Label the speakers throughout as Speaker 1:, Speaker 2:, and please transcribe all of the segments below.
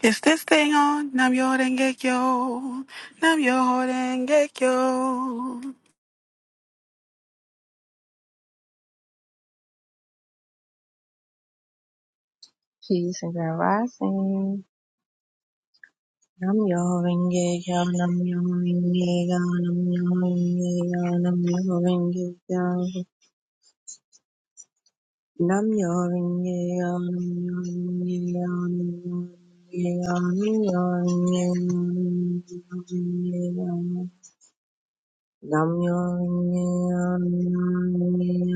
Speaker 1: Is this thing on? Nam yo denge kyo. Nam yo denge kyo.
Speaker 2: Peace and grand rising. Nam yo Renge kyo, nam yo Renge kyo, nam yo Renge kyo, nam yo Renge kyo. Nam yo Renge kyo, nam yo Renge kyo, nam yo Renge kyo, nam yo Renge kyo, nam yo ringe kyo. Nam yo ringe kyo, nam yo ringe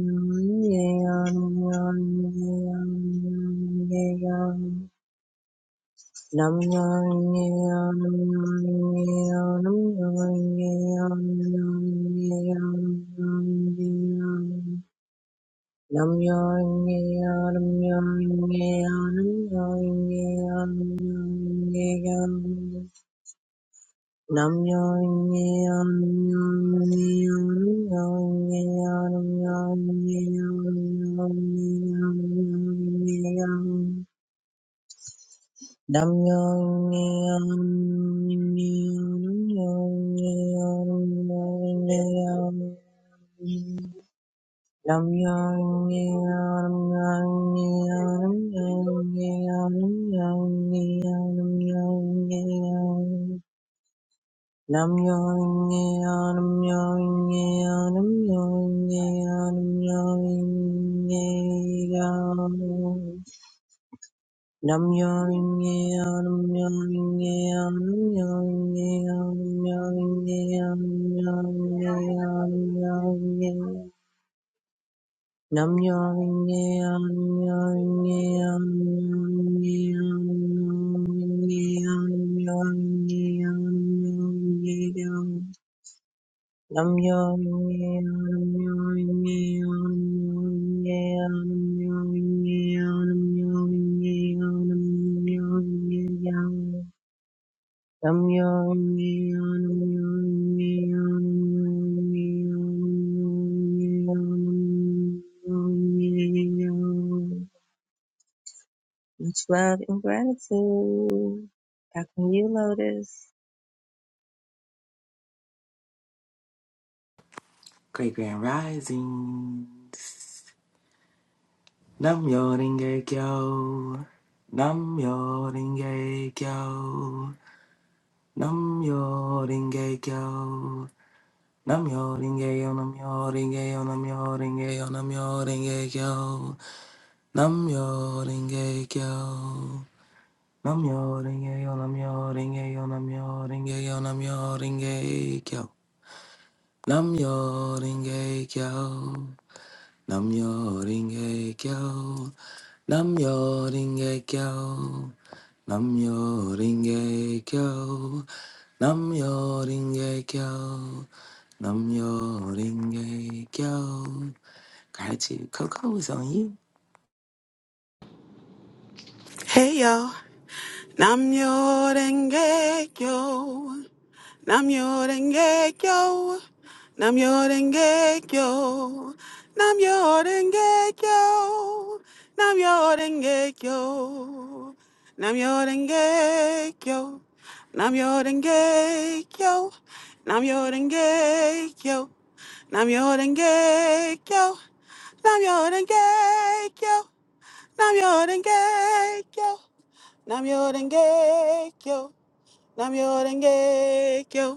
Speaker 2: kyo, nam yo ringe kyo, nam yo ringe kyo, nam yo ringe kyo. Nam Nam nam Nam Nam yo nye nam yo nye nam yo nye nam yo nye nam yo nye nam yo nye nam nam yo nye nam yo nye nam yo nye nam yo nye. Much love and gratitude. Back when you, Lotus.
Speaker 3: Great Grand Risings. Nam Yo Ringe Kyo. Nam Yo Ringe Kyo. Nam Yo Ringe Kyo. Nam Yo Ringe Yo. Nam Yo Ringe Yo. Nam Yo Ringe Yo. Nam Yo Ringe Kyo. Nam Yo Ringe Kyo. Nam Yo Ringe Yo. Nam Yo Ringe Yo. Nam Yo Ringe Yo. Nam Yo Ringe Kyo. Nam Yo Ringe Kyo. Nam Yoringe Kyo. Nam Yoringe Kyo. Nam Yoringe Kyo. Nam Yoringe Kyo. Nam Yoringe Kyo. Gratitude, Coco is on you.
Speaker 1: Hey yo. Nam yo denge kyo. Nam yo denge kyo. Nam yo denge kyo. Nam yo denge kyo. Nam yo denge kyo. Nam yo denge kyo. Nam yo denge kyo. Nam yo Namyo Renge Kyo. Namyo Renge Kyo. Namyo Renge Kyo. Namyo Renge Kyo. Namyo Renge Kyo.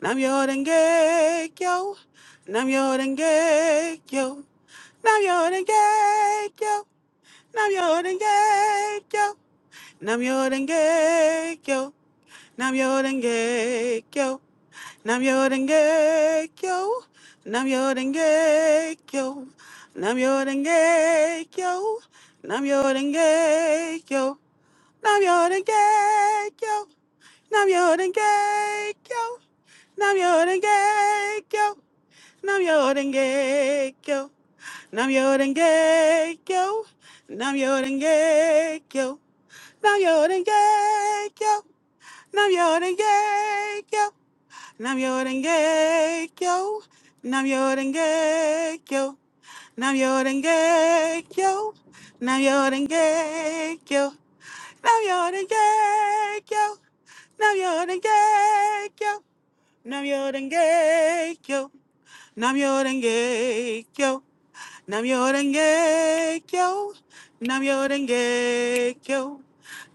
Speaker 1: Namyo Renge Kyo. Namyo Renge Kyo. Namyo Renge Kyo. Namyo Renge Kyo. Namyo Renge Kyo. Namyo Renge Kyo. Nam Yodengekyo, Nam Yodengekyo, Nam Yodengekyo, Nam Yodengekyo, Nam Yodengekyo, Nam Yodengekyo, Nam Yodengekyo, Nam Yodengekyo, Nam Yodengekyo, Nam Yodengekyo, Nam Yodengekyo, Nam Yodengekyo, Nam Yorengek yo. Nam Yorengek yo. Nam Yorengek yo. Nam Yorengek yo. Nam Yorengek yo. Nam Yorengek yo. Nam Yorengek yo. Nam Yorengek yo. Nam Yorengek yo. Nam Yorengek yo.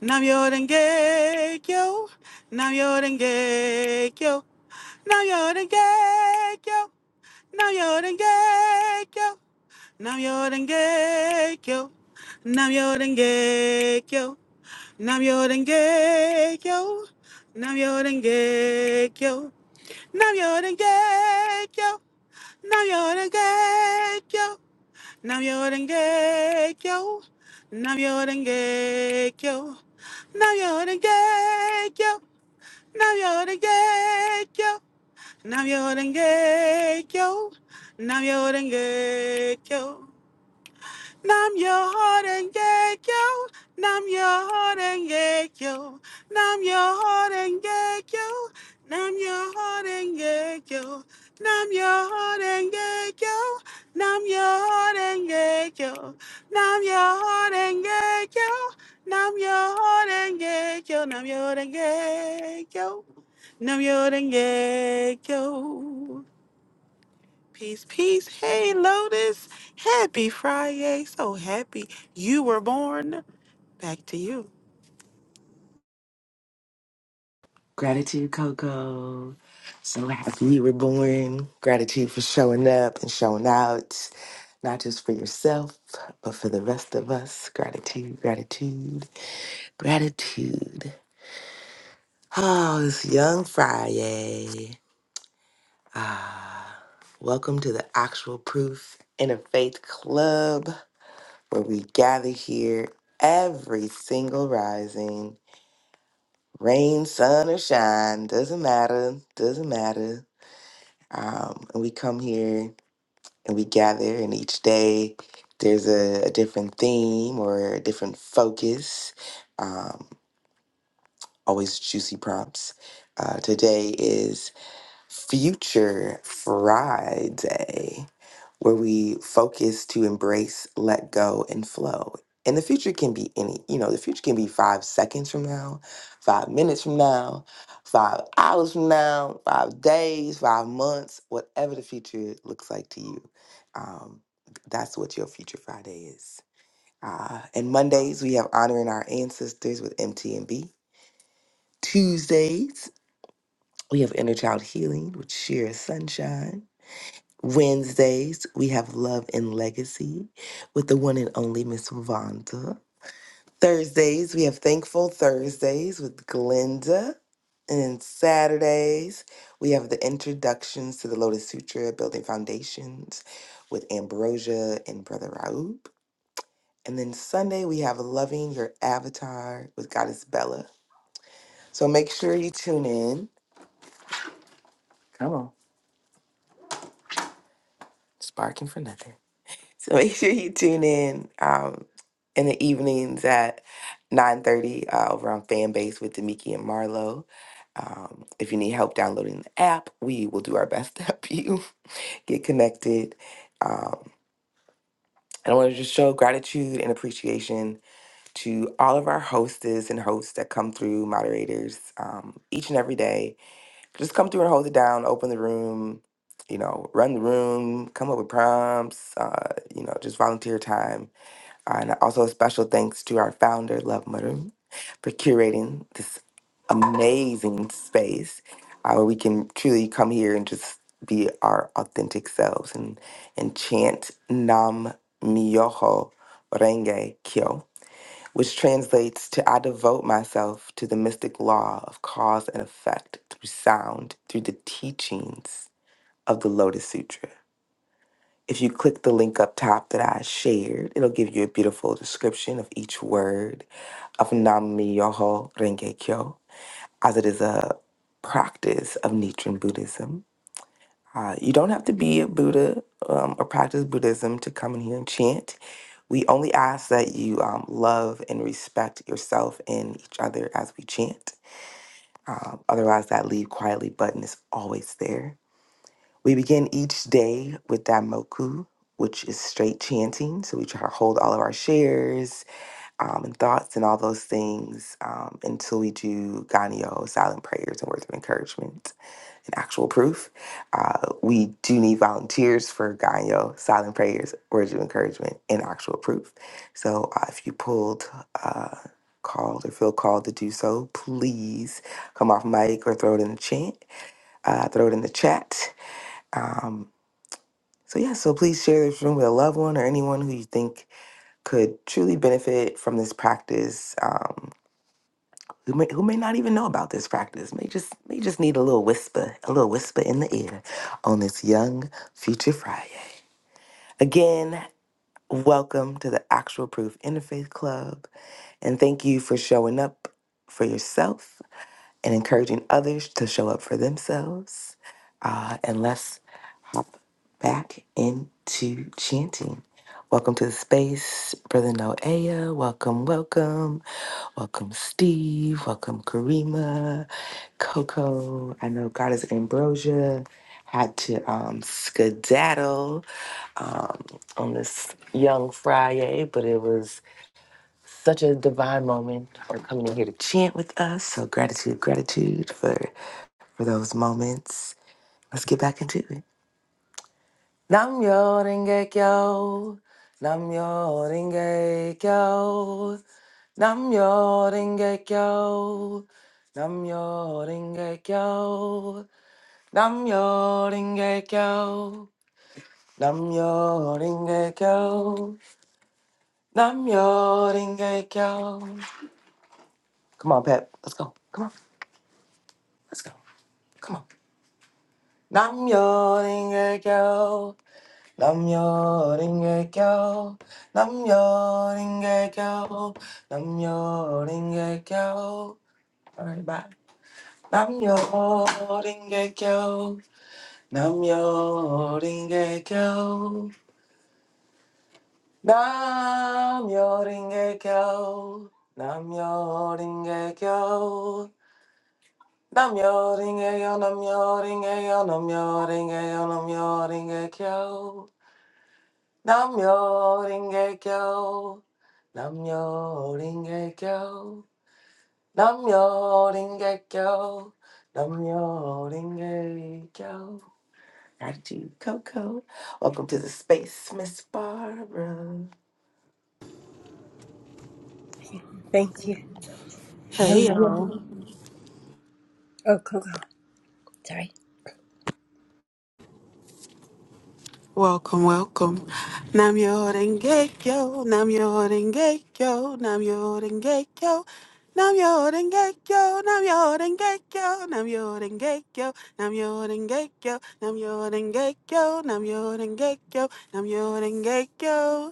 Speaker 1: Nam Yorengek yo. Nam Yorengek yo. Nam Yorengek yo. Nam-myoho-renge-kyo. Nam-myoho-renge-kyo. Nam-myoho-renge-kyo. Nam-myoho-renge-kyo. Nam-myoho-renge-kyo. Nam-myoho-renge-kyo. Nam-myoho-renge-kyo. nam myoho Nam yo denge kyo. Nam yo denge kyo. Nam your heart and get yo. Nam your heart and get yo. Nam your heart and get yo. Nam your heart and get yo. Nam your heart and get yo. Nam your heart and get yo. Nam your heart and get yo. Nam your heart and get yo. Nam your heart and get yo. Nam your heart and get yo. Peace, peace. Hey, Lotus. Happy Friday. So happy you were born. Back to you.
Speaker 3: Gratitude, Coco. So happy you were born. Gratitude for showing up and showing out, not just for yourself, but for the rest of us. Gratitude, gratitude, gratitude. Oh, it's Young Friday. Ah, welcome to the Actual Proof Interfaith Club, where we gather here every single rising, rain, sun, or shine, doesn't matter, doesn't matter. Um, and we come here and we gather, and each day there's a, a different theme or a different focus. Um, always juicy prompts. Uh, today is Future Friday, where we focus to embrace, let go, and flow. And the future can be any, you know, the future can be five seconds from now, five minutes from now, five hours from now, five days, five months, whatever the future looks like to you. Um, that's what your Future Friday is. Uh, and Mondays, we have Honoring Our Ancestors with MTNB. Tuesdays, we have Inner Child Healing with Sheer Sunshine. Wednesdays, we have Love and Legacy with the one and only Miss Vonda. Thursdays, we have Thankful Thursdays with Glenda. And then Saturdays, we have the introductions to the Lotus Sutra, Building Foundations with Ambrosia and Brother Raoub. And then Sunday, we have Loving Your Avatar with Goddess Bella. So make sure you tune in. Come on, sparking for nothing. So make sure you tune in um, in the evenings at 9.30 uh, over on Fanbase with Demiki and Marlo. Um, if you need help downloading the app, we will do our best to help you get connected. Um, and I want to just show gratitude and appreciation to all of our hostess and hosts that come through, moderators, um, each and every day. Just come through and hold it down, open the room, you know, run the room, come up with prompts, uh, you know, just volunteer time and also, a special thanks to our founder, Love Mother, for curating this amazing space uh, where we can truly come here and just be our authentic selves and, and chant Nam Myoho Renge Kyo, which translates to I devote myself to the mystic law of cause and effect through sound, through the teachings of the Lotus Sutra. If you click the link up top that I shared, it'll give you a beautiful description of each word of Nam Myoho Renge Kyo, as it is a practice of Nichiren Buddhism. Uh, you don't have to be a Buddha um, or practice Buddhism to come in here and chant. We only ask that you um, love and respect yourself and each other as we chant. Um, otherwise, that leave quietly button is always there. We begin each day with Daimoku, which is straight chanting. So we try to hold all of our shares um, and thoughts and all those things um, until we do Ganyo, silent prayers, and words of encouragement and actual proof. Uh, we do need volunteers for Ganyo, silent prayers, words of encouragement, and actual proof. So uh, if you pulled, uh, called, or feel called to do so, please come off mic or throw it in the chat. Uh, throw it in the chat. Um, so, yeah, so please share this room with a loved one or anyone who you think could truly benefit from this practice. Um, who may, who may not even know about this practice may just may just need a little whisper, a little whisper in the ear on this young future Friday. Again, welcome to the Actual Proof Interfaith Club, and thank you for showing up for yourself and encouraging others to show up for themselves. Uh, and let's hop back into chanting. Welcome to the space, Brother Noah. Welcome, welcome. Welcome, Steve. Welcome, Karima, Coco. I know God is Ambrosia. Had to um, skedaddle um, on this young Friday, but it was such a divine moment for coming in here to chant with us. So gratitude, gratitude for for those moments. Let's get back into it. Nam Yoringe Kyo. Nam Yoringe Kyo. Nam Yoringe Kyo. Nam Yoringe Kyo. Nam Yoringe Kyo. Nam Yoringe Kyo. Nam Yoringe Kyo. Come on, Pep. Let's go. Come on. Let's go. Come on. Nam Yoringe Kyo. Namjoon, get go. Namjoon, get go. Namjoon, get go. Bye bye. Namjoon, get go. Namjoon, get go. Namjoon, get go. Namjoon, get go. Namjoon, get go. Namjoon, get go. Namjoon, get go. Namyo Ringekyo. Namyo Ringekyo. Namyo Ringekyo. Namyo Ringekyo. Gratitude, Coco. Welcome to the space, Miss Barbara.
Speaker 4: Thank you. Nam
Speaker 1: Hey, y'all.
Speaker 4: oh, go, go. Sorry.
Speaker 1: Welcome, welcome. Nam yo denge yo. Nam yo denge yo. Nam yo denge yo. Nam yo denge yo. Nam yo denge yo. Nam yo denge yo. Nam yo denge yo. Nam yo denge yo. Nam yo denge yo. Nam yo denge yo.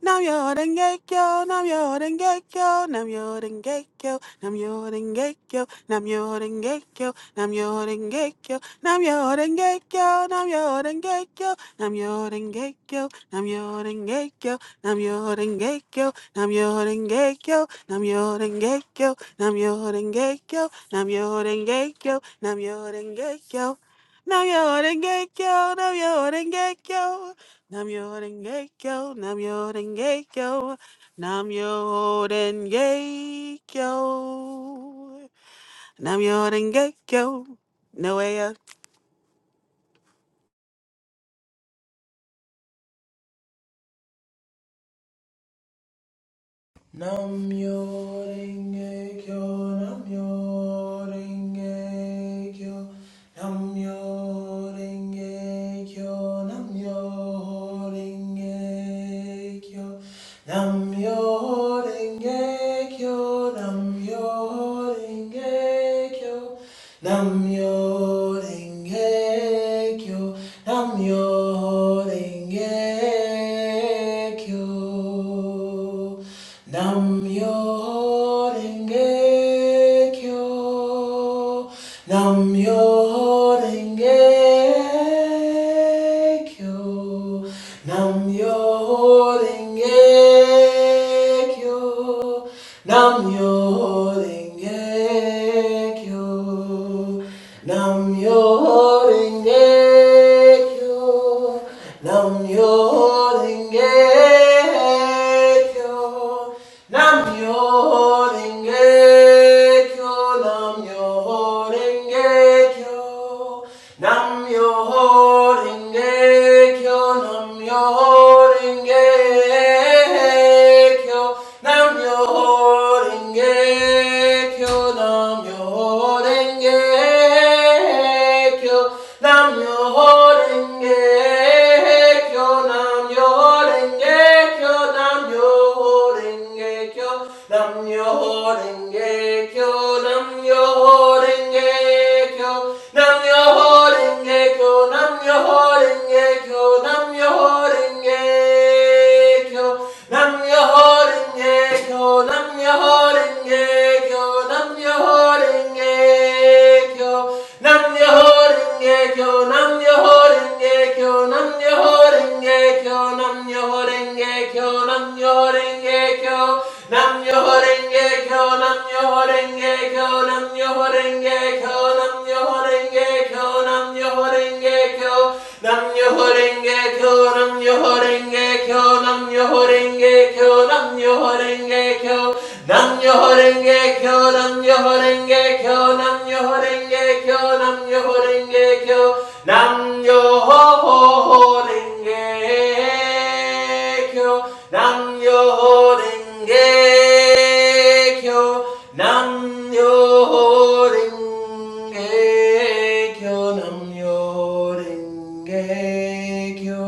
Speaker 1: Nam Yorengekyo, Nam Yorengekyo, Nam Yorengekyo, Nam Yorengekyo, Nam Yorengekyo, Nam Yorengekyo, Nam Yorengekyo, Nam Yorengekyo, Nam Yorengekyo, Nam Yorengekyo, Nam Yorengekyo, Nam Yorengekyo, Nam Yorengekyo, Nam Yorengekyo, Nam Yorengekyo, Nam Yorengekyo, Nam Yorengekyo, Nam Yorengekyo. Nam Yorengekyo, Nam Yorengekyo, Nam Yorengekyo, Nam yo, denge kyo, no Yorengekyo,
Speaker 5: Nam-myoho-renge-kyo, Nam-myoho-renge-kyo, Nam-myoho-renge-kyo, Nam-myoho-renge-kyo, Nam-myoho-renge-kyo, Nam-myoho-renge-kyo, Nam-myoho-renge-kyo, nam myoho renge Kyo, Namyo Renge Kyo, Namyo Renge Kyo, Namyo Renge Kyo, Namyo Renge kyo Nam yo renge kyo Nam yo renge kyo Nam yo renge kyo Nam yo renge kyo Nam yo renge Kyo Namyo Renge Kyo. Namyo Renge Kyo. Namyo Renge Kyo. Namyo Renge Kyo. Namyo Renge Kyo. Namyo Renge Kyo. Namyo Renge kyo nam yo renge kyo nam yo renge kyo nam yo renge kyo nam yo renge kyo nam yo renge kyo nam yo renge kyo nam yo renge kyo nam yo renge kyo nam yo renge kyo nam yo renge kyo nam yo Namyo Horengae Kyo. Namyo Horengae Kyo. Namyo Horengae Kyo. Namyo Horengae Kyo. Namyo Horengae Kyo. Namyo Horengae Kyo. Namyo Horengae Kyo. Namyo Horengae Kyo. Namyo Horengae Kyo. Namyo Horengae Kyo. Namyo Horengae Kyo. Namyo Horengae Kyo. Namyo Horengae Kyo. Namyo Horengae Kyo. Nam Yoho Renge Kyo, Nam Yoho Renge Kyo, Nam Yoho Renge Kyo, Nam Yoho Renge Kyo, Nam Yoho Renge Kyo, Nam Yoho Renge Nam Yo Ringe Kyo Nam Yo Ringe Kyo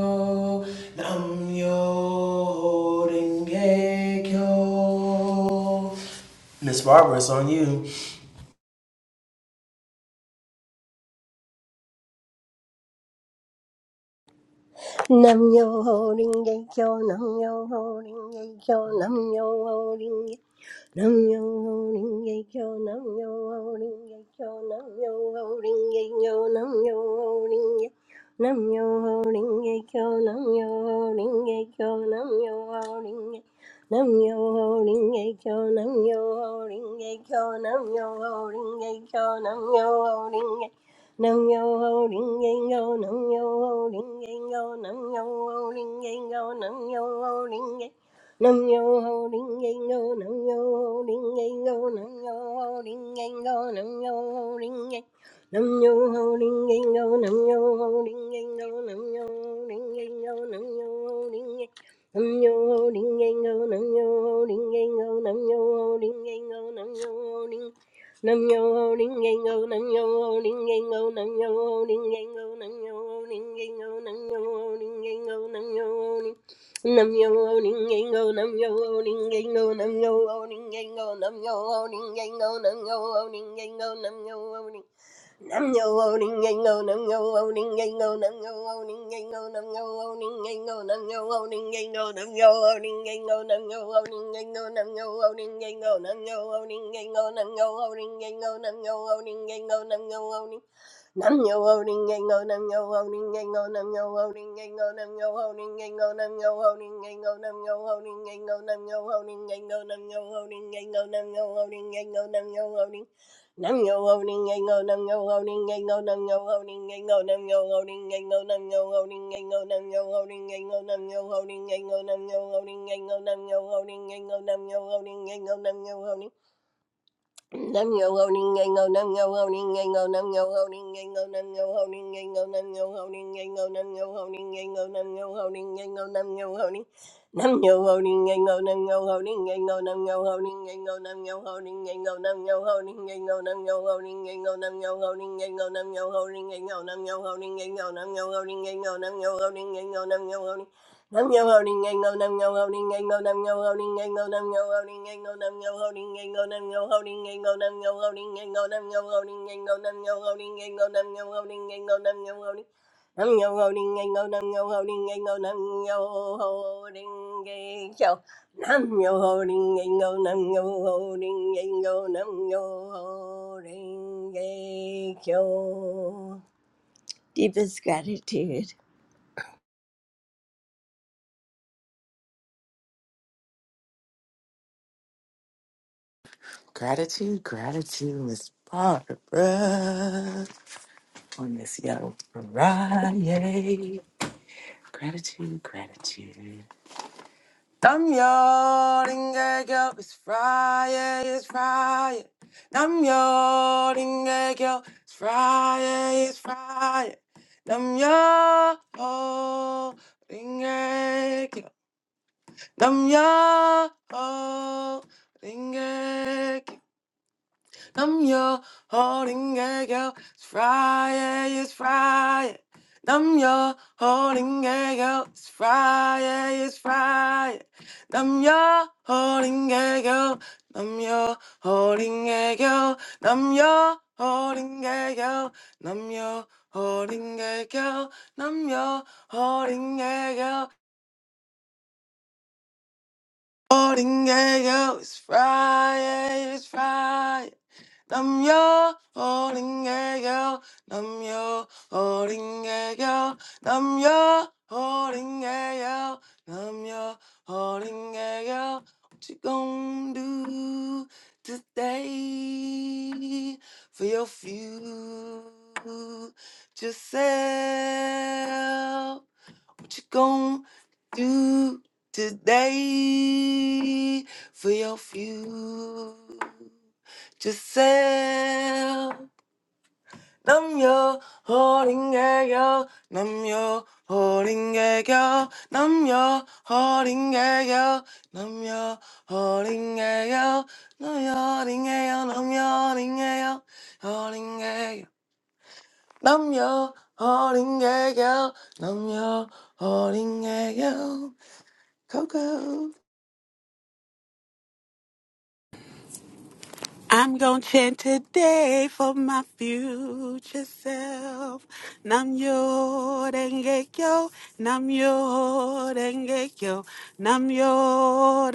Speaker 5: Nam Yo Ringe Kyo Miss Barbara, it's on you.
Speaker 4: Nam yo ho ring ye kyo, nam yo ho ring ye kyo, nam yo ho Nam yo ho ring ye kyo, nam yo ho ring ye kyo, nam yo ho ring ye kyo, nam yo ho ring ye Nam yo ho ring ye kyo, nam yo ho ring ye kyo, nam yo ho ring ye Nam yo ho ring ye kyo, nam yo ho ring ye kyo, nam yo ho ring ye kyo, nam yo ho ring ye Nam yo ho ring ye kyo, nam yo ho ring ye kyo, nam yo ho ring ye kyo, nam yo ho ring ye Nam yo ho ding ding go, nam yo ho ding ding go, nam yo ho ding ding go, nam yo ho ding ding, nam yo ho ding ding go, nam yo ho ding ding go, nam yo ho ding ding go, nam yo ho ding ding, nam yo ho ding ding go, nam yo ho ding ding go, nam yo ho ding ding go, nam yo ho ding Nam yo owning ain't go, nam yo owning ain't go, nam yo owning ain't go, nam yo owning ain't go, nam yo owning ain't go, nam yo owning ain't go, nam yo owning ain't go, nam yo owning ain't go, nam yo owning ain't go, nam yo owning ain't go, nam yo owning ain't go, nam yo owning nam yo owning ain't go, nam yo owning ain't go, nam yo owning ain't go, nam yo owning ain't go, nam yo owning ain't go, nam yo owning ain't go, nam yo owning ain't go, nam yo owning ain't go, nam yo owning ain't go, nam yo owning Nam yo loading and go, nam yo loading and go, nam yo loading and go, nam yo loading and go, nam yo loading and go, nam yo loading and go, nam yo loading and go, nam yo loading and go, nam yo loading and go, nam yo loading and go, nam yo loading and go, Nam yo holding yango, nam yo holding yango, nam yo holding yango, nam yo holding yango, nam yo holding yango, nam yo holding yango, nam yo holding yango, nam yo holding. Nam yo holding yango, nam yo holding yango, nam yo holding yango, nam yo holding yango, nam yo holding yango, nam yo holding yango, nam yo holding yango, nam yo holding yango, nam yo holding yango, nam yo holding yango, nam yo holding yango, nam yo holding. Nam yo holding ango, nam yo holding ango, nam yo holding ango, nam yo holding ango, nam yo holding ango, nam yo holding ango, nam yo holding ango, nam yo holding ango, nam yo holding ango, nam yo holding ango, nam yo holding nam yo holding ango, nam yo holding ango, nam yo holding ango, nam yo holding ango, nam yo holding ango, nam yo holding ango. Deepest gratitude.
Speaker 3: Gratitude, gratitude, Miss Barbara. On this young Friday. Gratitude, gratitude. I'm yawning, girl. It's Friday, it's Friday. I'm yawning, girl. It's Friday, it's Friday. I'm yawning, girl. I'm yawning, girl. I'm your holding gay girl. It's Friday, it's Friday. I'm your holding gay girl. It's Friday, it's Friday. I'm your holding gay girl. I'm your holding gay girl. I'm your holding gay girl. I'm your holding gay girl. I'm your holding gay girl. Morning, yeah, yo, it's Friday, it's Friday. I'm your holding girl. I'm your holding girl. I'm your holding girl. I'm your holding girl. What you gonna do today for your future self? What you gonna do today for your future self? I'm your holding girl. I'm your holding girl. I'm your holding girl. I'm your holding girl. I'm your holding girl. I'm your holding girl. Holding girl. I'm your holding girl. I'm your holding girl. Coco.
Speaker 1: I'm gonna chant today for my future self. Nam yo denge kyo, nam yo denge kyo, nam yo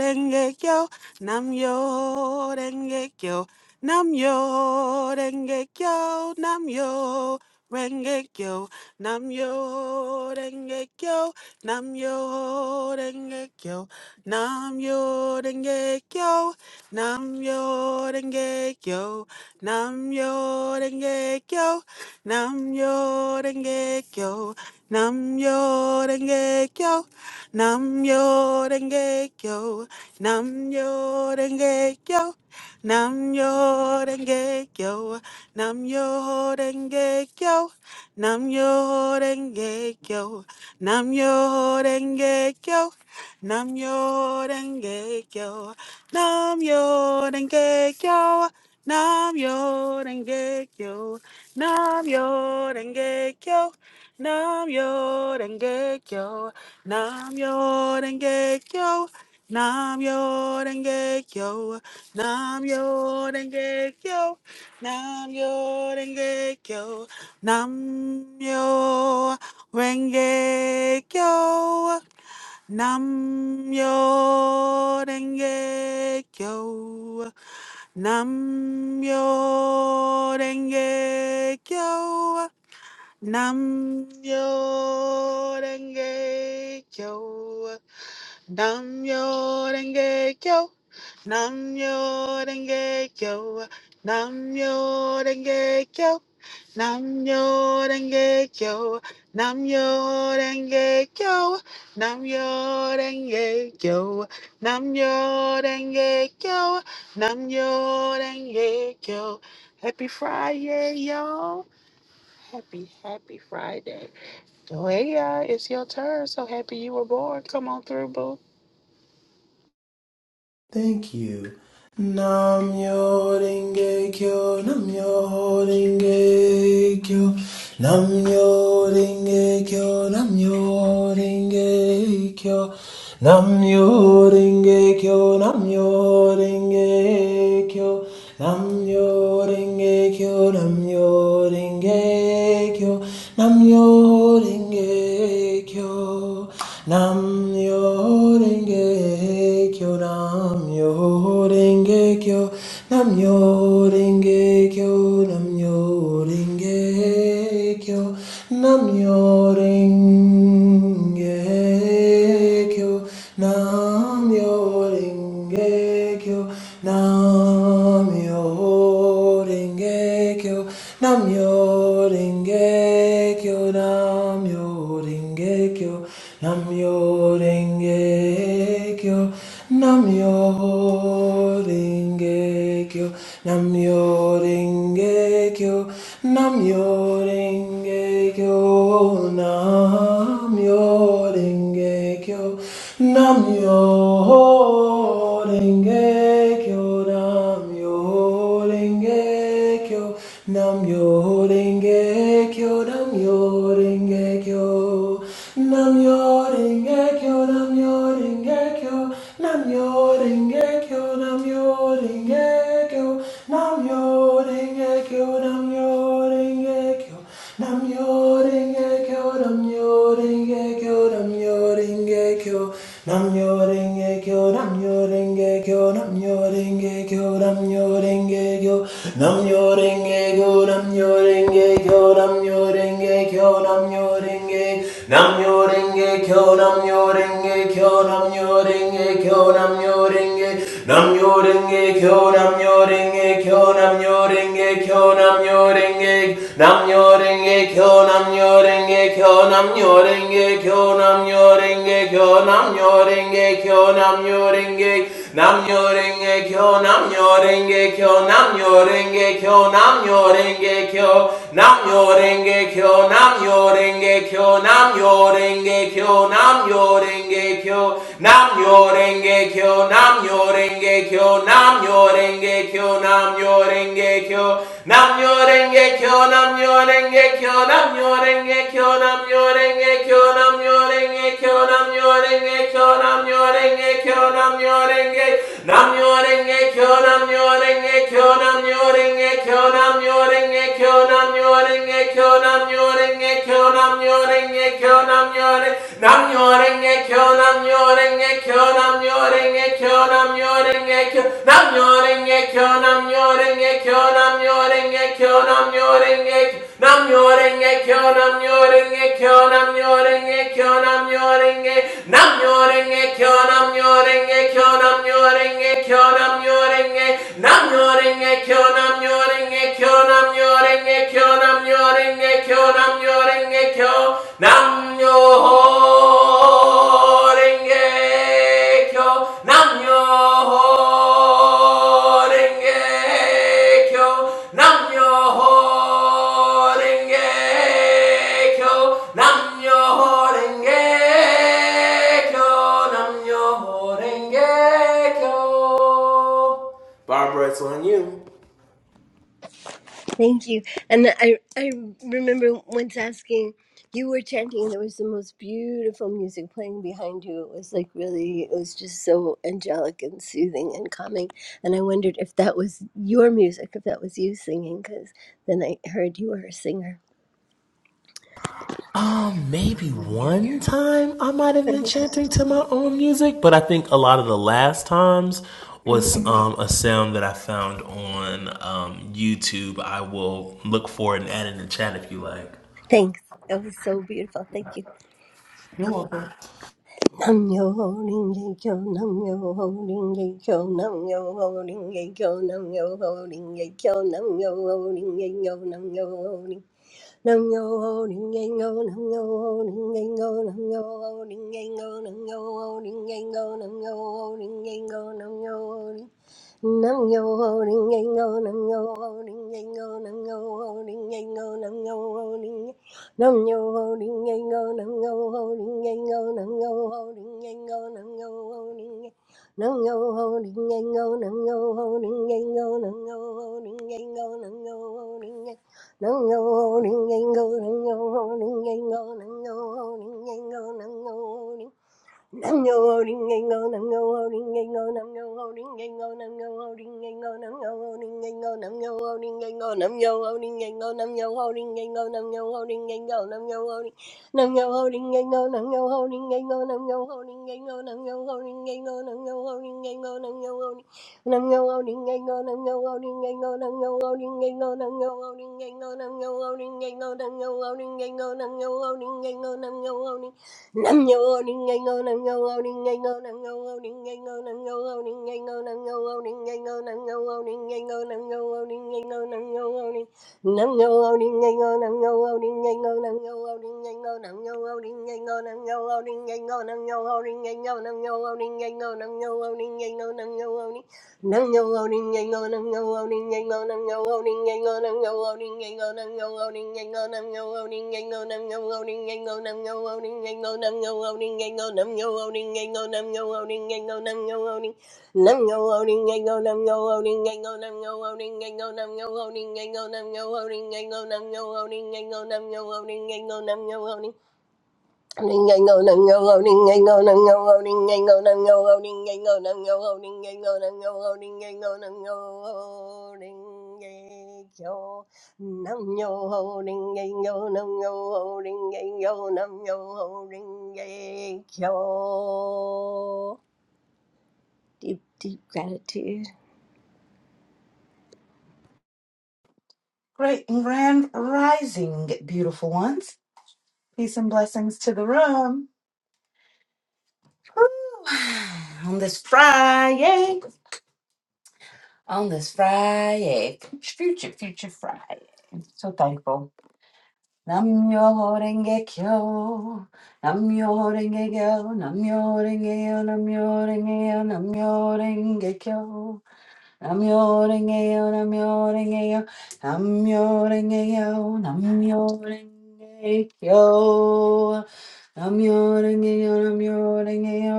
Speaker 1: kyo, nam yo kyo, nam yo kyo, nam renge kyo, nam yo kyo, nam yo kyo, nam yo kyo, Nam yo denge kyo, nam yo denge kyo, nam yo denge kyo, nam yo denge kyo, nam yo denge kyo, nam yo denge kyo, nam yo denge kyo, nam yo denge kyo, nam yo denge kyo, nam yo denge kyo, nam yo denge kyo. Nam yo denge kyo. Nam yo denge kyo. Nam yo denge kyo. Nam yo denge kyo. Nam yo denge kyo. Nam yo denge kyo. Nam yo denge kyo. Nam yo denge kyo. Nam yo denge kyo. Nam yo denge kyo. Nam yo denge kyo. Nam yo denge kyo. Nam yo denge kyo. Nam yo denge kyo. Nam yo denge kyo. Namyo Renge Kyo, Namyo Renge Kyo, Namyo Renge Kyo, Namyo Renge Kyo, Namyo Renge Kyo. Happy Friday, y'all. Happy, happy Friday. Joya, it's your turn. So happy you were born. Come on through, boo.
Speaker 5: Thank you. Nam yo ringe kyo, nam yo ringe kyo, nam yo ringe kyo, nam yo ringe kyo, nam yo ringe kyo, nam yo ringe kyo, nam yo ringe kyo, nam yo ringe kyo, nam yo ringe kyo. Nam yo ringe kyo. Nam yo ringe kyo. Nam yo ringe kyo. Nam yo ringe kyo. Nam yo ringe kyo. Nam yo ringe kyo. Nam yo Namyo Renge Namyo Rengekyo, Namyo Rengekyo, Namyo Rengekyo, Namyo Rengekyo, Namyo Rengekyo, Namyo Rengekyo. Namyo yo denge kyo namyo yo denge kyo namyo yo denge kyo namyo yo denge kyo namyo yo kyo nam yo kyo nam yo kyo nam yo kyo nam yo kyo nam yo kyo kyo, nam yo renge kyo, nam yo renge kyo, nam yo renge kyo, nam yo renge kyo, nam yo renge kyo, nam yo renge kyo, nam yo renge kyo, nam yo renge kyo, nam yo renge kyo, nam yo renge kyo, nam yo renge kyo, nam yo renge, kyo. Namyo renge kyo, nam yo renge kyo nam yo ringe kyo nam yo ringe nam yo ringe kyo nam yo ringe kyo nam yo ringe kyo nam yo ringe nam yo ringe kyo nam yo ringe kyo nam yo ringe kyo nam yo ringe kyo nam yo ringe kyo nam nyo ringe Namyo Renge Kyo, Namyo Renge Kyo, Namyo Renge Kyo, Namyo Renge Kyo, Namyo Renge Kyo, Namyo Renge Kyo, Namyo Renge Kyo, Namyo Renge Kyo, Namyo Renge Kyo, Namyo Renge Kyo, Namyo Renge Kyo, Namyo Renge Kyo, Namyo Renge Kyo, Namyo Renge Kyo, Namyo myo renge kyo nam myo renge kyo nam myo renge kyo nam myo renge kyo nam myo renge kyo nam myo renge nam myo renge kyo nam myo renge kyo nam myo renge kyo nam myo renge kyo nam myo renge kyo nam myo renge kyo nam myo renge kyo nam myo renge nam myo renge kyo nam myo renge kyo nam myo renge kyo nam myo renge Rengekyo, Namyo Rengekyo, Namyo Rengekyo, Namyo Rengekyo, Namyo Rengekyo, Namyo Rengekyo, Namyo Rengekyo, Namyo Rengekyo, Namyo Renge- Namyo Rengekyo, Namyo Rengekyo, Namyo Rengekyo, Namyo Renge- Namyo Rengekyo, Namyo Rengekyo, Namyo Rengekyo, Namyo Renge Kyo, Nam Yo Renge Kyo, Nam Yo Ho Renge Kyo, Nam Yo Ho Renge Kyo, Nam Yo Ho Renge Kyo, Nam Yo Ho Renge Kyo, Nam Yo Ho Renge Kyo. Barbara, it's on you.
Speaker 4: Thank you. And I, I remember once asking, you were chanting, and there was the most beautiful music playing behind you. It was like really, it was just so angelic and soothing and calming. And I wondered if that was your music, if that was you singing, because then I heard you were a singer.
Speaker 5: Um, maybe one time I might have been chanting to my own music, but I think a lot of the last times was
Speaker 4: Mhm.
Speaker 5: um, a sound that I found on um, YouTube. I will look for it and add it in the chat if you like.
Speaker 4: Thanks. That was so beautiful. Thank you. Nam yo ho ring ye kyo, nam yo ho ring ye kyo, nam yo ho ring ye kyo, nam yo ho ring ye kyo, nam yo ho ring ye kyo, nam yo ho ring. Nam yo ho ding yang go, nam yo ho ding yang go, nam yo ho ding yang go, nam yo ho ding yang go, nam yo ho ding yang go, nung yo ho Nam yo ho Ding yang go, nam yo ho Ding yang go, nam yo ho Ding yang go, nam yo ho Ding yang- nam yo ho Ding yang go, nam yo ho Ding yang go, nam yo ho Ding yang go, nam yo ho Ding yang- nam yo ho Ding yang go, nam yo ho Ding yang go, nam yo ho Ding yang go, nam yo ho Ding yang- nam yo ho Ding yang go, nam yo ho Ding yang go, nam yo ho Ding yang go, nam yo ho Ding Nam yo ho ring a go, nam yo ho ring a go, nam yo ho ring a go, nam yo ho ring a go, nam yo ho ring a go, nam yo ho ring a go, nam yo ho ring a go, nam yo ho ring a go, nam yo ho ring a go, nam yo ho ring, nam yo ho ring a go, nam yo ho ring a go, nam yo ho ring a go, nam yo ho ring a go, nam yo ho ring a go, nam yo ho ring. Nam ngâu ao đinh ngây ngô, nam ngâu ao đinh ngây ngô, nam ngâu ao đinh ngây ngô, nam ngâu ao đinh ngây ngô, nam ngâu ao đinh ngây ngô, nam ngâu ao đinh ngây ngô, nam ngâu ao đinh ngây ngô, nam ngâu ao đinh Nam yo o ning ngay ngô nam yo o ning ngay ngô nam yo o ning ngay ngô nam yo o ning ngay ngô nam yo o ning ngay ngô nam yo o ning ngay ngô nam yo o ning ngay ngô nam yo o ning nam yo o ning ngay ngô nam yo o ning ngay ngô nam yo o ning ngay ngô nam yo o ning ngay ngô nam yo o ning ngay ngô nam yo o ning ngay ngô nam yo o ning ngay ngô nam yo o ning ngay ngô nam yo o ning Nango loading and go nango loading and go nango loading and go nango loading and go nango loading and go nango loading and go nango loading and go nango loading and go nango loading and go nango loading and go nango loading and go nango loading nango loading and go nango loading and go nango loading and go nango loading and go nango loading and go nango loading and go nango loading and go nango loading Deep, deep gratitude.
Speaker 6: Great and grand rising, beautiful ones. Peace and blessings to the room. Woo. On this Friday, on this Friday, future, future Friday. so thankful. Namyo renge kyo, namyo renge kyo, namyo renge kyo, namyo renge kyo, namyo renge kyo. Namyo-renge-yo, namyo-renge-yo, namyo-renge-yo, namyo-renge-kyo. Namyo-renge-yo, namyo-renge-yo,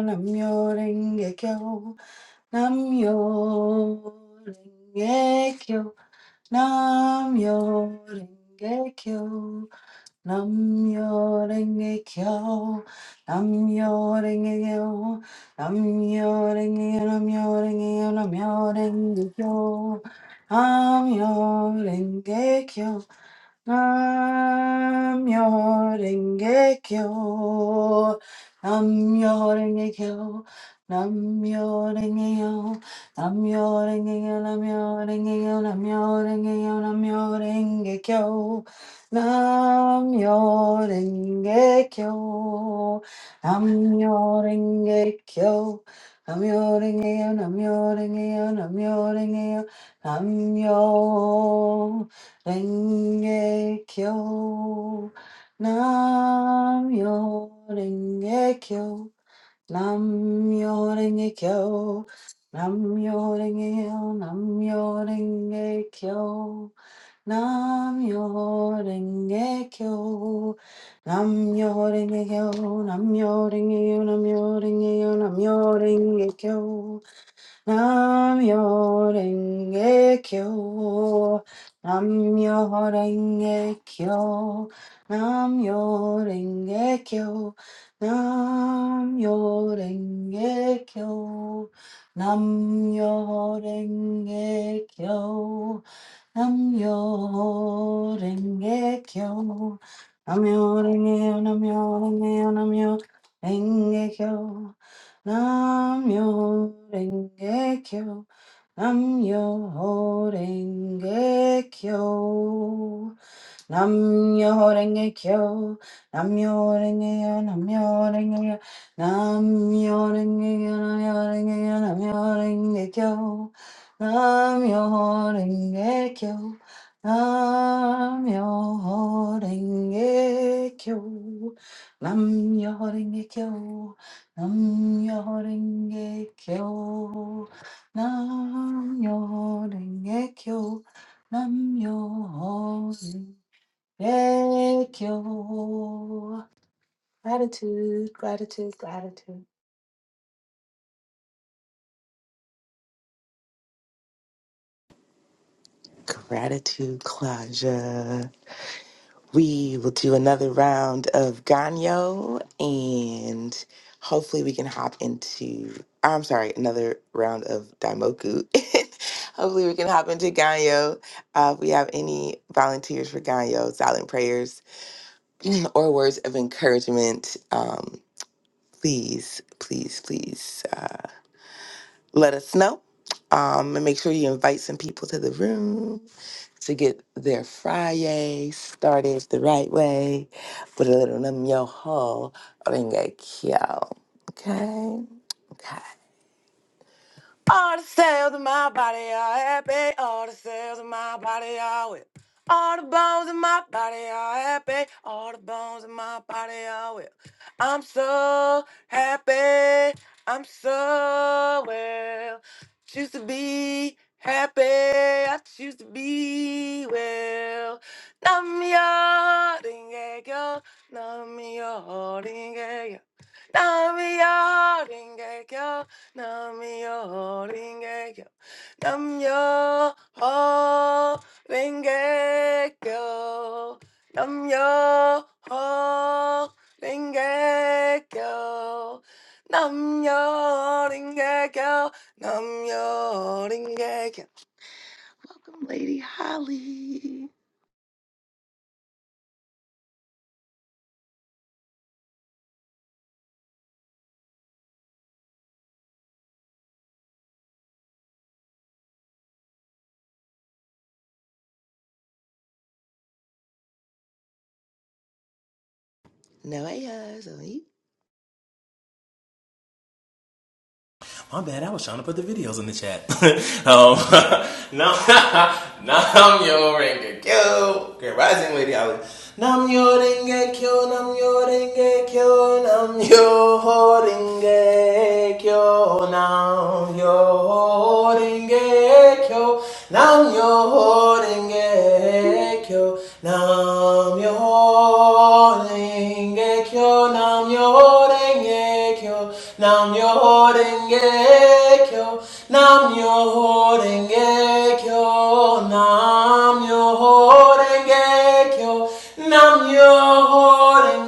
Speaker 6: namyo-renge-kyo. Namyo-renge-kyo, namyo-renge-kyo. Namyo renge kyo, namyo renge kyo, namyo renge kyo, namyo renge kyo, namyo renge kyo, namyo renge kyo. Namyo Renge Kyo. Namyo Renge Kyo. Namyo Renge Kyo. Namyo Renge Kyo. Namyo Renge Kyo. Namyo Renge Kyo. Namyo Renge Kyo. Namyo Renge Kyo. Namyo Renge Kyo. Namyo Renge Kyo. Namyo Renge Kyo. Namyo Renge Kyo. Namyo Renge kyo, nam yo renge kyo, nam yo renge kyo, nam yo renge kyo, nam yo renge kyo, nam yo renge kyo, nam yo renge kyo, nam yo renge kyo, nam yo renge kyo, nam yo renge kyo. Namyo Renge Kyo. Namyo Renge Kyo. Namyo Renge Kyo. Namyo Renge Kyo. Namyo Renge Kyo. Namyo Renge Kyo. Namyo Renge Namyo Renge Namyo Renge Kyo. Namyo Renge Kyo. Namyo Renge Kyo. Namyo renge kyo, namyo renge yo, namyo renge yo, namyo renge yo, namyo renge yo, namyo renge kyo, namyo renge kyo, namyo renge kyo, namyo renge kyo, namyo renge kyo, namyo renge kyo, namyo Thank you. Gratitude, gratitude, gratitude.
Speaker 3: Gratitude, Claudia. We will do another round of Ganyo and hopefully we can hop into, ah, I'm sorry, another round of Daimoku. hopefully we can hop into Ganyo. Uh, if we have any volunteers for Ganyo, silent prayers, or words of encouragement, um, please, please, please. uh, let us know. Um, and make sure you invite some people to the room to get their Friday started the right way with a little num yo ho ringa kyo. Okay? Okay. All the cells in my body are happy. All the cells in my body are well. All the bones in my body are happy. All the bones in my body are well. I'm so happy. I'm so well. Choose to be happy. I choose to be well. Nam yo ding yo. Nam yo ding yo. Nam yo ding yo. 남여 링개교 남여 어 링개교 남여 어 링개교 남여 링개교 남여 링개교. Welcome, Lady Holly. No A Is on you.
Speaker 5: My bad. I was trying to put the videos in the chat. um, nam, nam yo renge kyo. Great rising lady. I was nam yo renge kyo. Nam yo renge kyo. Nam yo ho renge kyo. Nam yo ho renge kyo. Nam yo ho renge kyo. Nam yo ho renge kyo. Nam yo ho renge kyo. Horengekyo, Nam Yo Horengekyo, Nam Yo Horengekyo, Nam Yo Horengekyo, Nam Yo Horengekyo, Nam Yo Horengekyo,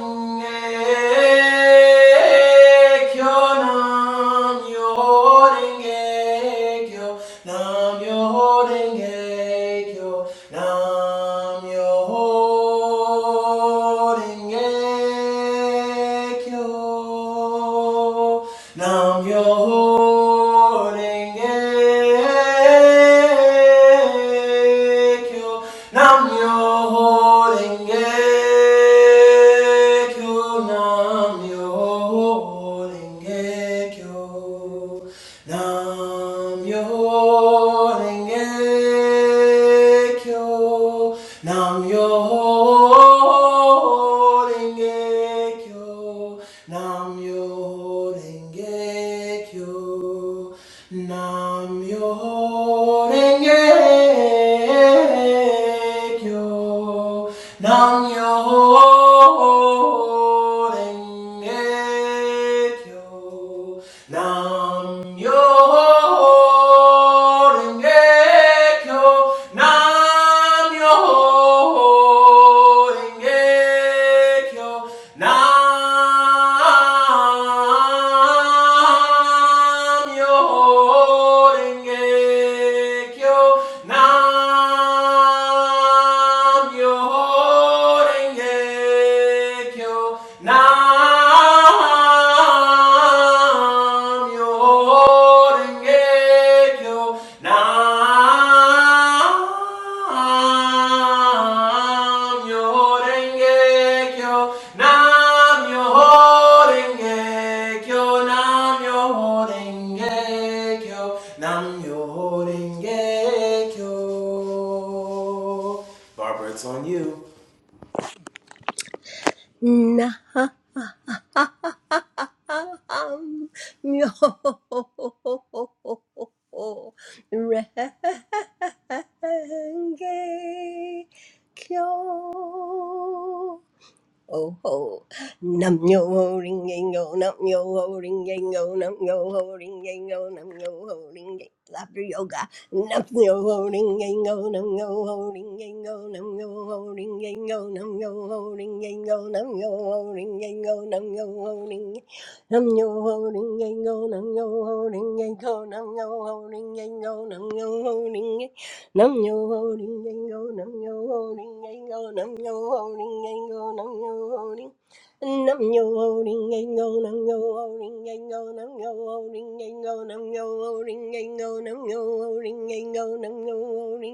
Speaker 5: Nam Yo Horengekyo, Nam Yo Nam-myoho-renge-kyo. Nam-myoho-renge-kyo. Nam-myoho-renge-kyo. Nam-myoho-renge-kyo. Nam-myoho-renge-kyo. Kyo Nam Yo Renge Kyo Nam Yo Renge Kyo Nam Yo Renge Kyo Nam Yo Renge Kyo Nam Nam Myoho Renge Kyo. Nam Myoho Renge Kyo. Nam Myoho Renge Kyo. Nam Myoho Renge Kyo nam yorenge kyo nam yorenge kyo nam yorenge kyo nam yorenge kyo nam yorenge kyo Barbara, it's on you.
Speaker 4: Nah. Myoho Renge Kyo. Oh ho, nam yo ho ring yang yo, nam yo ho ring yang yo, nam yo ho ring yang yo, nam yo ho ring yang laughter yoga, nam yo ho ring yang yo, nam yo ho ring yang yo, nam yo ho ring yang yo, nam yo ho ring yang yo, nam yo ho ring yang yo, nam yo ho ring nam yo ho ring yang yo, nam yo ho ring yang yo, nam yo ho ring yang yo, nam yo ho ring Nam yo ho ring yang go, nam yo ho ring yang go, nam yo ho ring yang go, nam yo ho ring. Nam yo ho ring yang go, nam yo ho ring yang go, nam yo ho ring yang go, nam yo ho ring yang go, nam yo ho ring yang go, nam yo ho ring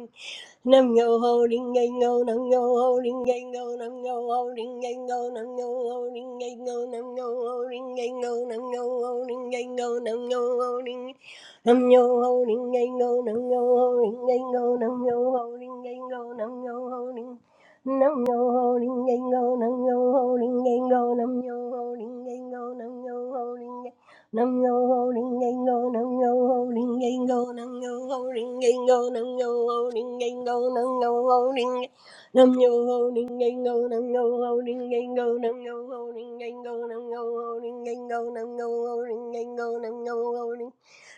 Speaker 4: Nam yo ho ding ngay ngô nam yo ho ding ngay ngô nam yo ho ding ngay ngô nam yo ho ding ngay ngô nam yo ho ding ngay ngô nam yo ho ding ngay ngô nam yo ho ding nam yo ho ding ngay ngô nam yo ho ding ngay ngô nam yo ho ding ngay ngô nam yo ho ding nam yo ho ding ngay ngô nam yo ho ding ngay ngô nam yo ho ding ngay ngô nam yo ho ding Nam yo ho ring gang go, nam yo ho ring gang go, nam yo ho ring gang go, nam yo ho ring gang go, nam yo ho ring. Nam yo ho ring gang go, nam yo ho ring gang go, nam yo ho ring gang go, nam yo ho ring gang go, nam yo ho ring gang go, nam yo ho ring.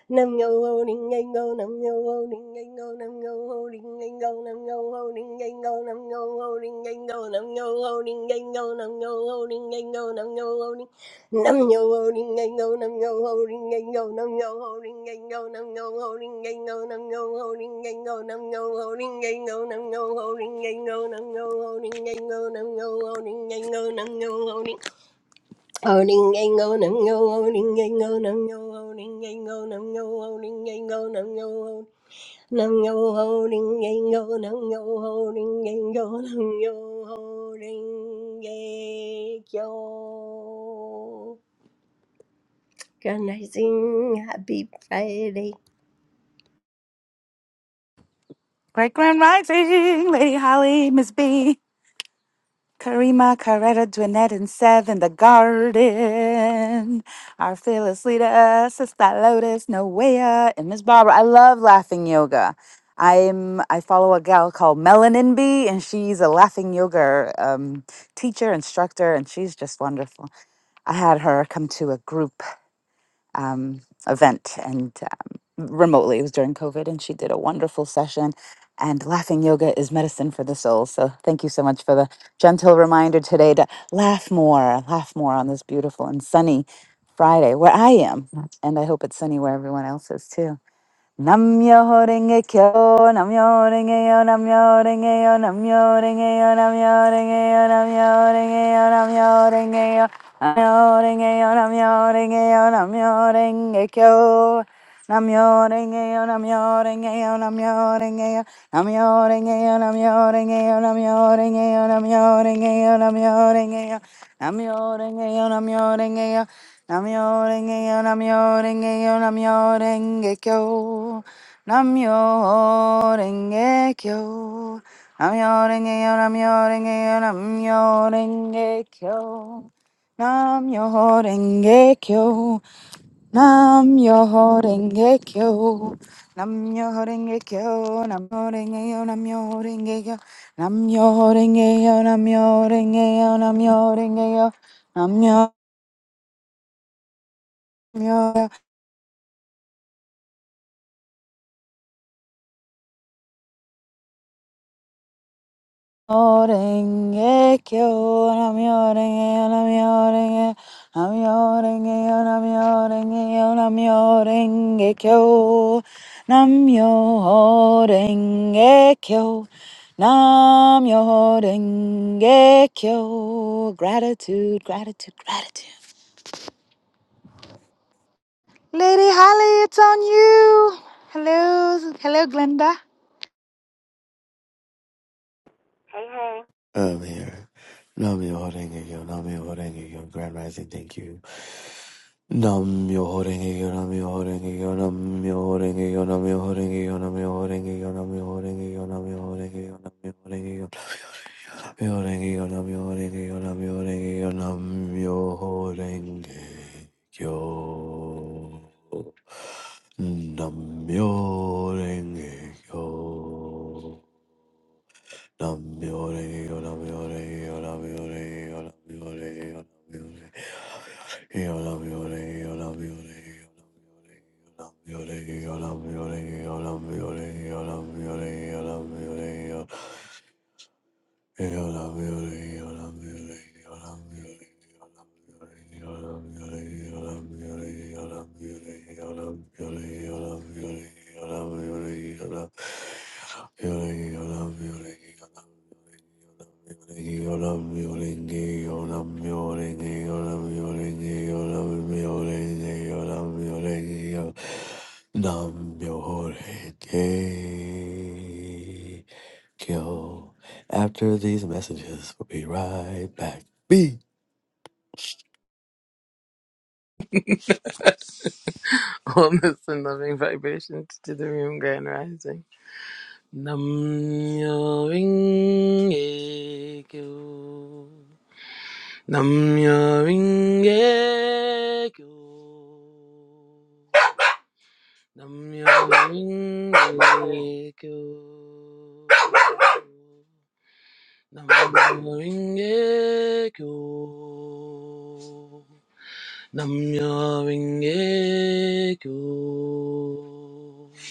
Speaker 4: Nam yo ho ding ding go, nam yo ho ding ding go, nam yo ho ding ding go, nam yo ho ding ding go, nam yo ho ding ding go, nam yo ho ding ding go, nam yo ho ding ding go, nam yo ho ding nam yo ho ding ding go, nam yo ho ding ding go, nam yo ho ding ding go, nam yo ho ding ding go, nam yo ho ding ding go, nam yo ho ding ding go, nam yo ho ding ding go, nam yo ho ding ding go, nam yo ho ding ding go, nam yo ho ding can I sing Happy Friday?
Speaker 6: Great Grand Rising, Lady Holly, Miss B, Karima, Coretta, Dwinette, and Seth in the garden. Our fearless leader, Sister Lotus, Noea, and Miss Barbara. I love laughing yoga. I'm I follow a gal called Melanin B, and she's a laughing yoga um, teacher, instructor, and she's just wonderful. I had her come to a group um, event and um, remotely. It was during COVID, and she did a wonderful session. And laughing yoga is medicine for the soul. So thank you so much for the gentle reminder today to laugh more, laugh more on this beautiful and sunny Friday where I am. And I hope it's sunny where everyone else is too. Namyo renge kyo, namyo renge yo, namyo renge yo, namyo renge yo, namyo renge yo, namyo renge yo, namyo renge yo, namyo renge yo, namyo renge yo, namyo renge kyo, namyo renge yo, namyo renge yo, namyo renge yo, namyo renge yo, namyo renge yo, namyo renge yo, namyo renge yo, namyo renge yo, namyo renge yo, namyo renge yo, Namyo renge yo, namyo renge yo, namyo renge kyo. Namyo renge kyo. Namyo renge yo, namyo renge yo, namyo renge kyo. Namyo renge kyo. Namyo renge kyo. Namyo renge kyo, namyo renge yo, namyo renge kyo. Namyo renge yo, namyo renge yo, namyo renge yo, namyo Orenge kyo, nami orenge, yo, nami orenge, nami orenge, yo, nami orenge, yo, nami orenge kyo, nami orenge kyo, nami orenge kyo. Gratitude, gratitude, gratitude. Lady Holly, it's on you. Hello, hello, Glenda.
Speaker 7: Hey, hey,
Speaker 8: earlier. Nam yo horenge yo, nam yo horenge yo, grand rising, thank you. Nam yo horenge yo, nam yo horenge yo, nam yo horenge yo, nam yo horenge yo, nam yo horenge yo, nam yo horenge yo, nam yo horenge yo, nam yo horenge yo. Nam yo horenge yo, nam yo horenge yo, nam yo horenge yo, nam yo horenge yo. Nam yo horenge yo. Yoram Kyo. After these messages, we'll be right back. B.
Speaker 9: Warmest and loving vibrations to the room, Grand Rising. Namyo Ringe Kyo. Namyo Ringe Kyo. Namyo Ringe Kyo. Namyo Ringe Kyo. Namyo Ringe Kyo.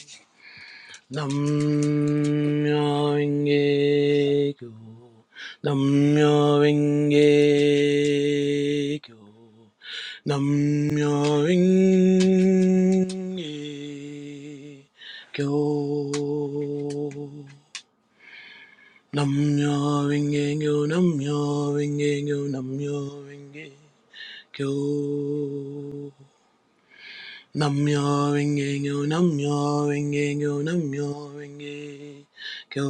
Speaker 9: Namyo Renge Kyo. Namyo Renge Kyo. Namyo Renge Kyo. Namyo Renge Kyo. Namyo Renge Kyo. Namyo Renge Kyo. Namyo Renge Kyo, Namyo Renge Kyo, Namyo Renge Kyo.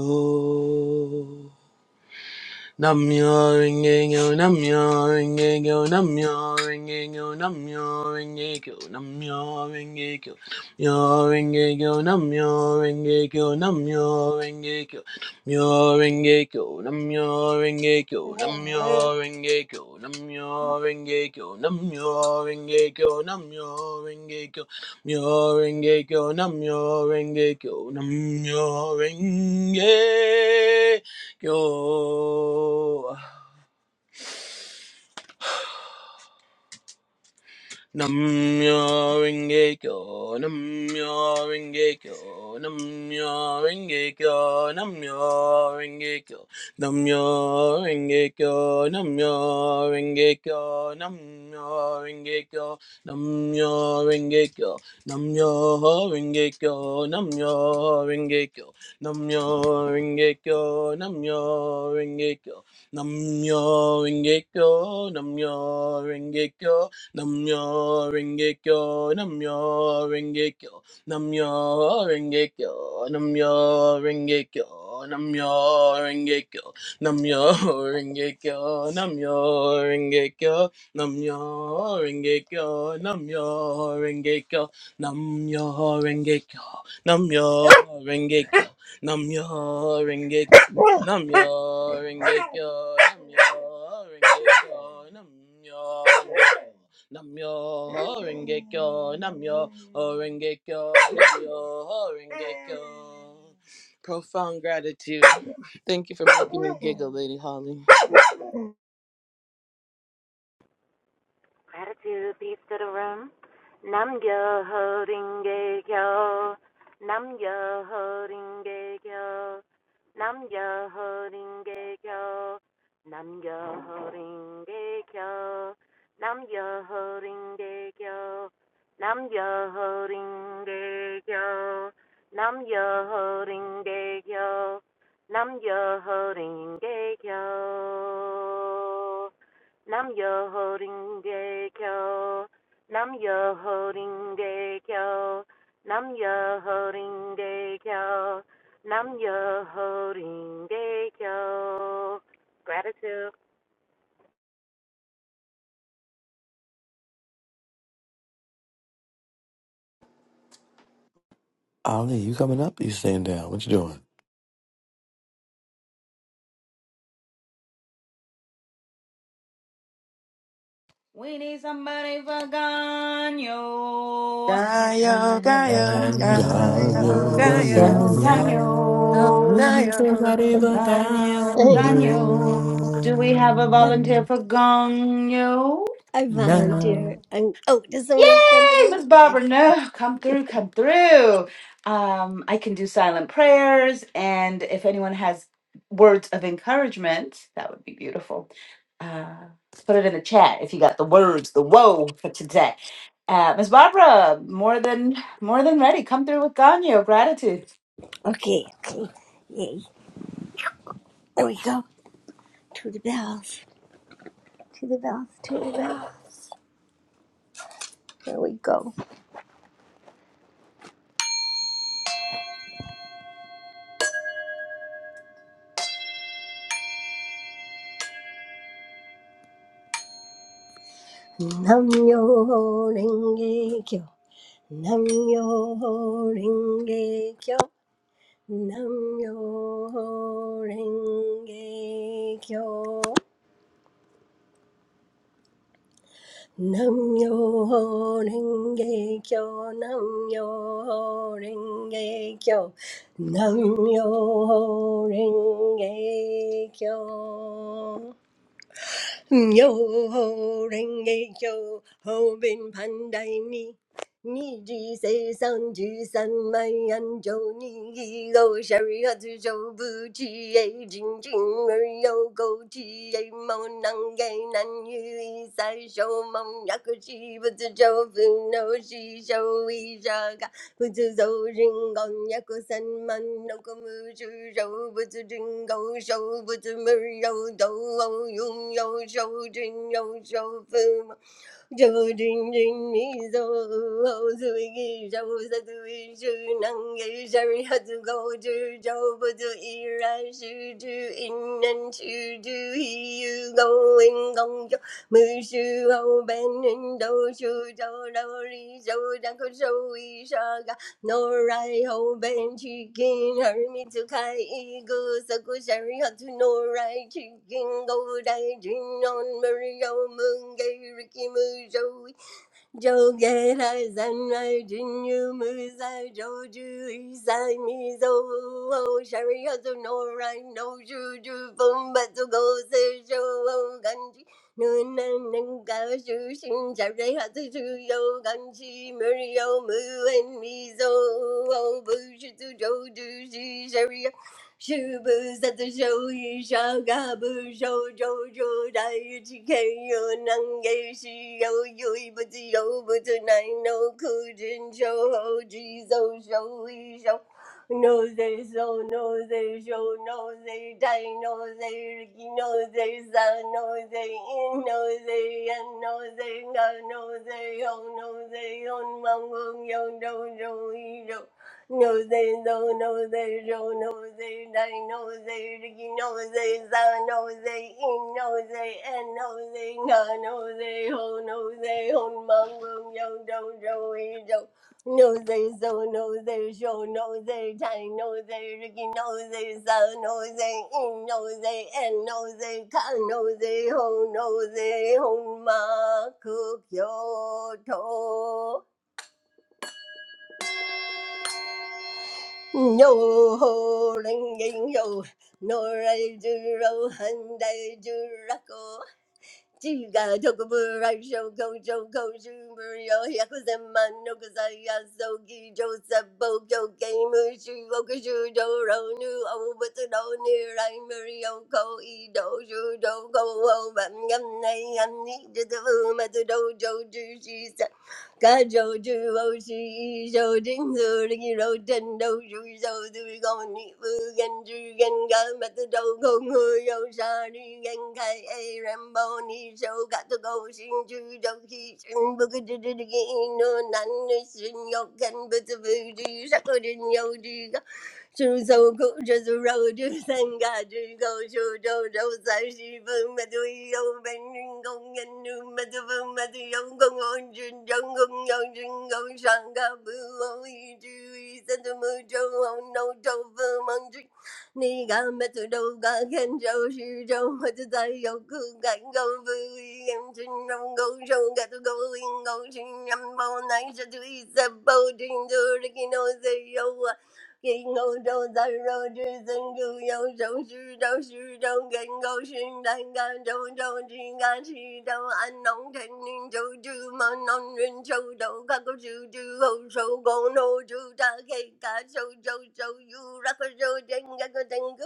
Speaker 9: Namyo Renge-kyo, Namyo Renge-kyo, Namyo Renge-kyo, Namyo Renge-kyo, Namyo Renge-kyo, Myo Renge-kyo, Namyo Renge-kyo, Namyo Renge-kyo, Myo Renge-kyo, Namyo Renge-kyo, Namyo Renge-kyo, Namyo Renge-kyo, Namyo Renge-kyo, Namyo Renge-kyo, Myo Renge-kyo, Namyo Renge-kyo, Namyo Renge-kyo. Yo, Namyo Renge Kyo, Namyo Renge Kyo, Namyo Renge Kyo, Namyo Renge Kyo, Namyo Renge Kyo, Namyo Renge Kyo, Namyo Renge Kyo, Namyo Renge Kyo, Namyo Renge Kyo, Namyo Renge Kyo, Namyo Renge Kyo, Namyo Renge Kyo, Namyo Renge Kyo, Namyo Renge Kyo, Namyo Rengekyo, Namyo Rengekyo, Namyo Rengekyo, Namyo Rengekyo, Namyo Rengekyo, Namyo Rengekyo, Namyo Rengekyo, Namyo Rengekyo, Namyo Rengekyo, Namyo Rengekyo, Namyo Rengekyo, Namyo Rengekyo, Namyo Rengekyo, Namyo Rengekyo, Namyo Rengekyo. Namyo Horengekyo, Namyo Horengekyo, Namyo Horengekyo. Profound gratitude. Thank you for making me giggle, Lady Holly.
Speaker 7: gratitude, peace to the room. Nam yo holding gay yo. Nam yo holding gay yo. Nam yo holding gay yo. Nam yo holding gay yo. Nam yo holding gay yo. Nam yo holding gay yo. Nam yo holding gay yo. Nam yo holding gay yo. Nam yo holding gay kyo. Nam yo holding kyo. Nam yo holding kyo. Nam yo holding kyo. Gratitude.
Speaker 8: Ali, you coming up? You staying down? What you doing?
Speaker 6: We need somebody for Ganyo.
Speaker 3: 가요 가요
Speaker 6: Ganyo.
Speaker 3: 가요
Speaker 8: Ganyo,
Speaker 6: Ganyo,
Speaker 3: 가요 가요
Speaker 8: ganyo.
Speaker 6: ganyo,
Speaker 3: 가요
Speaker 6: ganyo, ganyo. Do we have a
Speaker 4: I,
Speaker 6: volunteer for ganyo?
Speaker 4: I volunteer. I'm, oh, does someone else jump it
Speaker 6: Yay,
Speaker 4: in?
Speaker 6: Miss
Speaker 4: Yeah.
Speaker 6: Barbara! No, come through, come through. Um, I can do silent prayers, and if anyone has words of encouragement, that would be beautiful. Uh, put it in the chat if you got the words, the whoa for today. Uh, Miss Barbara, more than more than ready. Come through with ganyo gratitude.
Speaker 4: Okay, okay. Yay. There we go. To the bells. To the bells. To the bells. There we go. Nam yo renge kyo. Nam yo renge kyo. Nam yo renge kyo. Nam yo renge kyo. Nam yo renge kyo. Nam yo renge kyo. Yo ho renge kyo ho bin pandai ni ni ji se san ji san mai an jo ni gi go shari ha zu jo bu chi e jin jin er yo go chi e mo nang ge nan yu i sai shou mong yak chi bu zu jo fu no shi shou 不知走人公一个三万，那个没知走不知真高手，不知没有走，我永有手真有手分，这真真你走，我最给走，这最是能给谁还足够知走不知依然是知，一人知知依有够，人工有。没事后半人都出走，老李手，然后手，然后一下。no right ho ben chicken hurry me to kai ego so go sherry hot to no right chicken go die, jin on mario moon gay ricky moo Jogera zanai jinu muza joju isai miso oh sharihazu no rain no shuru from butu gosai shou oh kangi nu nan neng gao shu xin sharihazu shou kangi mu liu mu an miso oh bu shi zu joju shi sharih. 是不是在这手一手，胳膊手肘肘在一起看有能给是有有一不自由不自难，脑壳真手后只手手一手。No they so no they show no they die no they ricky no they sun no they in no they and no they no no they oh no they on mong yo no no yo no, they don't they don't they die no they Ricky no they za no they in no they and no they na no they ho no they hon mong bong yo do do we do no they so no they show no they die no they Ricky no they za no they in no they and no they can no they ho no they hon ma cook yo to Yo ho ringing yo, nor I do ro and I do rocko. Jiga tokubu raisho go jo go shumur yo yakuzen man no kazaya soki joseph bokyo gamu shu okushu do ro nu o but no near I murio ko i do shu do go o bam yam nay yam ni to the boom at the dojo juicy God shows you mercy, shows Jesus, and you turn to Jesus. You're gonna need forgiveness, and God met the broken and wounded. You can't even pray, and you're not forgiven. You're gonna have to go through the fire, and you're gonna have to go through the fire. 猪走狗，这猪肉，这三嘎，这狗手肘肘三十分，把对手本人公人路，把对分把对手公公只张公要真公上嘎不红一只一三的木头红脑头分忙只。你敢把土豆干看潮湿潮，我就在有苦干高不一样，真让高手干出高音高声，让包难受就一再包真就是给脑子有。给欧洲咱肉之珍珠有手续州徐州跟狗是南干州州之干是州安农陈林州之嘛农人州州干狗州之后手工农州扎黑干州州州有那个州真干个真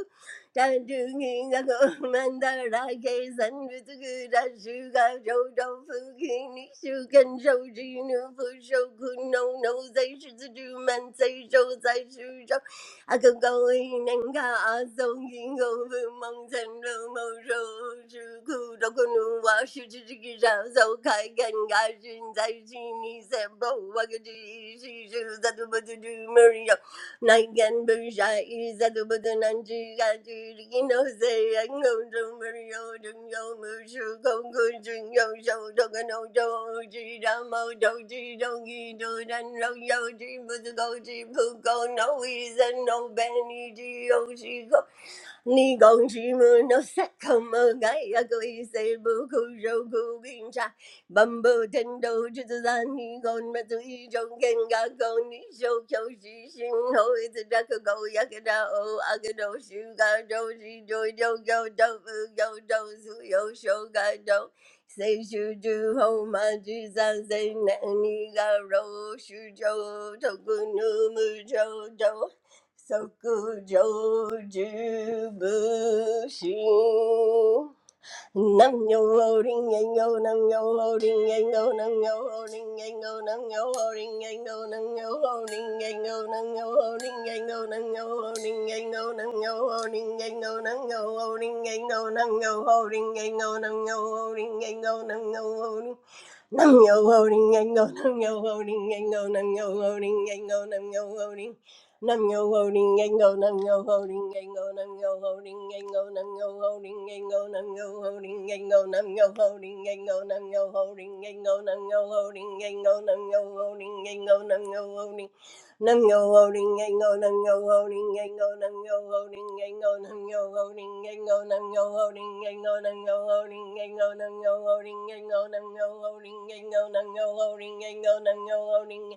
Speaker 4: I Nigan Bursha is at the Budananji Gatinose and go to Mario Dungo Mushu Kongo Jingo Sho Dogano Doji Damo Doji Dogi Dodan No Yoji Buzugoji Puko no is and no Benny Ji 你讲什么？那啥口么？哎呀，可以谁不口手口跟上，满不天都只子让你讲么子一种更加高，你手口是心头一次这个狗呀个这哦啊个都是个都是就就就就不就就所有手个都。谁是之后嘛？聚散谁难？你个肉是就透过那么久。Sokujojubushi. Nam yo loading and go, nam yo loading and go, nam yo loading and go, nam yo loading and go, nam yo loading and go, nam yo loading and go, nam yo loading and go, nam yo loading and go, nam yo loading and go, nam yo loading and go, nam yo loading and go, nam yo loading. Nam yo holding and go, nam yo holding and go, nam yo holding and go, nam yo holding. Nam yo holding and go, nam yo holding and go, nam yo holding and go, nam yo holding and go, nam yo holding and go, nam yo holding and go, nam yo holding and go, nam yo holding and go, nam yo holding and go, nam yo holding. Nam yo loading and go nam yo loading and go nam yo loading and go nam yo loading and go nam yo loading and go nam yo loading and go nam yo loading and go nam yo loading and nam yo loading and nam yo loading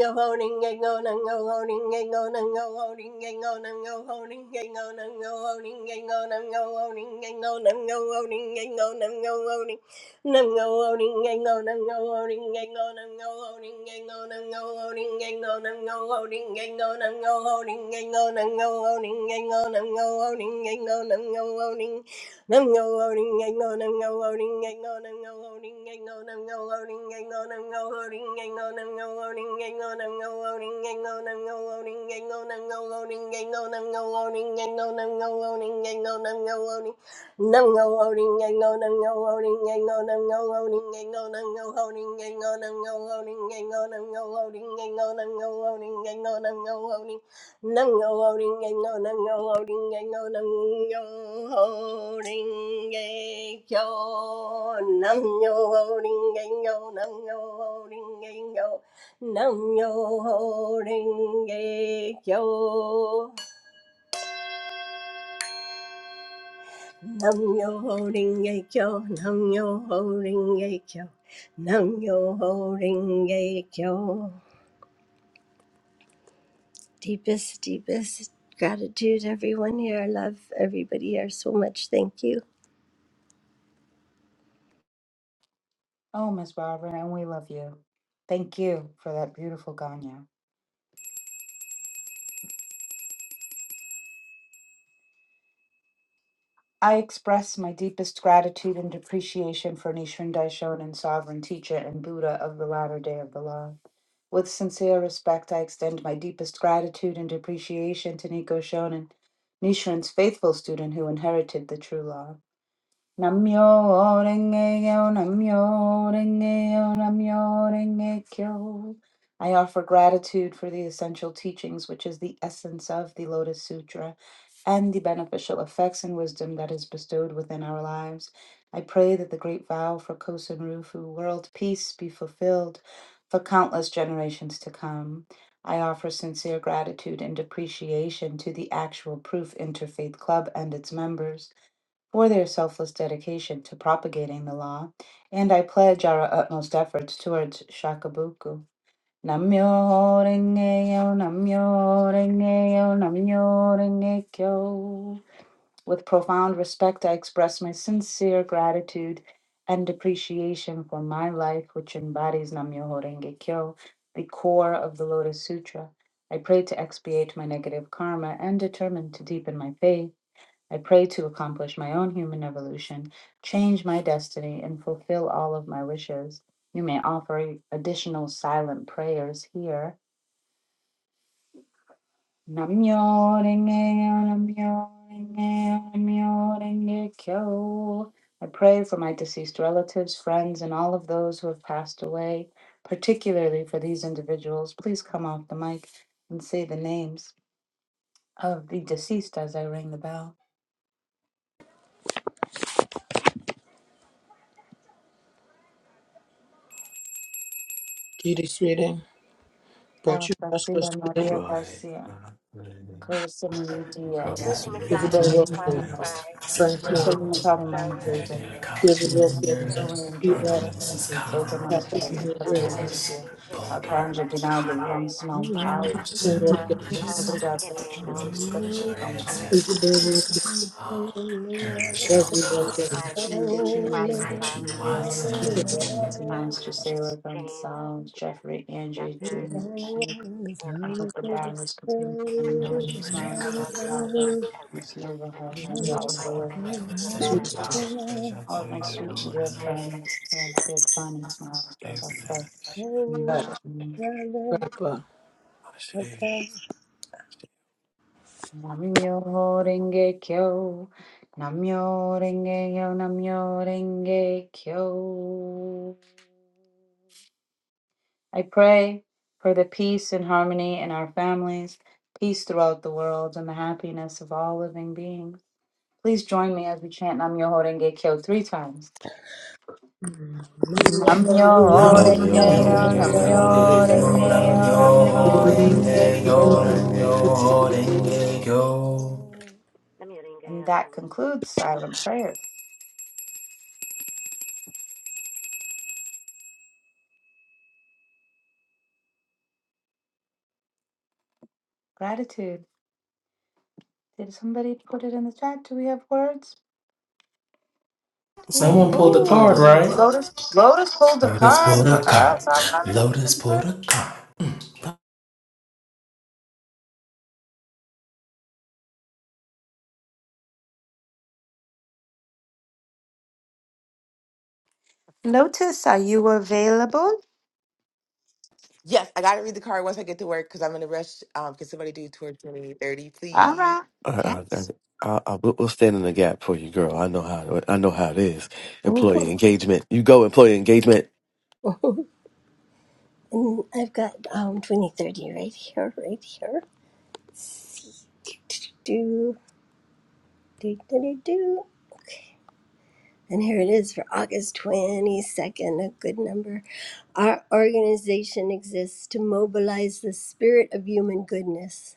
Speaker 4: Yo holding and go and go holding and go and go holding and go and go holding and go and go holding and go and go holding and go and go holding and go and go holding no go holding and go and go holding and go and go holding and go and go holding and go and go holding and go and go holding and go and go holding and go and go holding and go and go holding Nam go loading and go nam go loading and go nam go loading and go nam go loading and go nam go loading and go nam go loading and go nam go loading and go nam go loading and go nam go loading and go nam go loading and go nam go loading and go nam go loading no no loading and no no no loading and no no no loading and no no no loading and no no no loading and no no no loading and no no no loading and no no no loading Nango loading and go, nango loading and go, nango loading and go, nango loading and go, nango loading and go, nango loading and go. Nango loading and go, nango loading and go, nango loading and go. Deepest, deepest gratitude, everyone here. I love everybody here so much. Thank you.
Speaker 6: Oh, Miss Barbara, and we love you. Thank you for that beautiful Ganya. I express my deepest gratitude and appreciation for Nichiren Daishonin, sovereign teacher and Buddha of the latter day of the law. With sincere respect, I extend my deepest gratitude and appreciation to Nico Shonin, Nichiren's faithful student who inherited the true law. Namyo renge namyo renge namyo renge I offer gratitude for the essential teachings, which is the essence of the Lotus Sutra, and the beneficial effects and wisdom that is bestowed within our lives. I pray that the great vow for Kosen Rufu, world peace, be fulfilled for countless generations to come. I offer sincere gratitude and appreciation to the Actual Proof Interfaith Club and its members for their selfless dedication to propagating the law, and I pledge our utmost efforts towards Shakabuku. Namyo Rengeyo, Namyo Rengeyo, Namyo Rengekyo. With profound respect, I express my sincere gratitude and appreciation for my life, which embodies Namyo Renge kyo the core of the Lotus Sutra. I pray to expiate my negative karma and determine to deepen my faith. I pray to accomplish my own human evolution, change my destiny, and fulfill all of my wishes. You may offer additional silent prayers here. Namyo renge yo, namyo renge yo, namyo renge kyo. I pray for my deceased relatives, friends, and all of those who have passed away, particularly for these individuals. Please come off the mic and say the names of the deceased as I ring the bell.
Speaker 9: Kitty Sweden,
Speaker 6: Alice
Speaker 9: Bertrand
Speaker 6: Garcia,
Speaker 9: Russell Sweden,
Speaker 6: Maria
Speaker 8: Roy,
Speaker 6: Garcia. Carissa Marie Diaz,
Speaker 7: Lucy
Speaker 9: Isabel
Speaker 8: Mary,
Speaker 7: McDonald,
Speaker 9: Wilkins,
Speaker 7: Wally
Speaker 8: Graham,
Speaker 7: Fly,
Speaker 9: Frank Jones,
Speaker 6: Marcelina Calamano
Speaker 8: Joanne,
Speaker 7: Roselia,
Speaker 6: Vega,
Speaker 9: David Wilkins,
Speaker 7: Hicks
Speaker 6: Elaine
Speaker 9: Pete
Speaker 6: Drake,
Speaker 9: Roberts,
Speaker 8: Desmond,
Speaker 6: Bethany Keith, Hilda
Speaker 7: Fly,
Speaker 8: Michael,
Speaker 9: Catherine
Speaker 6: Monteiro,
Speaker 7: Donna
Speaker 9: Hillary,
Speaker 6: Cassandra Alcântara,
Speaker 7: Maxine, Hicks Smiley,
Speaker 6: Arcangel Guinaldo, Young
Speaker 7: Miriam
Speaker 6: Simão
Speaker 7: Brown,
Speaker 6: Paulo,
Speaker 9: Tim Wilkins,
Speaker 7: Uncle Charles, Uncle
Speaker 6: obrigado por
Speaker 7: Kenny ain't know
Speaker 6: tudo,
Speaker 7: me,
Speaker 6: coração,
Speaker 7: English
Speaker 9: Isabel Wilkins,
Speaker 7: James
Speaker 9: Leslie Wilkins,
Speaker 7: Smiley, Robert
Speaker 6: Indignity,
Speaker 7: Smiley, William
Speaker 6: Novelas,
Speaker 7: Smiley, Edward
Speaker 6: Its Irmãos,
Speaker 7: Smiley,
Speaker 6: Gisela
Speaker 7: James
Speaker 6: Gonçalves,
Speaker 7: Smith,
Speaker 6: Jeffrey Andre,
Speaker 7: Yasser
Speaker 6: Junior
Speaker 7: Smith,
Speaker 6: Keith,
Speaker 7: and
Speaker 6: Anoka
Speaker 7: Antoinette,
Speaker 6: Barros, Katina, and
Speaker 7: Priscilla
Speaker 6: Smiley,
Speaker 7: Romelia,
Speaker 6: Albert,
Speaker 7: Edward
Speaker 6: Miss Nova
Speaker 7: Hinton,
Speaker 6: Hirsch,
Speaker 7: all of
Speaker 6: Mandel,
Speaker 7: my
Speaker 6: Willer,
Speaker 7: ancestors know
Speaker 8: Oh,
Speaker 7: and I know.
Speaker 8: I, I, I,
Speaker 4: And
Speaker 6: All of
Speaker 7: Thank
Speaker 6: my
Speaker 7: you.
Speaker 6: sweet and dear
Speaker 7: Ashe.
Speaker 6: friends, love, big fun and smiles of affection and shins.
Speaker 9: Papa.
Speaker 6: Namyo Renge Kyo, Namyo Renge Yo, Namyo Renge Kyo. I pray for the peace and harmony in our families, peace throughout the world, and the happiness of all living beings. Please join me as we chant Namyo Renge Kyo three times. Namyo renge yo, namyo
Speaker 5: Yo
Speaker 6: renge
Speaker 5: Nam
Speaker 6: yo,
Speaker 5: yo
Speaker 6: namyo
Speaker 5: ho
Speaker 6: renge kyo.
Speaker 5: yo, nam yo ho yo.
Speaker 7: Namyo Renge
Speaker 6: And
Speaker 7: Kyo,
Speaker 6: that
Speaker 7: namyo-
Speaker 6: concludes silent prayer. Gratitude. Did somebody put it in the chat? Do we have words? Do we have?
Speaker 5: Someone pulled the
Speaker 6: Oh,
Speaker 5: card, right?
Speaker 6: Lotus. Lotus pulled a
Speaker 5: Lotus pulled
Speaker 6: card
Speaker 5: a
Speaker 6: for
Speaker 5: card.
Speaker 6: us. All right,
Speaker 5: Lotus
Speaker 6: come through.
Speaker 5: pulled a card.
Speaker 6: Lotus, are you available?
Speaker 3: get to work because I'm in a rush. Um, can somebody do 20, 20, thirty,
Speaker 6: All
Speaker 3: please?
Speaker 6: right. Yes.
Speaker 8: I, I- we'll we'll stand in the gap for you, girl. I know how. I know how it is. Employee engagement. You go employee engagement,
Speaker 4: I've got um 2030 right here, right here. Do, do, do, do, do. Okay, And here it is for August 22nd, a good number. Our organization exists to mobilize the spirit of human goodness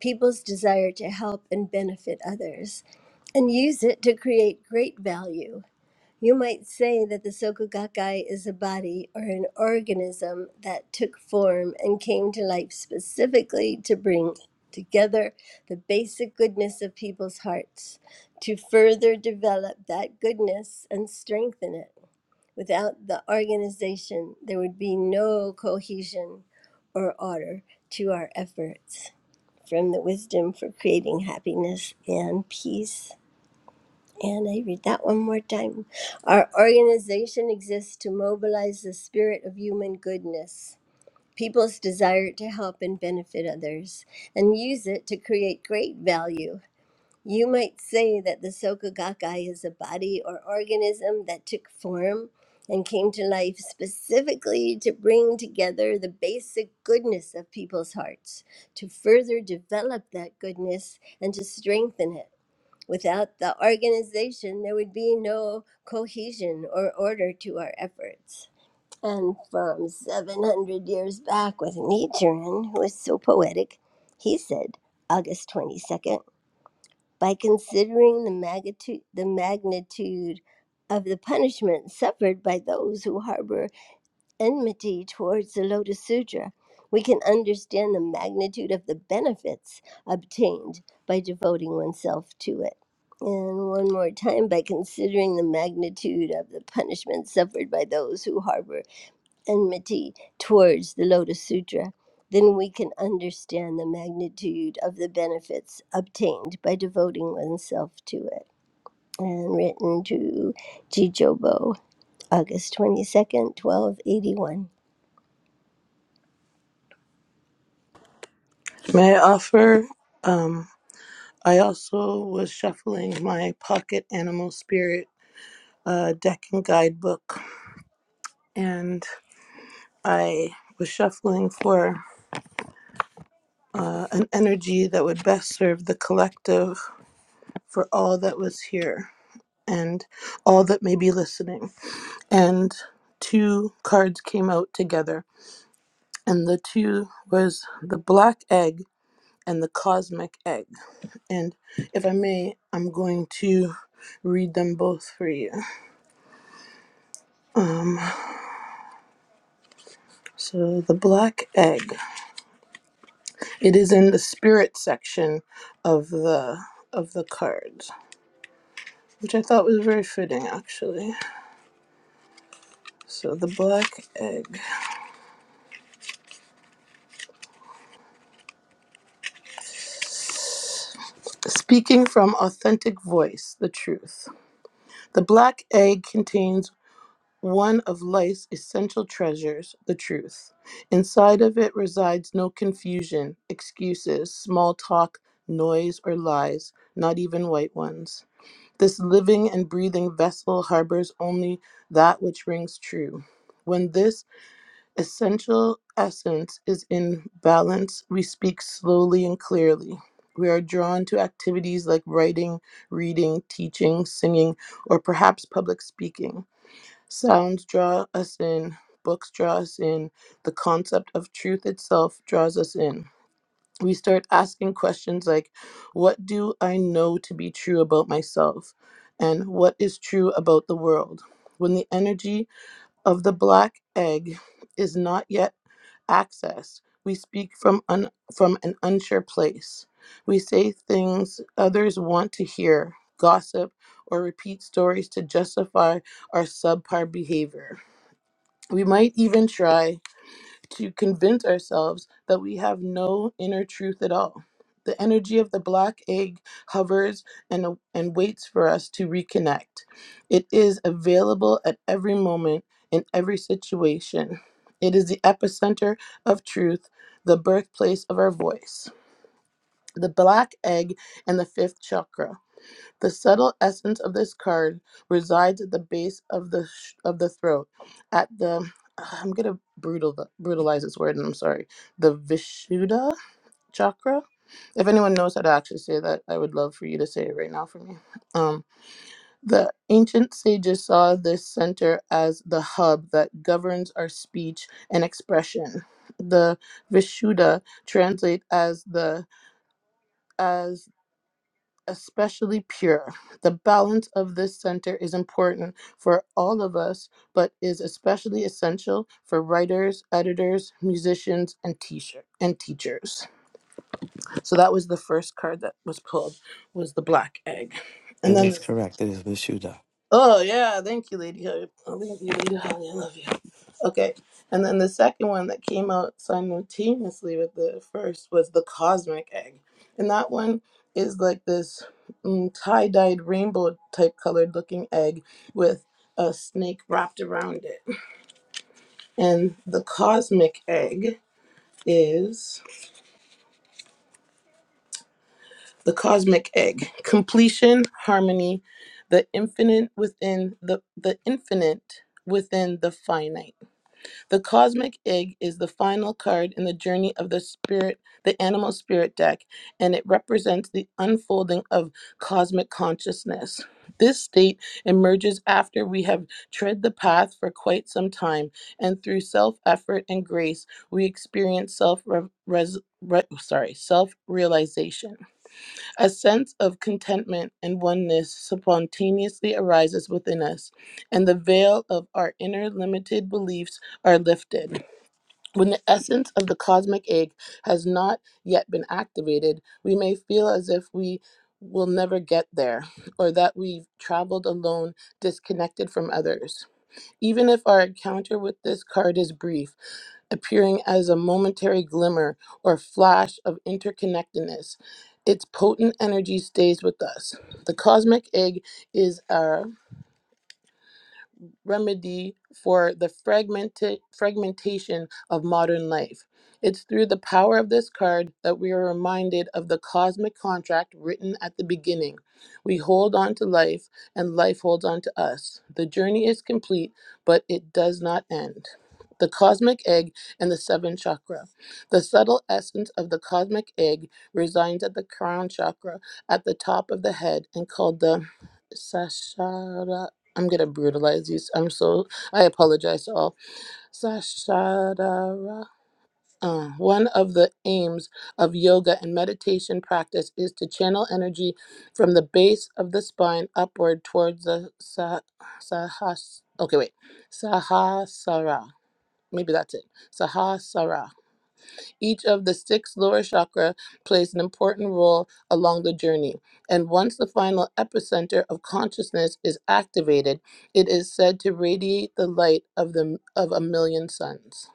Speaker 4: people's desire to help and benefit others and use it to create great value. You might say that the Soka Gakkai is a body or an organism that took form and came to life specifically to bring together the basic goodness of people's hearts, to further develop that goodness and strengthen it. Without the organization, there would be no cohesion or order to our efforts from the Wisdom for Creating Happiness and Peace. And I read that one more time. Our organization exists to mobilize the spirit of human goodness, people's desire to help and benefit others, and use it to create great value you might say that the Soka Gakkai is a body or organism that took form and came to life specifically to bring together the basic goodness of people's hearts, to further develop that goodness and to strengthen it. Without the organization, there would be no cohesion or order to our efforts. And from 700 years back with Nichiren, who is so poetic, he said, August 22nd. By considering the magnitude, the magnitude of the punishment suffered by those who harbor enmity towards the Lotus Sutra, we can understand the magnitude of the benefits obtained by devoting oneself to it. And one more time, by considering the magnitude of the punishment suffered by those who harbor enmity towards the Lotus Sutra, then we can understand the magnitude of the benefits obtained by devoting oneself to it. And written to Jijobo, August 22nd, 1281.
Speaker 9: May I offer? Um, I also was shuffling my pocket animal spirit a deck and guidebook, and I was shuffling for uh, an energy that would best serve the collective for all that was here and all that may be listening. And two cards came out together, and the two was the black egg and the cosmic egg. And if I may, I'm going to read them both for you. Um, so the black egg. It is in the spirit section of the of the cards, which I thought was very fitting actually. So the black egg. Speaking from authentic voice, the truth. The black egg contains one of life's essential treasures, the truth. Inside of it resides no confusion, excuses, small talk, noise, or lies, not even white ones. This living and breathing vessel harbors only that which rings true. When this essential essence is in balance, we speak slowly and clearly. We are drawn to activities like writing, reading, teaching, singing, or perhaps public speaking. Sounds draw us in, books draw us in, the concept of truth itself draws us in we start asking questions like what do i know to be true about myself and what is true about the world when the energy of the black egg is not yet accessed we speak from un- from an unsure place we say things others want to hear gossip or repeat stories to justify our subpar behavior we might even try to convince ourselves that we have no inner truth at all. The energy of the black egg hovers and, and waits for us to reconnect. It is available at every moment in every situation. It is the epicenter of truth, the birthplace of our voice. The black egg and the fifth chakra. The subtle essence of this card resides at the base of the sh- of the throat, at the I'm gonna brutal brutalize this word, and I'm sorry, the Vishuddha chakra. If anyone knows how to actually say that, I would love for you to say it right now for me. Um, the ancient sages saw this center as the hub that governs our speech and expression. The Vishuddha translate as the as especially pure. The balance of this center is important for all of us, but is especially essential for writers, editors, musicians, and teacher and teachers. So that was the first card that was pulled was the black egg. And
Speaker 8: and
Speaker 9: then
Speaker 8: that's correct. It is Vishuddha.
Speaker 9: Oh yeah, thank you, Lady Hope. Oh, thank you, Lady Holly. I love you. Okay, and then the second one that came out simultaneously with the first was the Cosmic Egg, and that one is like this mm, tie-dyed rainbow type colored looking egg with a snake wrapped around it. And the Cosmic Egg is the Cosmic Egg completion, harmony, the infinite within the the infinite within the finite. The cosmic egg is the final card in the journey of the spirit, the animal spirit deck, and it represents the unfolding of cosmic consciousness. This state emerges after we have tread the path for quite some time, and through self effort and grace, we experience self re- res- re- sorry self realization. A sense of contentment and oneness spontaneously arises within us, and the veil of our inner limited beliefs are lifted. When the essence of the cosmic egg has not yet been activated, we may feel as if we will never get there, or that we've traveled alone, disconnected from others. Even if our encounter with this card is brief, appearing as a momentary glimmer or flash of interconnectedness. Its potent energy stays with us. The cosmic egg is our remedy for the fragmented fragmentation of modern life. It's through the power of this card that we are reminded of the cosmic contract written at the beginning. We hold on to life, and life holds on to us. The journey is complete, but it does not end. The cosmic egg and the seven chakra. The subtle essence of the cosmic egg resides at the crown chakra at the top of the head and called the Sahasrara I'm gonna brutalize you. I'm so I apologize to all. Sashadara. Uh, one of the aims of yoga and meditation practice is to channel energy from the base of the spine upward towards the sa- sahas. Okay, wait, Sahasrara. Maybe that's it. Sahasrara. Each of the six lower chakra plays an important role along the journey. And once the final epicenter of consciousness is activated, it is said to radiate the light of the of a million suns.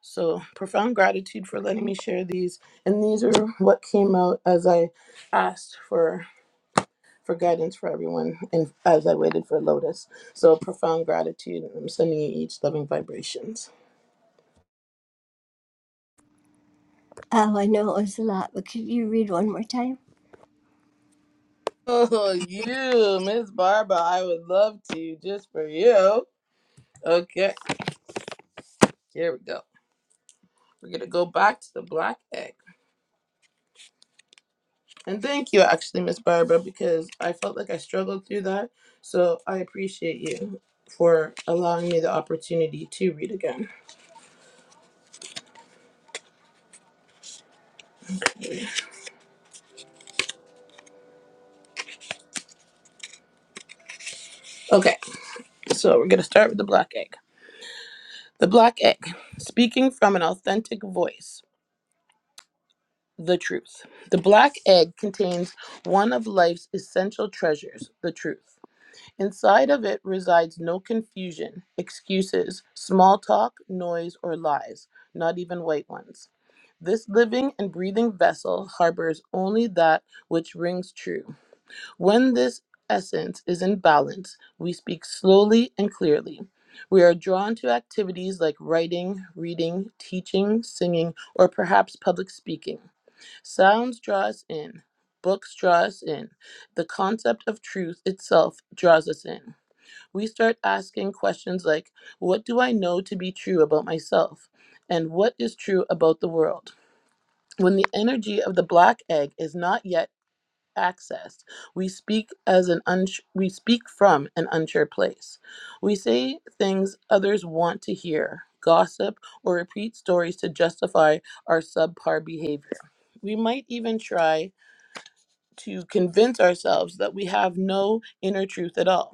Speaker 9: So profound gratitude for letting me share these. And these are what came out as I asked for for guidance for everyone and as I waited for Lotus. So profound gratitude. and I'm sending you each loving vibrations.
Speaker 4: Oh, I know it was a lot, but could you read one more time?
Speaker 9: Oh, you, Miss Barbara, I would love to just for you. Okay, here we go. We're gonna go back to the black egg. And thank you, actually, Miss Barbara, because I felt like I struggled through that. So I appreciate you for allowing me the opportunity to read again. Okay, so we're gonna start with the black egg. The black egg, speaking from an authentic voice, the truth. The black egg contains one of life's essential treasures, the truth. Inside of it resides no confusion, excuses, small talk, noise, or lies, not even white ones. This living and breathing vessel harbors only that which rings true. When this essence is in balance, we speak slowly and clearly. We are drawn to activities like writing, reading, teaching, singing, or perhaps public speaking. Sounds draw us in, books draw us in, the concept of truth itself draws us in we start asking questions like, What do I know to be true about myself? And what is true about the world? When the energy of the black egg is not yet accessed, we speak as an uns- we speak from an unsure place. We say things others want to hear, gossip, or repeat stories to justify our subpar behavior. We might even try to convince ourselves that we have no inner truth at all.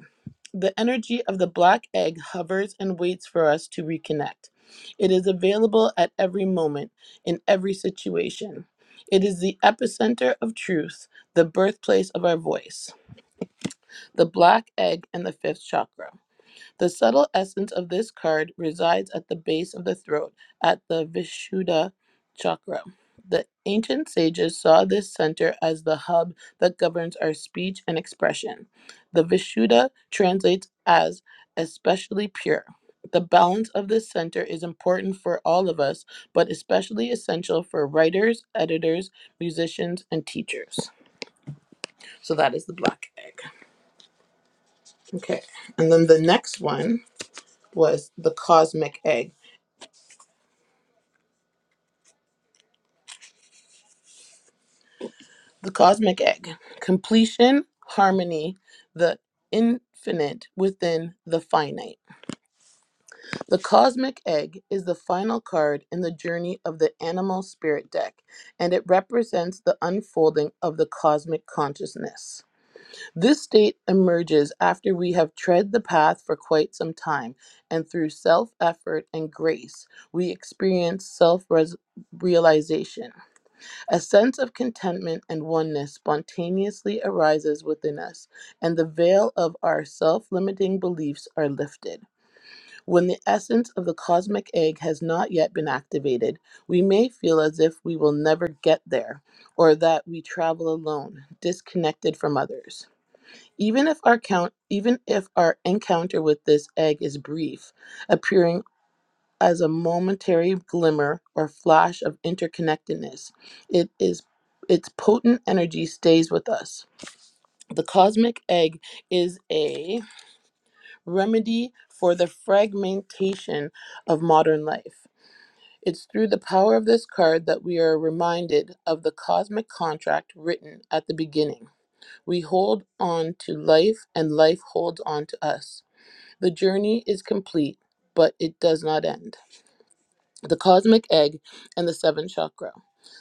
Speaker 9: The energy of the black egg hovers and waits for us to reconnect. It is available at every moment, in every situation. It is the epicenter of truth, the birthplace of our voice, the black egg and the fifth chakra. The subtle essence of this card resides at the base of the throat, at the Vishuddha chakra. The ancient sages saw this center as the hub that governs our speech and expression. The Vishuddha translates as especially pure. The balance of this center is important for all of us, but especially essential for writers, editors, musicians, and teachers. So that is the black egg. Okay. And then the next one was the cosmic egg. the cosmic egg, completion, harmony, the infinite within the finite. The cosmic egg is the final card in the journey of the animal spirit deck, and it represents the unfolding of the cosmic consciousness. This state emerges after we have tread the path for quite some time, and through self effort and grace, we experience self realization. A sense of contentment and oneness spontaneously arises within us, and the veil of our self limiting beliefs are lifted. When the essence of the cosmic egg has not yet been activated, we may feel as if we will never get there, or that we travel alone, disconnected from others. Even if our count even if our encounter with this egg is brief, appearing as a momentary glimmer or flash of interconnectedness. It is its potent energy stays with us. The cosmic egg is a remedy for the fragmentation of modern life. It's through the power of this card that we are reminded of the cosmic contract written at the beginning. We hold on to life, and life holds on to us. The journey is complete, but it does not end. the cosmic egg, and the seventh chakra.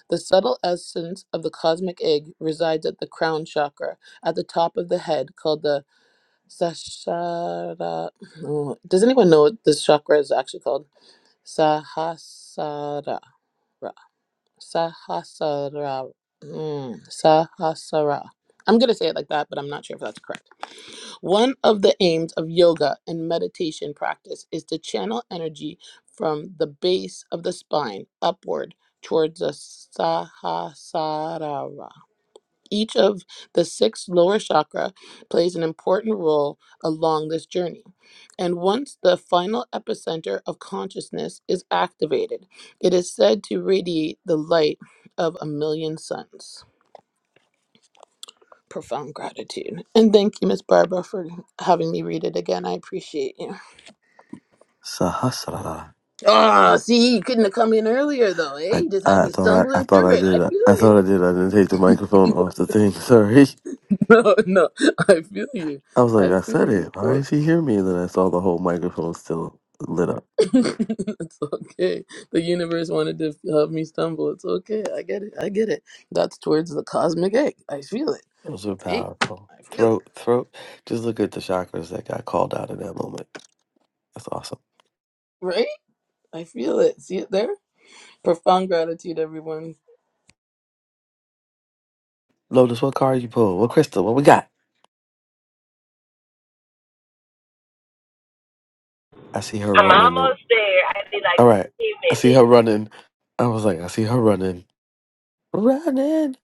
Speaker 9: The subtle essence of the cosmic egg resides at the crown chakra, at the top of the head, called the Sahasrara. Oh, does anyone know what this chakra is actually called? Sahasrara. Sahasrara. Mm, Sahasrara. I'm going to say it like that, but I'm not sure if that's correct. One of the aims of yoga and meditation practice is to channel energy from the base of the spine upward towards the Sahasrara. Each of the six lower chakra plays an important role along this journey. And once the final epicenter of consciousness is activated, it is said to radiate the light of a million suns. Profound gratitude. And thank you, Miss Barbara, for having me read it again. I appreciate you.
Speaker 8: Sahasrara.
Speaker 9: Oh, see, you couldn't have come in earlier, though, eh?
Speaker 8: I,
Speaker 9: You just had
Speaker 8: I
Speaker 9: me
Speaker 8: thought I, I
Speaker 9: stumbling
Speaker 8: thought
Speaker 9: through
Speaker 8: I
Speaker 9: it. I
Speaker 8: did. I,
Speaker 9: feel
Speaker 8: I
Speaker 9: you.
Speaker 8: thought I did. I didn't take the microphone off the thing. Sorry.
Speaker 9: No, no, I feel you.
Speaker 8: I was like,
Speaker 9: I
Speaker 8: I
Speaker 9: feel
Speaker 8: said it.
Speaker 9: you.
Speaker 8: Why
Speaker 9: So
Speaker 8: didn't she hear me? And then I saw the whole microphone still lit up.
Speaker 9: it's okay. The universe wanted to have me stumble. It's okay. I get it. I get it. That's towards the cosmic egg. I feel it.
Speaker 8: Those were
Speaker 9: See?
Speaker 8: powerful.
Speaker 9: I feel it.
Speaker 8: Throat, throat. Just look at the chakras that got called out in that moment. That's awesome.
Speaker 9: Right? I feel it. See it there? Profound gratitude, everyone.
Speaker 8: Lotus, what card you pull? What crystal? What we got? I see her
Speaker 3: I'm
Speaker 8: running. the-
Speaker 3: almost there. I need like
Speaker 8: All right.
Speaker 3: 10
Speaker 8: I see her
Speaker 3: minutes.
Speaker 8: running. I was like, I see her running. Running.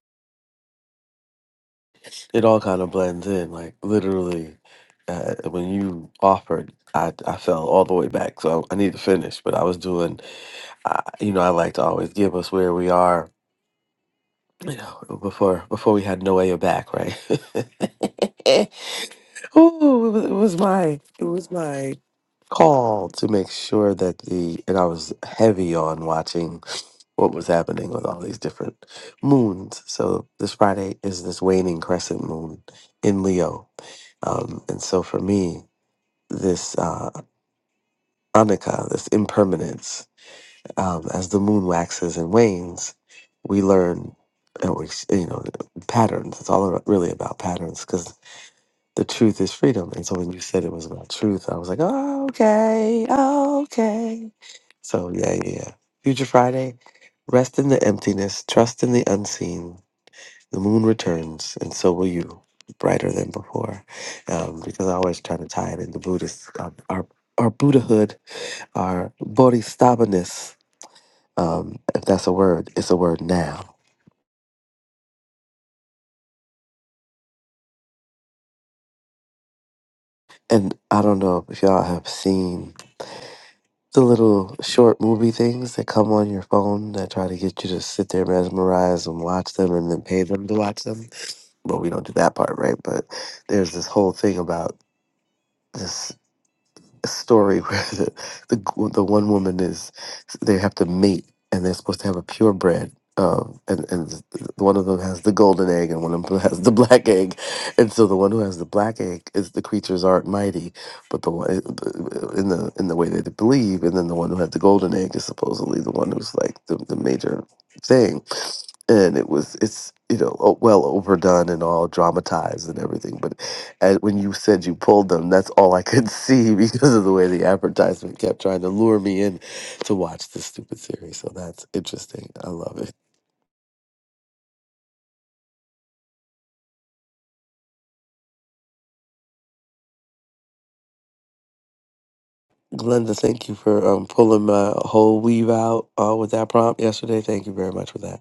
Speaker 8: It all kind of blends in. Like, literally, uh, when you offered, I, I fell all the way back. So I, I need to finish, but I was doing, I, you know, I like to always give us where we are you know, before before we had Noah back, right? Ooh, it was, it was my it was my call to make sure that the and I was heavy on watching what was happening with all these different moons. So this Friday is this waning crescent moon in Leo, um, and so for me, this uh, anicca, this impermanence um, as the moon waxes and wanes, we learn, uh, we s- you know, patterns. It's all about, really about patterns because the truth is freedom. And so when you said it was about truth, I was like, oh, okay, oh, okay. So yeah, yeah, yeah. Future Friday, rest in the emptiness, trust in the unseen. The moon returns, and so will you, brighter than before. Um, because I always try to tie it into Buddhist, um, our our Buddhahood, our bodhisattvaness um, if that's a word, it's a word now. And I don't know if y'all have seen the little short movie things that come on your phone that try to get you to sit there mesmerized and watch them and then pay them to watch them. Well, we don't do that part, right? But there's this whole thing about this. story where the, the the one woman is they have to mate and they're supposed to have a purebred. Um, and and one of them has the golden egg and one of them has the black egg, and so the one who has the black egg is the creatures aren't mighty, but the one uh, in the in the way that they believe, and then the one who had the golden egg is supposedly the one who's like the, the major thing, and it was it's you know o- well overdone and all dramatized and everything, but and when you said you pulled them, that's all I could see because of the way the advertisement kept trying to lure me in to watch this stupid series. So that's interesting. I love it. Glenda, thank you for um, pulling my whole weave out uh, with that prompt yesterday. Thank you very much for that.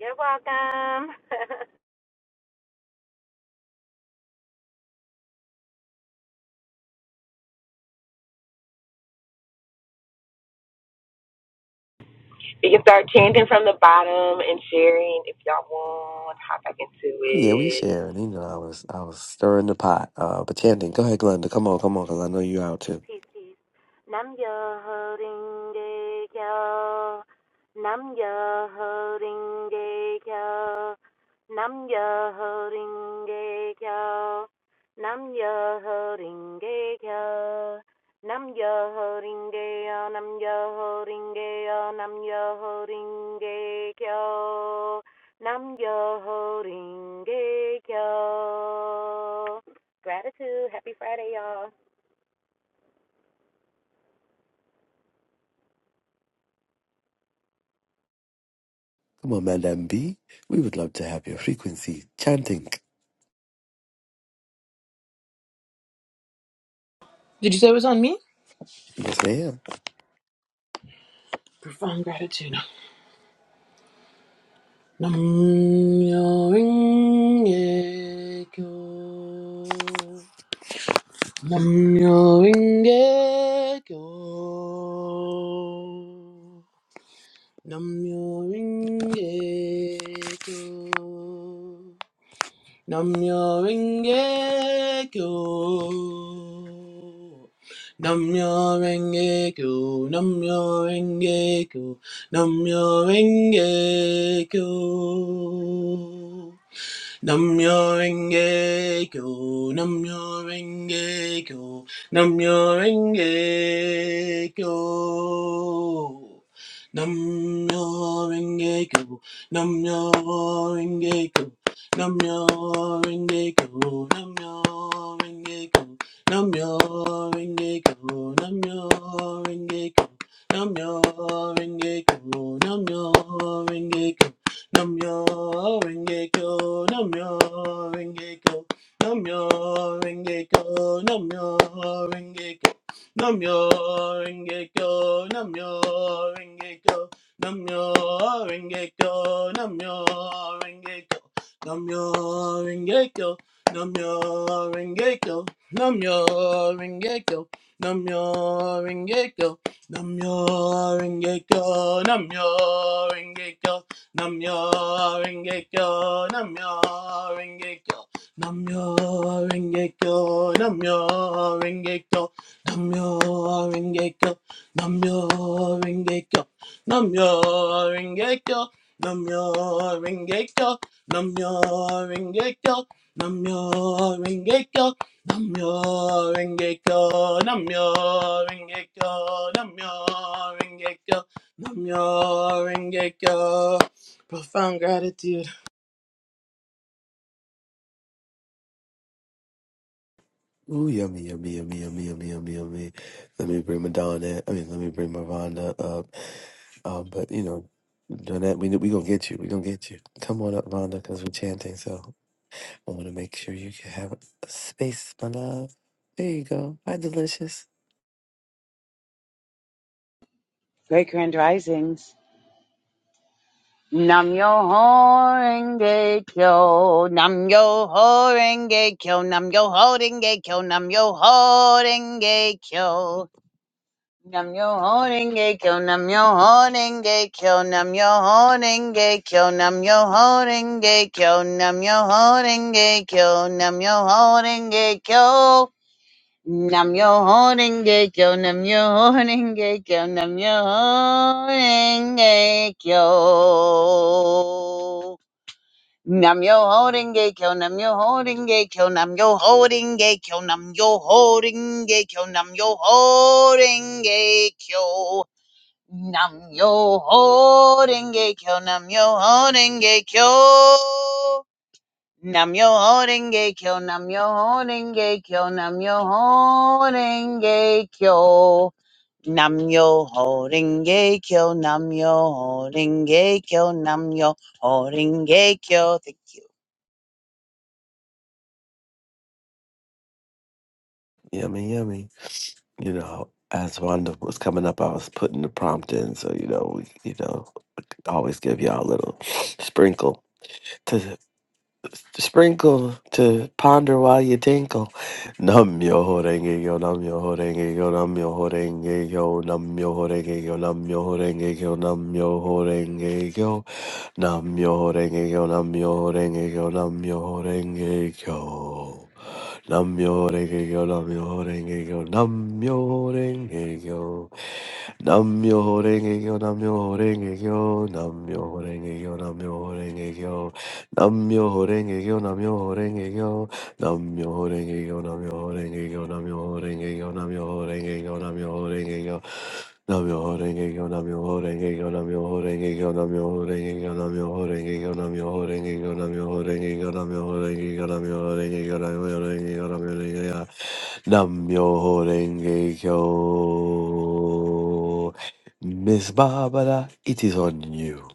Speaker 7: You're welcome.
Speaker 3: You can start chanting from the bottom and sharing if y'all want. Hop back into
Speaker 8: Oh, yeah, we
Speaker 3: it.
Speaker 8: sharing. You know, I was I was stirring the pot. Uh, but Chanting, go ahead, Glenda. Come on, come on, because I know you out too.
Speaker 7: Peace, peace. Nam yo, ring a yo. Nam yo, ring a yo. Nam yo, ring a yo. Nam yo, ring a yo. Nam yo, ring a yo. Nam yo, ring a yo. Nam yo, ring a yo. Gratitude. Happy Friday, y'all.
Speaker 8: Come on, Madam B. We would love to have your frequency chanting.
Speaker 9: Did you say it was on me?
Speaker 8: Yes, ma'am.
Speaker 9: Profound gratitude. Nam myo renge kyo. Nam myo renge kyo. Namyo Ringe Kyo. Namyo Ringe Kyo. Namyo Ringe Kyo. Namyo Ringe Kyo. Namyo Ringe Kyo. Namyo Renge Kyo, Namyo Renge Kyo, Namyo Renge Kyo. Namyo Renge Kyo, Namyo Renge Kyo, Namyo Renge Kyo, Namyo Renge Kyo, Namyo Renge Kyo, Namyo Renge Kyo, Namyo Renge Kyo, Namyo Renge Kyo. Namyo Renge Kyo, Namyo Renge Kyo, Namyo Renge Kyo, Namyo Renge Kyo, Namyo Renge Kyo, Namyo Renge Kyo, Namyo Renge Kyo, Namyo Renge Kyo, Namyo Renge Kyo, Namyo Renge Kyo, Namyo Renge Kyo, Namyo Renge Kyo, Namyo Renge Kyo, Namyo Renge Kyo. Namyo Rengekyo, Namyo Rengekyo, Namyo Rengekyo, Namyo Rengekyo, Namyo Rengekyo, Namyo Rengekyo, Namyo Rengekyo, Namyo Rengekyo, Namyo Rengekyo, Namyo Rengekyo, Namyo Rengekyo, Namyo Rengekyo, Namyo Rengekyo, Namyo Rengekyo. Profound gratitude.
Speaker 8: Ooh, yummy, yummy, yummy, yummy, yummy, yummy, yummy. Let me bring Madonna. I mean, let me bring Miranda up. Um, but you know, Donette, we we gonna get you. We gonna get you. Come on up, Vonda, because we're chanting. So I want to make sure you can have a space, my love. There you go. Hi, delicious.
Speaker 10: Great Grand Risings. Nam yo ho horenge kyo, nam yo ho horenge kyo, nam yo ho horenge kyo, nam yo ho horenge kyo. Nam yo ho horenge kyo, nam yo ho horenge kyo, nam yo ho horenge kyo, nam yo ho horenge kyo, nam yo ho horenge kyo, nam yo ho horenge kyo. Nam yo horenge kyo, nam yo horenge kyo, nam yo horenge kyo. Nam yo horenge kyo, nam yo horenge kyo, nam yo horenge kyo, nam yo horenge kyo, nam yo horenge kyo. Nam yo horenge kyo, nam yo horenge kyo. Namyo Horenge Kyo, Namyo Horenge Kyo, Namyo Horenge Kyo. Namyo Horenge Kyo, Namyo Horenge Kyo, Namyo Horenge Kyo. Thank you.
Speaker 8: Yummy, yummy. You know, as Vonda was coming up, I was putting the prompt in. So you know, we you know always give y'all a little sprinkle sprinkle to ponder while you tinkle. Nam yo ho renge yo, nam yo ho renge yo, nam yo ho renge yo, nam yo ho renge yo, nam yo ho renge yo, nam yo ho renge yo, nam yo ho renge yo, nam yo ho renge yo, nam yo ho renge yo. Nam yo ho renge yo, nam yo ho renge yo, nam yo ho renge yo. Nam yo ho renge yo, nam yo ho renge yo, nam yo ho renge yo, nam yo ho renge yo. 남묘호랭이교 남묘호랭이교 남묘호랭이교 남묘호랭이교 남묘호랭이교 남묘호랭이교 남묘호랭이교 남묘호랭이교 남묘호랭이교 남묘호랭이교 남묘호랭이교 남묘호랭이교 남묘호랭이교 남묘호랭이교 남묘호랭이교 남묘호랭이교 남묘호랭이교 남묘호랭이교 남묘호랭이교 남묘호랭이교 남묘호랭이교. Miss Barbara, it is on you.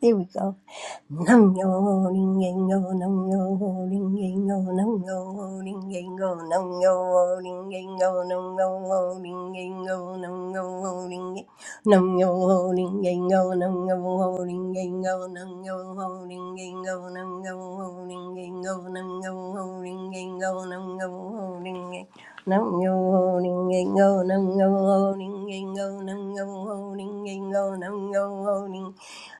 Speaker 4: There we go. Nam yo ho ling yin yo, nam yo ho ling yin yo, nam yo ho ling yin yo, nam yo ho ling yin yo, nam yo ho ling yin yo, nam yo ho ling yin nam yo ho ling yin yo, nam yo ho ling yin yo, nam yo ho ling yin yo, nam yo ho ling yin yo, nam yo ho ling yin yo, nam yo ho ling yin Nam yo ho ning ning go, nam yo ho ning ning go, nam yo ho ning ning go, nam yo ho ning 能有好灵验够，能有好灵验够，能有好灵验够，能有好灵验够，能有好灵验够，能有好灵验够，能有好灵验够，能有好灵验够，能有好灵验够，能有好灵。No no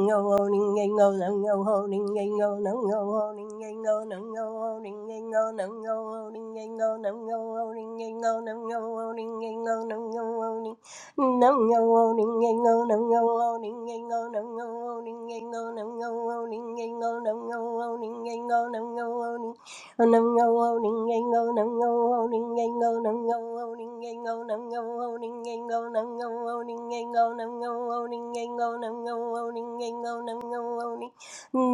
Speaker 4: no holding ain't no no no holding ain't no no no holding ain't no no no holding ain't no no no holding ain't no no no holding ain't no no no holding ain't no no no holding no, no, ngô no, no, no, nam no, no, no, ngây no, no, no, ngô no, no, no, nam no, no, no, ngây no, no, no, ngô no, no, no, nam no, no, no, nam no, no, no, ngây no, no, no, ngô no, no, no, nam no, no, no, ngây no, no, no, ngô ninh ngây ngô nam ngâu ngô ninh ngây ngô nam ngâu ngô ninh ngây ngô nam ngâu ngô ninh ngây ngô nam ngâu ngô ninh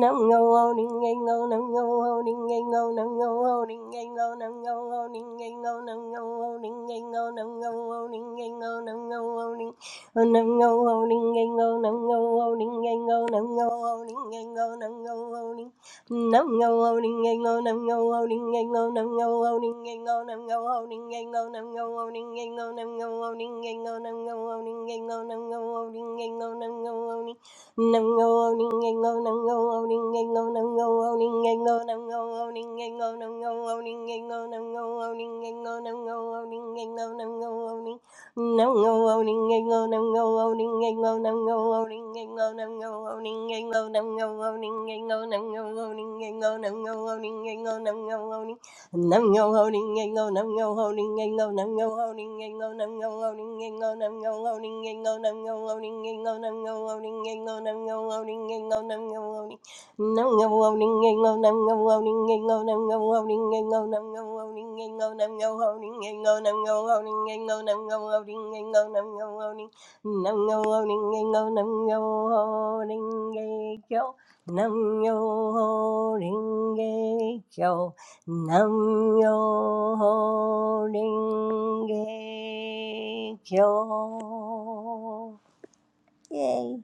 Speaker 4: Nam ngô ô ninh ngây ngô nam ngô ô ninh ngây ngô nam ngô ô ninh ngây ngô nam ngô ô ninh ngây ngô nam ngô ô ninh ngây ngô nam ngô ô ninh ngây ngô nam ngô ô ninh Ờ, nam ngô ô ninh ngây ngô nam ngô ô ninh ngây ngô nam ngô ô ninh ngây ngô nam ngô ô ninh Nam ngâu hâu ninh ngây ngô nam ngâu hâu ninh ngây ngô nam ngâu hâu ninh ngây ngô nam ngâu hâu ninh ngây ngô nam ngâu hâu ninh ngây ngô nam ngâu hâu ninh ngây ngô nam ngâu hâu ninh ngây ngô nam ngâu hâu ninh ngây ngô nam ngâu hâu ninh no, Nam yo ho ding yang go, nam yo ho ding yang go, nam yo ho ding yang go, nam yo ho ding yang go, nam yo ho ding yang go, nam yo ho ding yang go, nam yo ho ding yang go, nam yo ho ding yang go, nam yo ho ding. Nam yo ho ding yang go, nam yo ho ding yang go, nam yo ho ding yang go, nam yo ho ding yang go, nam yo ho ding yang go, nam yo ho ding yang go, nam yo ho ding yang go, nam yo ho ding. Nam yo holding ding yang go, nam yo holding ding yang go, nam yo ho ding go. I'm holding you tight.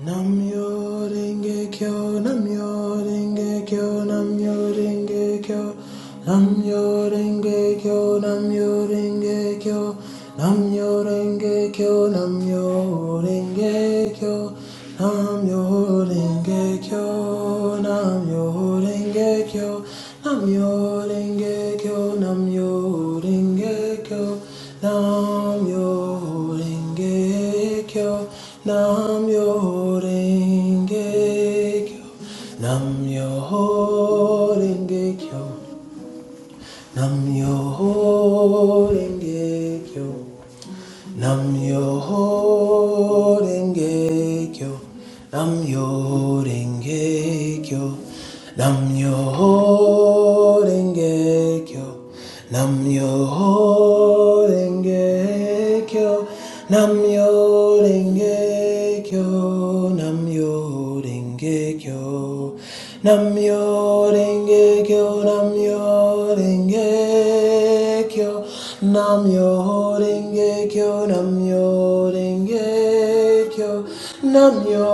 Speaker 5: Nam yo renge kyo, nam yo renge kyo, nam yo renge kyo. Nam yo renge kyo, nam yo renge kyo. Nam yo renge kyo, nam yo renge kyo. Nam yo renge kyo, nam yo Dengekyo, Namyo Dengekyo, Namyo Dengekyo, Namyo Dengekyo, Namyo Dengekyo, Namyo Dengekyo, Namyo Dengekyo. Nam Yoho Renge Kyo. Nam Yoho Renge Kyo. Nam Yoho Renge Kyo. Nam Yoho Renge Kyo. Nam Yoho Renge Kyo. Nam Yoho Renge Kyo. Nam Yoho Renge Kyo. Nam Myoho Rengekyo, Namyo Rengekyo, Namyo Rengekyo, Namyo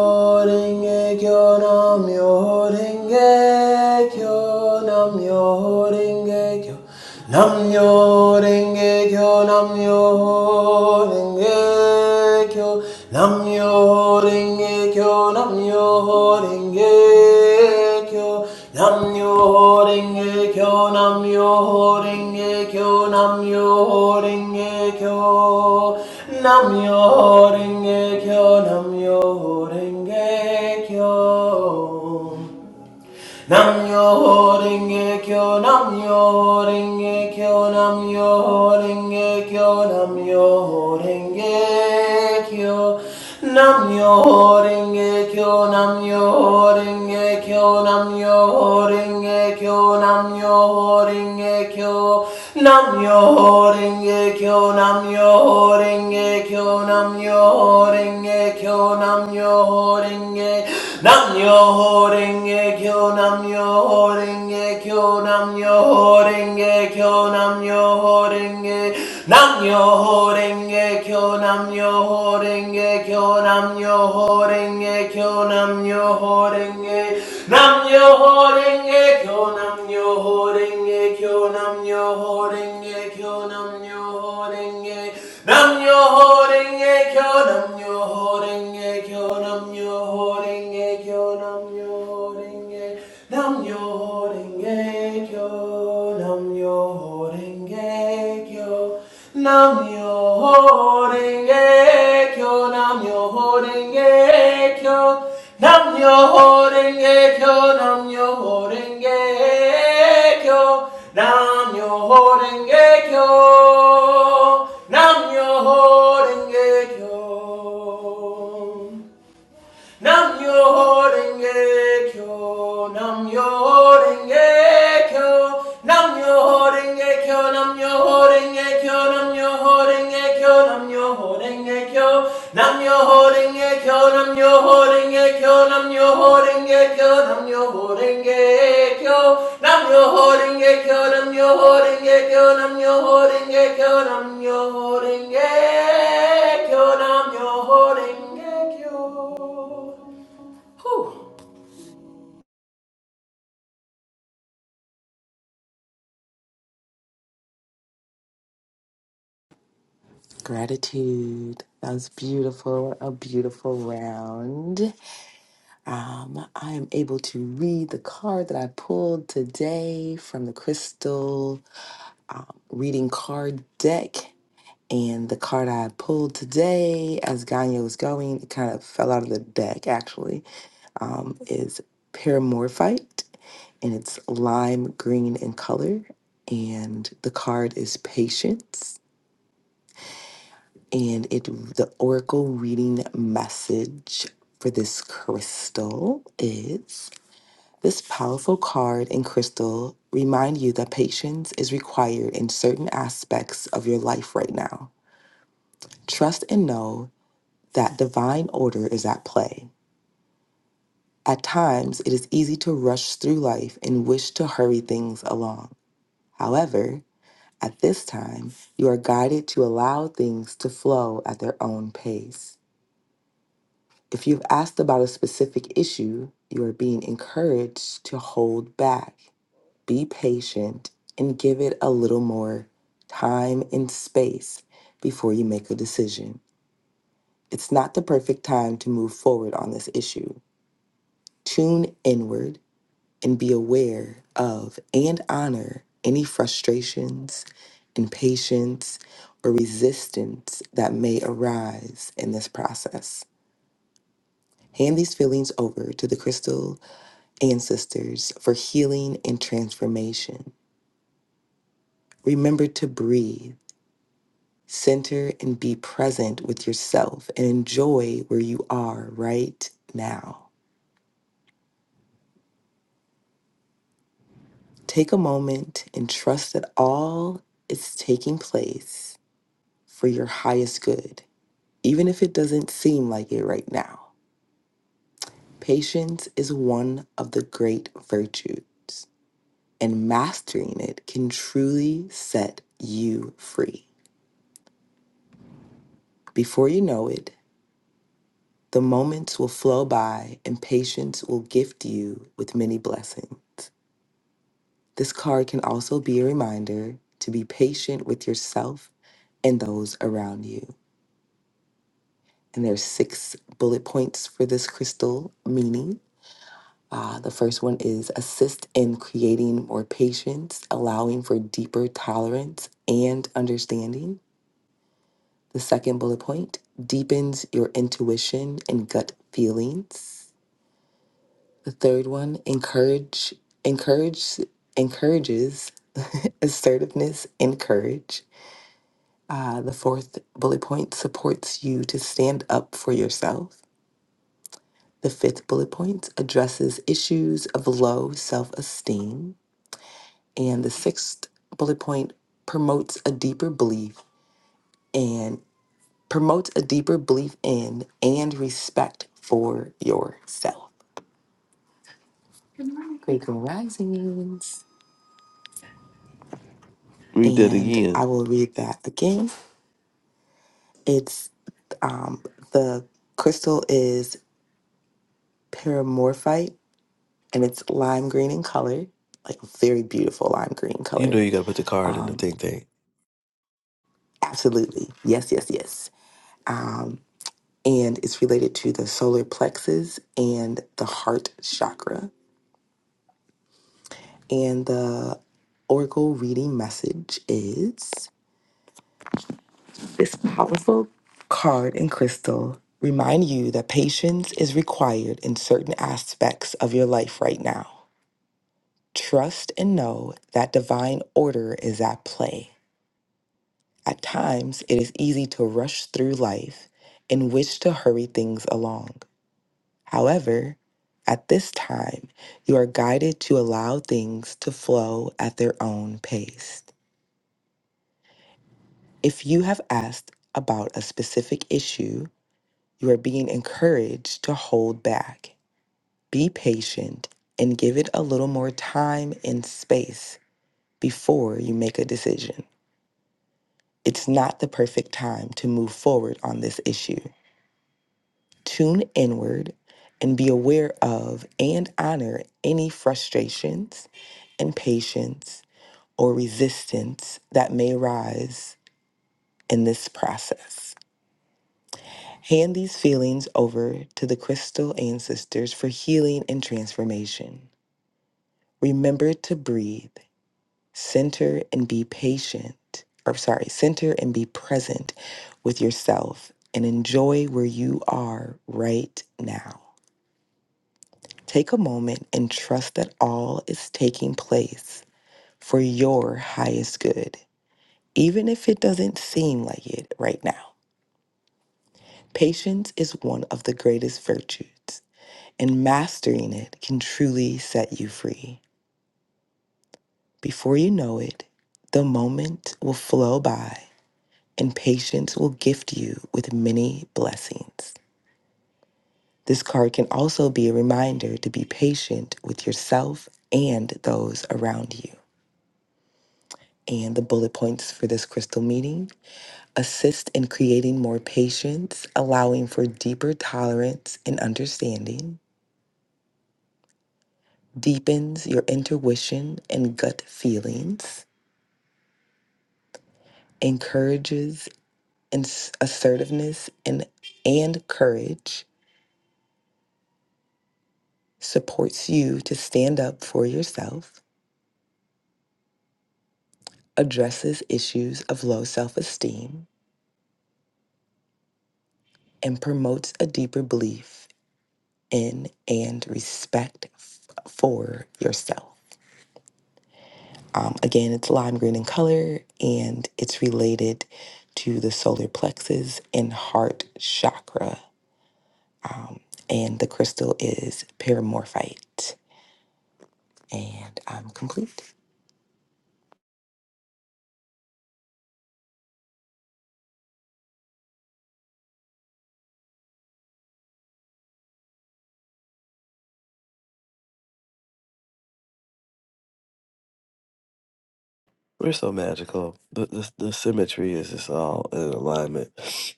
Speaker 5: Rengekyo, Namyo Rengekyo, Namyo Rengekyo, Namyo Rengekyo, Namyo Rengekyo, Namyo Rengekyo, Namyo Rengekyo, Namyo yo ringe kyo, namyo yo ringe kyo, namyo yo ringe kyo, namyo yo kyo, nam yo ringe kyo. Nam yo ringe kyo, nam yo ringe kyo, nam yo ringe kyo, nam yo ringe kyo, nam yo ringe kyo, nam yo ringe kyo, nam yo kyo, nam yo ho ringe kyo, nam yo ho ringe kyo, nam yo ho ringe kyo, nam yo ho ringe kyo, nam yo ho ringe, nam yo ho ringe kyo, nam yo ho ringe kyo, nam yo ho ringe kyo, nam yo ho ringe, nam yo ho ringe kyo, nam yo ho renge kyo, nam yo ho renge kyo, nam yo ho renge, nam yo ho renge kyo, nam yo ho renge kyo, nam yo ho renge kyo, nam yo ho renge, nam yo ho renge kyo, nam yo ho renge kyo nam yo ho renge kyo nam yo Nam yo renge kyo, nam yo renge kyo, nam yo renge kyo, nam yo renge kyo, nam yo renge kyo, nam yo renge kyo, nam yo renge kyo, nam yo renge kyo, nam yo renge kyo, nam yo renge kyo, nam yo renge kyo, nam yo renge kyo, nam yo renge kyo, nam yo renge kyo, nam yo Whew.
Speaker 3: Gratitude. That was beautiful. A beautiful round. Um, I am able to read the card that I pulled today from the Crystal um, Reading Card Deck. And the card I pulled today, as Ganyo was going, it kind of fell out of the deck actually, um, is Paramorphite. And it's lime green in color. And the card is Patience. And it the oracle reading message for this crystal is this powerful card and crystal remind you that patience is in aspects of your life now. Trust and know that divine order is at play. At times, it is easy to run and hurry along. However, at this time, you are guided to allow things to flow at their own pace. If you've asked about a specific issue, you are being encouraged to hold back, be patient, and give it a little more time and space before you make a decision. It's not the perfect time to move forward on this issue. Tune inward and be aware of and honor any frustrations, impatience, or resistance that may arise in this process. Hand these feelings over to the crystal ancestors for healing and transformation. Remember to breathe, center, and be present with yourself and enjoy where you are right now. Take a moment and trust that all is taking place for your highest good even if it doesn't seem like it right now. Patience is one of the great virtues, and mastering it can truly set you free. Before you know it, the moments will flow by, and patience will gift you with many blessings. This card can also be a reminder to be patient with yourself and those around you. And there's six bullet points for this crystal meaning. Uh, the first one is assist in creating more patience, allowing for deeper tolerance and understanding. The second bullet point deepens your intuition and gut feelings. The third one encourage encourage encourages assertiveness and courage. Uh, the fourth bullet point supports you to stand up for yourself. The fifth bullet point addresses issues of low self esteem. And the sixth bullet point promotes a deeper belief and promotes a deeper belief in and respect for yourself. Great Grand Risings.
Speaker 8: Read that
Speaker 3: And
Speaker 8: again.
Speaker 3: I will read that again. It's um, the crystal is paramorphite and it's lime green in color, like very beautiful lime green
Speaker 8: You know
Speaker 3: color.
Speaker 8: you gotta put the card in the
Speaker 3: Um,
Speaker 8: thing thing.
Speaker 3: absolutely. Yes, yes, yes. Um, and it's related to the solar plexus and the heart chakra. And the oracle reading message is this powerful card and crystal remind you that patience is required in certain aspects of your life right now. Trust and know that divine order is at play. At times, it is easy to rush through life and wish to hurry things along. However, at this time, you are guided to allow things to flow at their own pace. If you have asked about a specific issue, you are being encouraged to hold back, be patient, and give it a little more time and space before you make a decision. It's not the perfect time to move forward on this issue. tune inward and be aware of and honor any frustrations, impatience, or resistance that may arise in this process. Hand these feelings over to the crystal ancestors for healing and transformation. Remember to breathe, center and be patient, or sorry, center and be present with yourself and enjoy where you are right now. Take a moment and trust that all is taking place for your highest good, even if it doesn't seem like it right now. Patience is one of the greatest virtues, and mastering it can truly set you free. Before you know it, the moment will flow by, and patience will gift you with many blessings. This card can also be a reminder to be patient with yourself and those around you. And the bullet points for this crystal meeting assist in creating more patience, allowing for deeper tolerance and understanding, deepens your intuition and gut feelings, encourages ins- assertiveness and, and courage, supports you to stand up for yourself, addresses issues of low self esteem, and promotes a deeper belief in and respect f- for yourself. Um, again, it's lime green in color and it's related to the solar plexus and heart chakra. Um, and the crystal is paramorphite. And I'm complete.
Speaker 8: We're so magical. The, the the symmetry is just all in alignment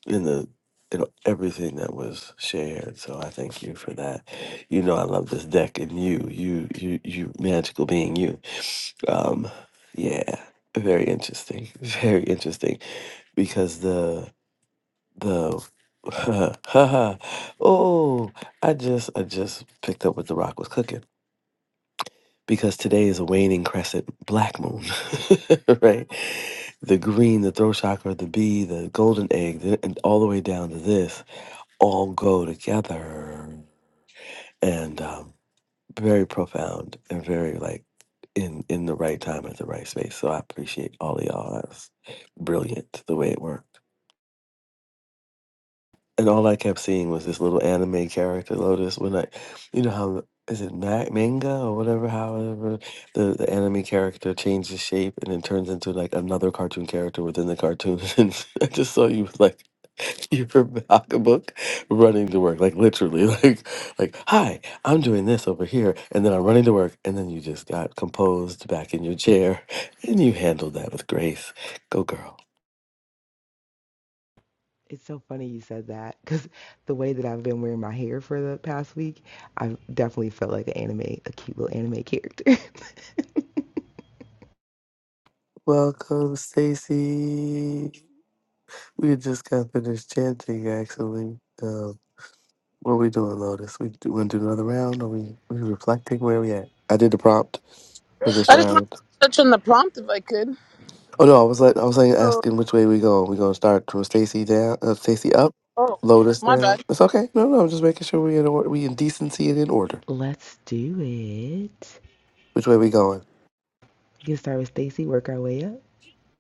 Speaker 8: in the in everything that was shared. So I thank you for that. You know I love this deck and you, you, you, you magical being you. Um, yeah, very interesting, very interesting because the the oh I just I just picked up what the rock was cooking because today is a waning crescent black moon, right? The green, the throat chakra, the bee, the golden egg, the, and all the way down to this all go together and um, very profound and very like in in the right time at the right space. So I appreciate all of y'all. That's brilliant the way it worked. and all I kept seeing was this little anime character Lotus. When I, you know how the- is it ma- manga or whatever? However, the the anime character changes shape and then turns into like another cartoon character within the cartoon. And I just saw you with, like your book running to work, like literally, like like hi, I'm doing this over here, and then I'm running to work, and then you just got composed back in your chair, and you handled that with grace. Go girl.
Speaker 3: It's so funny you said that because the way that I've been wearing my hair for the past week, I've definitely felt like an anime, a cute little anime character.
Speaker 8: Welcome, Stacy. We just got finished chanting, actually. Um, what are we doing, Lotus? We do, want to do another round? Are we, we reflecting? Where we at? I did the prompt for this
Speaker 9: I just wanted
Speaker 8: round.
Speaker 9: to touch on the prompt if I could.
Speaker 8: Oh no, I was like, I was like asking which way we go. We gonna start from Stacy down, uh, Stacy up,
Speaker 9: Oh,
Speaker 8: Lotus
Speaker 9: my
Speaker 8: down.
Speaker 9: bad.
Speaker 8: It's okay. No, no, I'm just making sure we in order, we in decency and in order.
Speaker 3: Let's do it.
Speaker 8: Which way we going?
Speaker 3: You can start with Stacy, work our way up.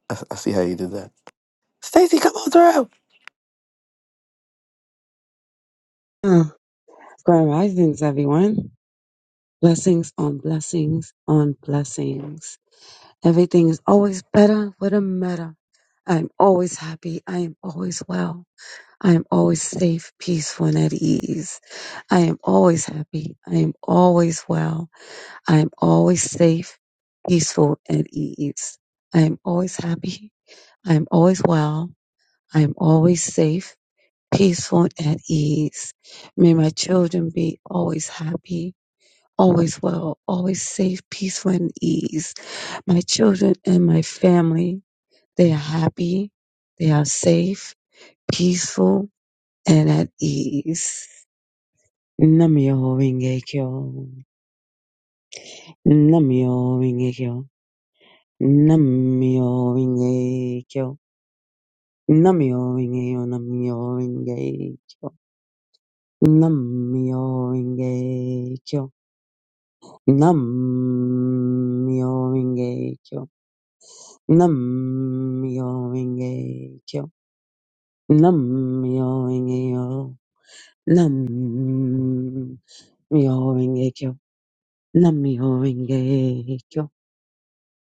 Speaker 8: I, I see how you did that. Stacy, come on through.
Speaker 11: Oh, Grand Risings, everyone. Blessings on blessings on blessings. Everything is always better with a meta. I'm always happy. I am always well. I am always safe, peaceful, and at ease. I am always happy. I am always well. I am always safe, peaceful, and at ease. I am always happy. I am always well. I am always safe, peaceful, and at ease. May my children be always happy always well, always safe, peaceful, and ease. My children and my family, they are happy, they are safe, peaceful, and at ease. Namyo Rengekyo. Namyo Rengekyo. Namyo Rengekyo. Namyo Rengekyo. Namyo Rengekyo. Namyo Rengekyo. Namyo Rengekyo. Nam myo inge kyo. Nam myo inge yo. Nam myo inge kyo. Nam myo inge kyo.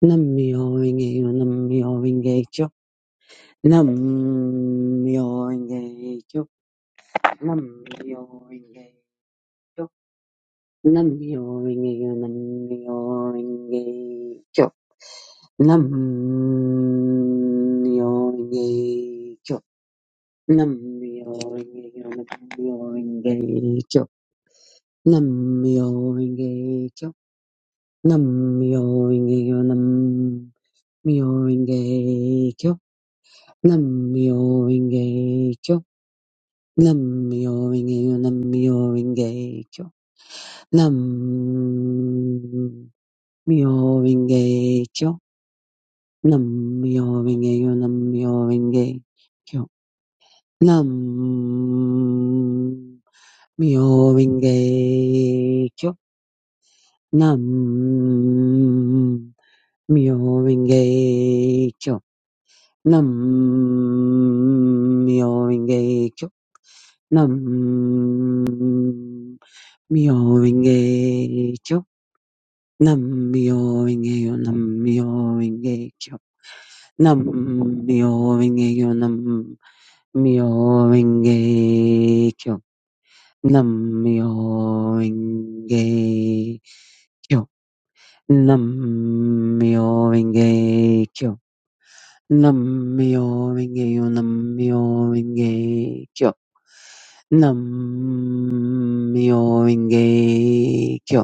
Speaker 11: Nam myo inge yo. Nam myo inge kyo. Nam myo inge kyo. Nam myo inge kyo. Nam myo inge yo. Nam myo inge kyo. Nam myo inge kyo. Nam-myoho-renge-kyo. Nam-myoho-renge-kyo. Nam-myoho-renge-kyo. Nam-myoho-renge-kyo. Nam-myoho-renge-kyo. Nam-myoho-renge-kyo. Nam-myoho-renge-kyo. Nam-myoho-renge-kyo. Nam-myoho-renge-kyo. Nam-myoho-renge-kyo. Nam Mi oingeyo nam. Mi oingeyo nam. Mi oingeyo nam. Mi oingeyo nam. Mi oingeyo nam. Mi oingeyo nam. Mi oingeyo nam. Mi oingeyo. Nam-myoho-renge-kyo. Nam-myoho-renge-kyo. Nam-myoho-renge-kyo.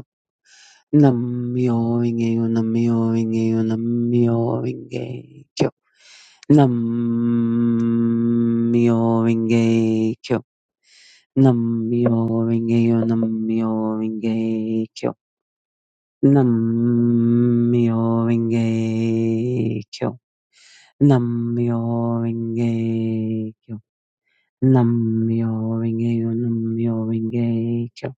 Speaker 11: Nam-myoho-renge-kyo. Nam-myoho-renge-kyo. Nam-myoho-renge-kyo. Nam-myoho-renge-kyo. Nam-myoho-renge-kyo. Nam-myoho-renge-kyo. Nam-myoho-renge-kyo. Nam-myoho-renge-kyo. Nam-myoho-renge-kyo. Nam-myoho-renge-kyo. Nam-myoho-renge-kyo.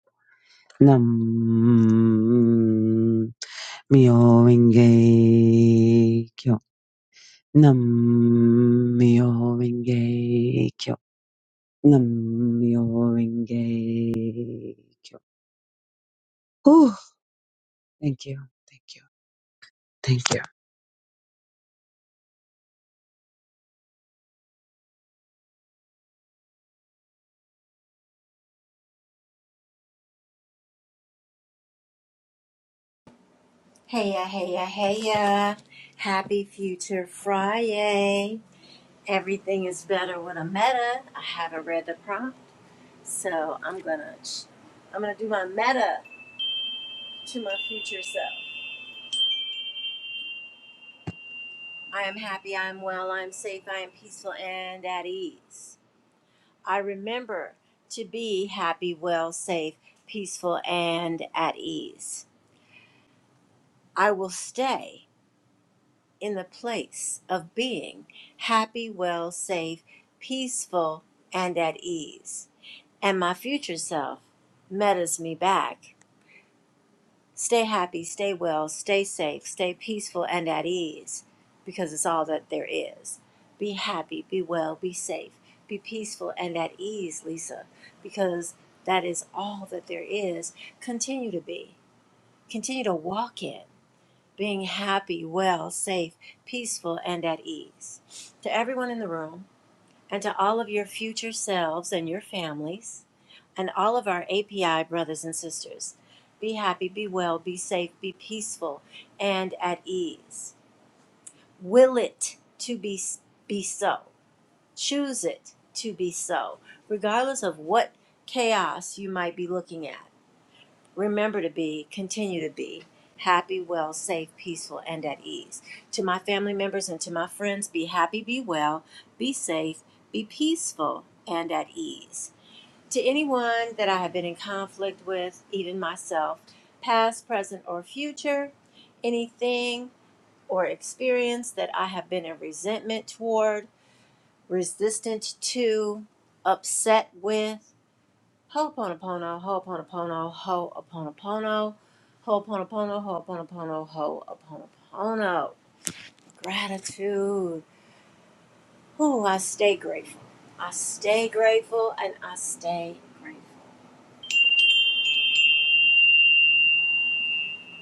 Speaker 11: Nam-myoho-renge-kyo. Nam-myoho-renge-kyo. Nam-myoho-renge-kyo. Whew. Thank you. Thank you. Thank you.
Speaker 12: Hey ya, hey ya, hey ya. Happy Future Friday. Everything is better with a meta. I haven't read the prompt, so I'm gonna I'm gonna do my meta to my future self. I am happy, I am well, I am safe, I am peaceful and at ease. I remember to be happy, well, safe, peaceful, and at ease. I will stay. in the place of being happy, well, safe, peaceful, and at ease. And my future self metas me back. Stay happy, stay well, stay safe, stay peaceful, and at ease, because it's all that there is. Be happy, be well, be safe, be peaceful, and at ease, Lisa, because that is all that there is. Continue to be, continue to walk in being happy, well, safe, peaceful, and at ease. To everyone in the room, and to all of your future selves and your families, and all of our API brothers and sisters, be happy, be well, be safe, be peaceful, and at ease. Will it to be, be so. Choose it to be so, regardless of what chaos you might be looking at. Remember to be, continue to be happy, well, safe, peaceful, and at ease. To my family members and to my friends, be happy, be well, be safe, be peaceful, and at ease. To anyone that I have been in conflict with, even myself, past, present, or future, anything or experience that I have been in resentment toward, resistant to, upset with, Ho'oponopono, ho'oponopono, ho'oponopono, ho'oponopono, ho'oponopono, ho'oponopono. Gratitude. Ooh, I stay grateful. I stay grateful and I stay grateful.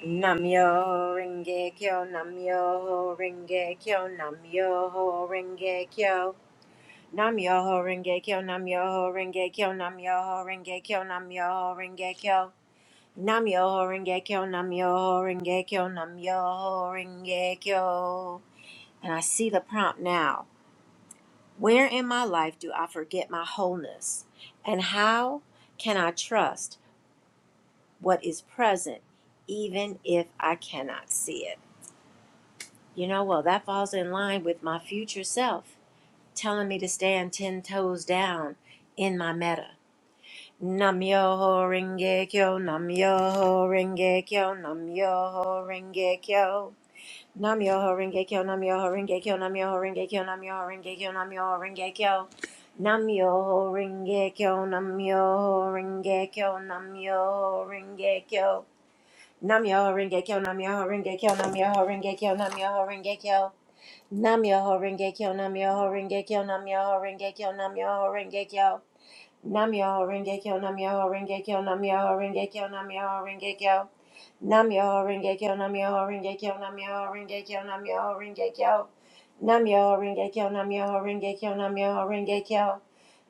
Speaker 12: Namyo Renge Kyo, Namyo Renge Kyo, Namyo Renge Kyo. Namyo Renge Kyo, Namyo Renge Kyo, Namyo Renge Kyo, Namyo Renge Kyo. Nam Yoho Renge Kyo, nam Namyo Rengekyo, Namyo Rengekyo, Namyo Rengekyo. And I see the prompt now. Where in my life do I forget my wholeness? And how can I trust what is present even if I cannot see it? You know, well, that falls in line with my future self telling me to stand 10 toes down in my meta. Nam Yoho Renge Kyo, nam Namyo Rengekyo, Namyo Rengekyo, Namyo Rengekyo. Nam Yoho Renge Kyo, Nam Yoho Renge Kyo, Nam Yoho Renge Kyo, Nam Yoho Renge Kyo, Nam Yoho Renge Kyo. Nam Yoho Renge Kyo, Nam Yoho Renge Kyo, Nam Yoho Renge Kyo. Nam Yoho Renge Kyo, Nam Yoho Renge Kyo, Nam Yoho Renge Kyo, Nam Yoho Renge Kyo. Nam Yoho Renge Kyo, Nam Yoho Renge Kyo, Nam Yoho Renge Kyo, Nam Yoho Renge Kyo. Nam Yoho Renge Kyo, Nam Yoho Renge Kyo, Nam Yoho Renge Kyo, Nam Yoho Renge Kyo. Namyo Rengekyo Namyo Rengekyo Namyo Rengekyo Namyo Rengekyo Namyo Rengekyo Namyo Rengekyo Namyo Rengekyo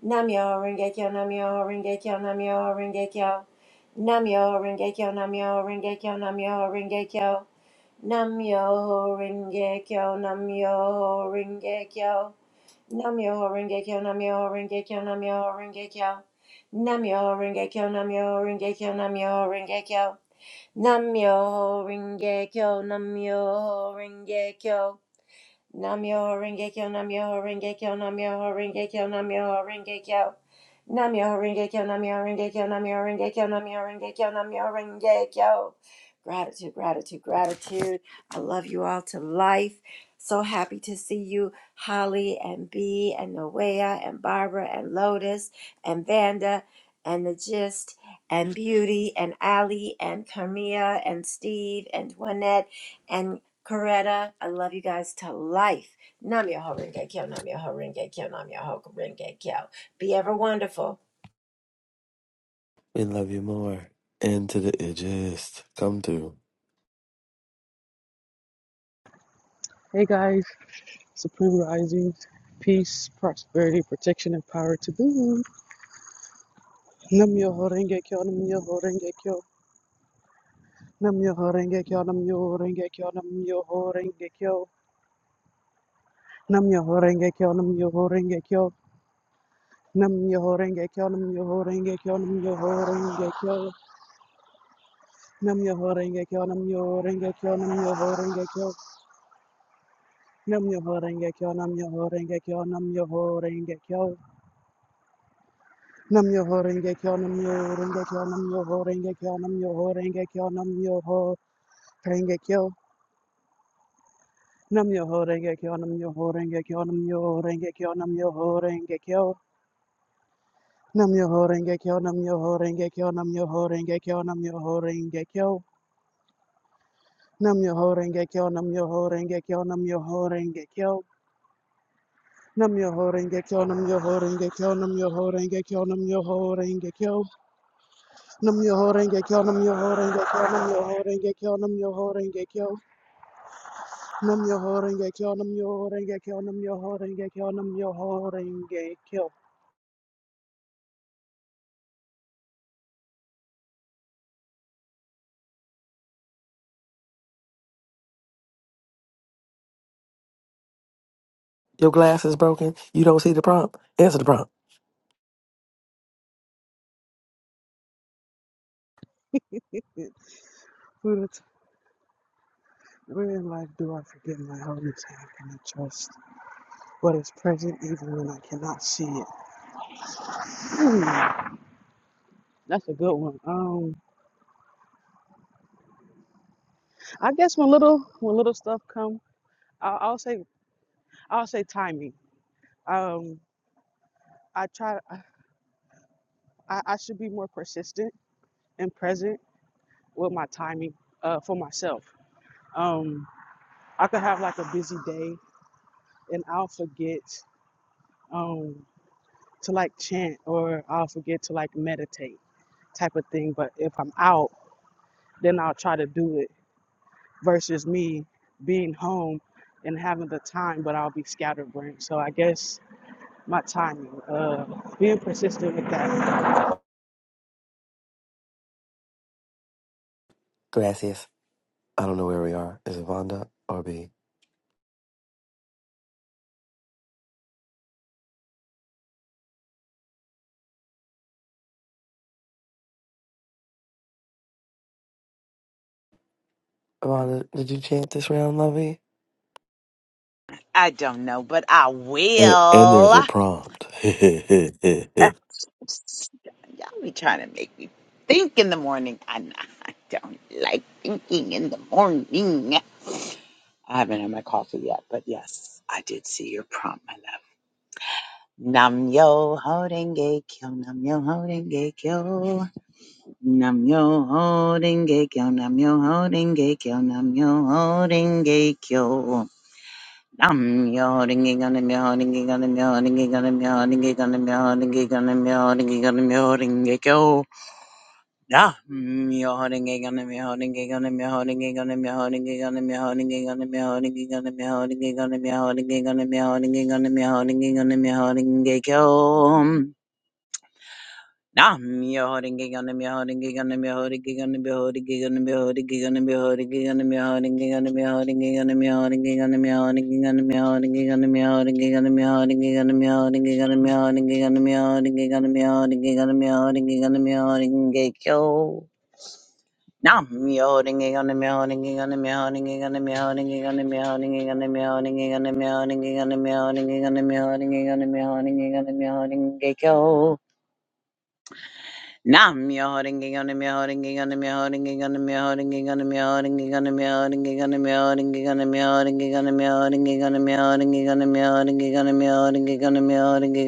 Speaker 12: Namyo Rengekyo Namyo Rengekyo Namyo Rengekyo Namyo Rengekyo Namyo Rengekyo Namyo Rengekyo Namyo Rengekyo Namyo Rengekyo Namyo Rengekyo Namyo Rengekyo Namyo Rengekyo Namyo Rengekyo Namyo Rengekyo Namyo Rengekyo Nam Namyo Renge Kyo, Namyo Renge Kyo. Namyo Rengekyo Namyo Rengekyo Namyo Rengekyo Namyo Rengekyo Namyo Rengekyo Namyo Rengekyo Namyo Rengekyo Namyo Rengekyo Namyo Rengekyo Gratitude, gratitude, gratitude. I love you all to life. So happy to see you, Holly and Bee and Noea and Barbara and Lotus and Vanda and the Gist and Beauty and Ali and Carmia and Steve and Juanette Coretta, I love you guys to life. Nam Yoho Renge Kyo, Nam Yoho Renge Kyo, Nam Yoho Renge Kyo. Be ever wonderful.
Speaker 8: We love you more. And to the edges, come through.
Speaker 13: Hey guys, Supreme Rising, peace, prosperity, protection, and power to the room. Nam yo horenge kyo, nam yo horenge kyo, nam yo horenge kyo, nam yo horenge kyo, nam yo horenge kyo, nam yo horenge kyo, nam yo horenge kyo, nam yo horenge kyo, nam yo horenge kyo, nam yo horenge kyo, nam yo horenge kyo, nam yo horenge kyo, nam yo horenge kyo, nam yo kyo, nam yo horenge kyo, nam yo kyo, Nam yo ho renge kyo nam yo renge kyo nam yo ho renge kyo nam yo ho renge kyo nam yo ho renge kyo nam yo ho renge kyo nam yo ho renge kyo nam yo ho renge kyo nam yo ho renge kyo nam yo ho renge kyo nam yo ho renge kyo nam yo ho renge kyo nam yo ho renge kyo nam yo ho renge kyo nam yo ho renge kyo nam yo ho renge kyo nam yo ho renge kyo nam yo ho renge kyo nam yo ho renge kyo nam yo ho renge kyo Num your holding a kill, num your holding a kill, num your holding a kill, num your holding a kill, num your holding a kill, num your holding a kill, num your
Speaker 8: Your glass is broken. You don't see the prompt. Answer the prompt.
Speaker 13: where in life do I forget my holding time and I trust what is present even when I cannot see it? Hmm, that's a good one. Um, I guess when little when little stuff come, I, I'll say I'll say timing. Um, I try I, I I should be more persistent and present with my timing uh, for myself Um, I could have like a busy day and I'll forget um, to like chant or I'll forget to like meditate type of thing. But if I'm out, then I'll try to do it versus me being home and having the time, but I'll be scatterbrained. So I guess my timing, uh, being persistent with that.
Speaker 8: Gracias. I don't know where we are. Is it Vonda or B? Vonda, did you chant this round, lovey?
Speaker 10: I don't know, but I
Speaker 8: And and there's
Speaker 10: will.
Speaker 8: a prompt.
Speaker 10: Uh,
Speaker 8: Wait,
Speaker 10: Y'all be trying to make me think in the morning. I, I don't like thinking in the morning. I haven't had my coffee yet, but yes, I did see your prompt, my love. Nam yo horenge kyo, nam yo horenge kyo, nam yo horenge kyo, nam yo horenge kyo, nam yo horenge kyo. Nam yo horenge kyo, nam yo horenge kyo, nam yo horenge kyo, nam yo horenge kyo, nam yo horenge kyo, nam yo horenge kyo, nam yo horenge kyo. Nam yo horenge kyo, nam yo horenge kyo, nam yo horenge kyo, nam yo horenge kyo, nam yo horenge kyo, nam yo horenge kyo, nam yo horenge kyo, nam yo horenge kyo, nam yo horenge kyo, nam yo horenge kyo, nam yo horenge kyo. Nam your holding gig on the me holding gig on the me holding gig on the me holding gig on the me holding gig on the me holding gig on the me holding gig on the me holding gig on the me holding gig on the me holding gig on the me holding gig on the me holding gig on the me holding gig on the me holding gig on the me holding gig on the me holding gig on the me holding gig on the me holding gig on the me holding gig yo. Nam your holding gig on the me holding gig on the me holding gig on the me holding gig on the me holding gig on the me holding gig on the me holding gig on the me holding gig on the me holding gig on the me holding gig on the me holding gig yo. Nam your holding on the mioting on the mioting on the mioting on the mioting on the mioting on the mioting on the mioting on the mioting on the mioting on the mioting on the mioting on the mioting on the mioting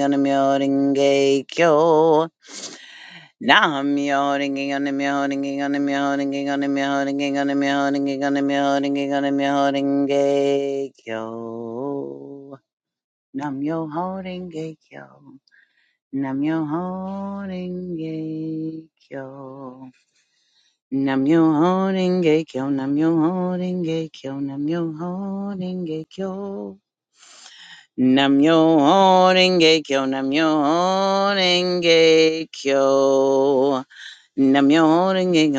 Speaker 10: on the mioting gay kyo. Nam mioting on the mioting on the mioting on the mioting on the mioting on the mioting on the mioting gay kyo. Nam yo holding gay kyo. Namyo Renge Kyo. Namyo Renge Kyo. Namyo Renge Kyo. Namyo Renge Kyo. Namyo Renge Kyo. Namyo Renge Kyo. Namyo Renge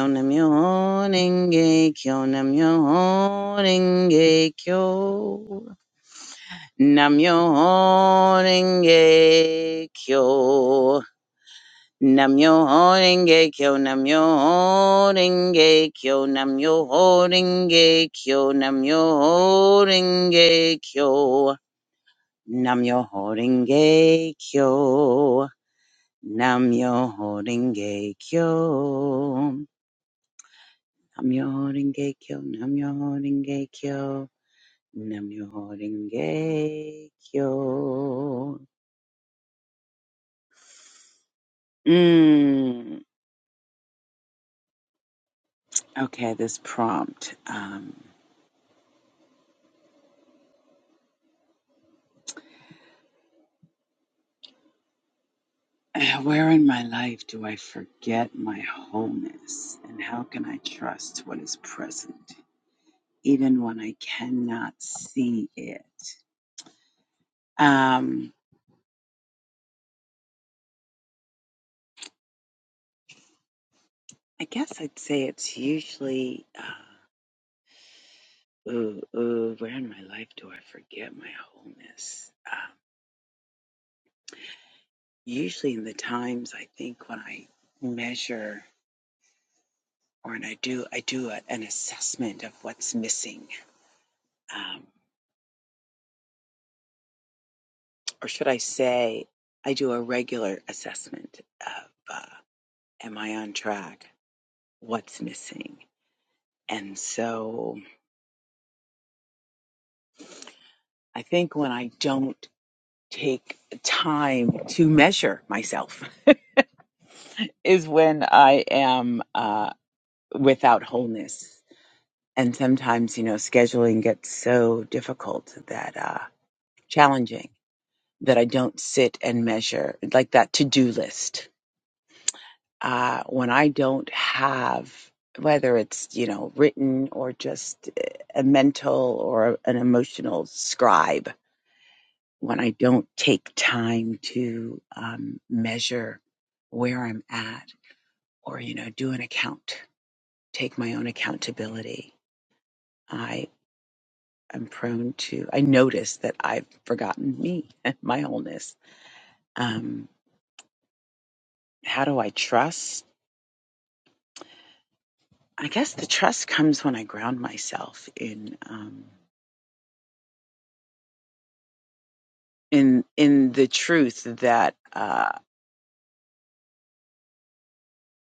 Speaker 10: Kyo. Namyo Renge Kyo. Namyo Renge Kyo. Namyo Renge Kyo. Namyo Renge Kyo, Namyo Renge Kyo, Namyo Renge Kyo, Namyo Renge Kyo, Namyo Renge Kyo, Namyo Renge Kyo, Namyo Renge Kyo, Namyo Renge Kyo, Namyo Renge Kyo. Mm. Okay, this prompt. Um, Uh, Where in my life do I forget my wholeness? And how can I trust what is present, even when I cannot see it? Um, I guess I'd say it's usually, uh, ooh, ooh, where in my life do I forget my wholeness? Um, usually in the times I think when I measure or when I do, I do a, an assessment of what's missing. Um, or should I say, I do a regular assessment of uh, am I on track? What's missing? And so I think when I don't take time to measure myself is when I am uh, without wholeness. And sometimes, you know, scheduling gets so difficult that uh, challenging that I don't sit and measure like that to do list uh, when I don't have, whether it's, you know, written or just uh, a mental or an emotional scribe, when I don't take time to um, measure where I'm at or, you know, do an account, take my own accountability, I am prone to, I notice that I've forgotten me, my wholeness. Um, how do I trust? I guess the trust comes when I ground myself in. Um, in in the truth that uh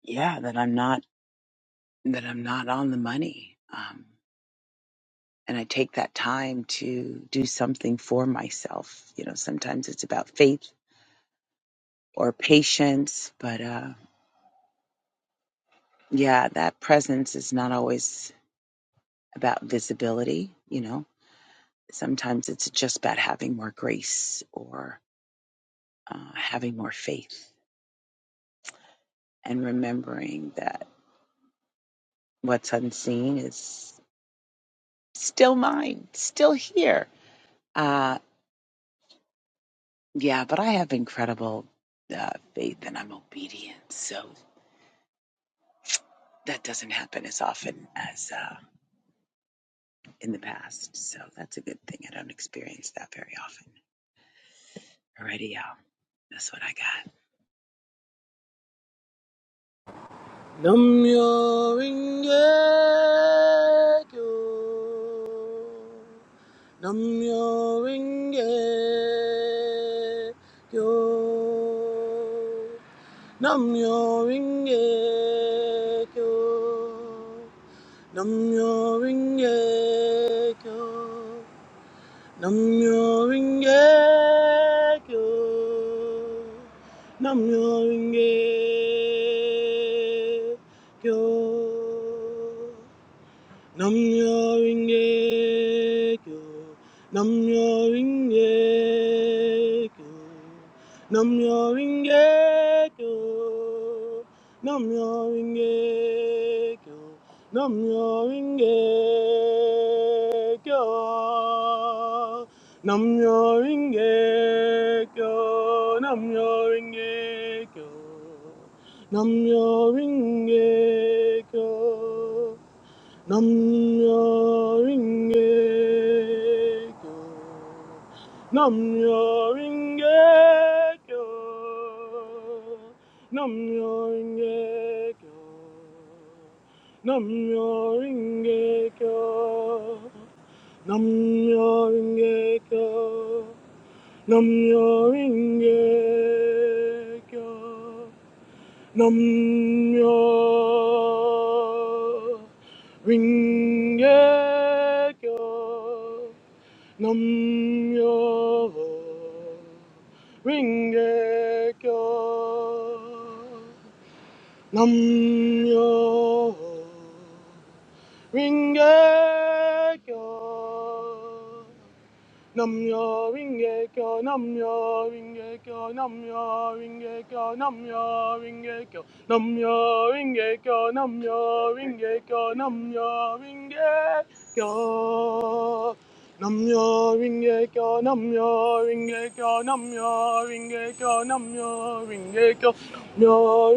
Speaker 10: yeah that i'm not that i'm not on the money um and i take that time to do something for myself you know sometimes it's about faith or patience but uh yeah that presence is not always about visibility you know sometimes it's just about having more grace or uh, having more faith and remembering that what's unseen is still mine still here Uh, yeah, but I have incredible uh, faith and I'm obedient. So that doesn't happen as often as uh, in the past. So that's a good thing. I don't experience that very often. Alrighty, y'all. That's what I got.
Speaker 9: Namyo Ringe Kyo. Namyo Ringe Kyo. Namyo Ringe Kyo. Namyo Ringe Kyo. Namyo Ringe Kyo. Namyo Ringe Kyo. Namyo Ringe Kyo. Namyo Ringe Kyo. Namyo Ringe Kyo. Namyo Ringe Kyo. Namyo Ringe Kyo. Namyo Ringe Kyo. Namyo Ringe Kyo. Namyo Ringe Kyo. Nam myo renge kyo. Nam myo renge kyo. Nam myo renge kyo. Nam myo renge kyo. Nam Namyaringekyo. Namyaringekyo. Nam Namyaringekyo. Namyaringekyo. Namyaringekyo. Namyo Ringekyo Namyo Ringekyo Namyo Ringekyo Namyo Ringe Kyo, Namyo Ringe Kyo, Namyo Ringe Kyo, Namyo Ringe Kyo, Namyo Ringe Kyo, Namyo Ringe Kyo, Namyo Ringe Kyo. Namyo Ringe Kyo, Namyo Ringe Kyo, Namyo Ringe Kyo, Namyo Ringe Kyo, Namyo Ringe Kyo,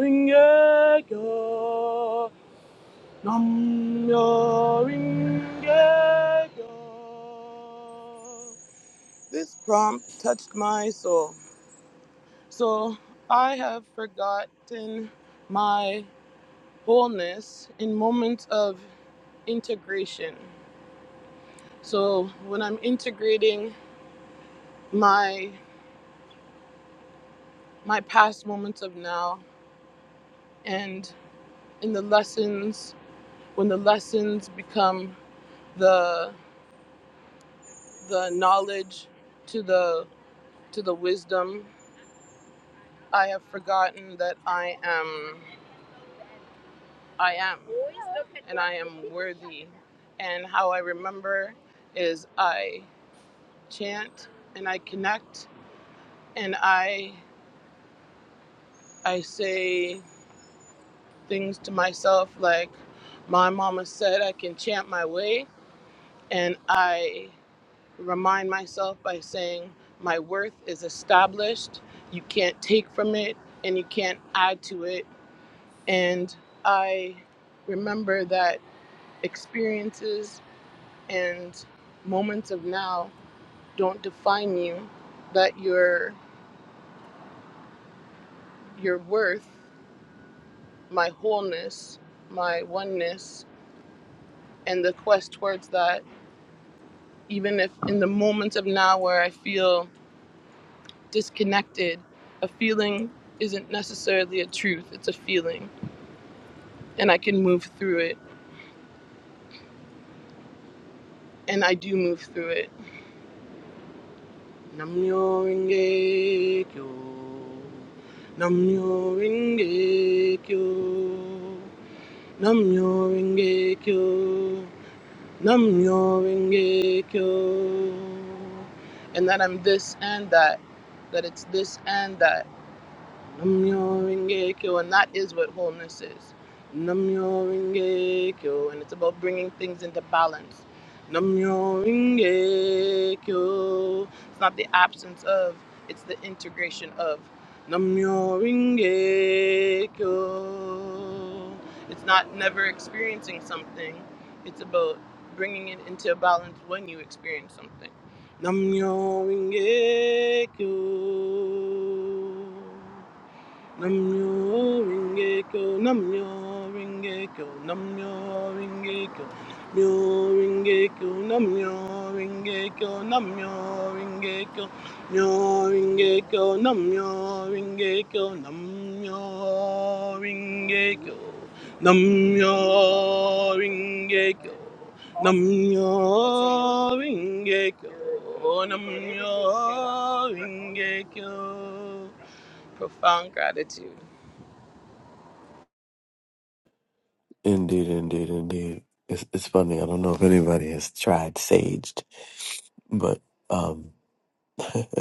Speaker 9: Namyo Ringe Kyo. This prompt touched my soul. So I have forgotten my wholeness in moments of integration. So when I'm integrating my my past moments of now and in the lessons when the lessons become the the knowledge to the to the wisdom, I have forgotten that I am I am, and I am worthy. And how I remember is I chant and I connect and I I say things to myself like my mama said I can chant my way and I remind myself by saying my worth is established. You can't take from it and you can't add to it. And I remember that experiences and moments of now don't define you that your your worth my wholeness my oneness and the quest towards that even if in the moments of now where i feel disconnected a feeling isn't necessarily a truth it's a feeling and i can move through it and i it Namyo Renge Kyo. Namyo Renge Kyo. Namyo Renge Kyo. Namyo Renge Kyo. And that I'm this and that. That it's this and that. Namyo Renge Kyo, and that is what wholeness is. Namyo Renge Kyo, and it's about bringing things into balance. Namyo Renge Kyo. It's not the absence of, it's the integration of. Namyo Renge Kyo. It's not never experiencing something, it's about bringing it into balance when you experience something. Namyo Renge Kyo. Namyo Ringekyo, Namyo Ringekyo, Namyo Ringekyo, Myo Ringekyo, Namyo Ringekyo, Namyo Ringekyo, Myo Ringekyo, Namyo Ringekyo, Namyo Ringekyo, Namyo Ringekyo, Namyo Ringekyo, Namyo Ringekyo.
Speaker 8: indeed, indeed, indeed. It's it's funny. I don't know if anybody has tried saged, but um,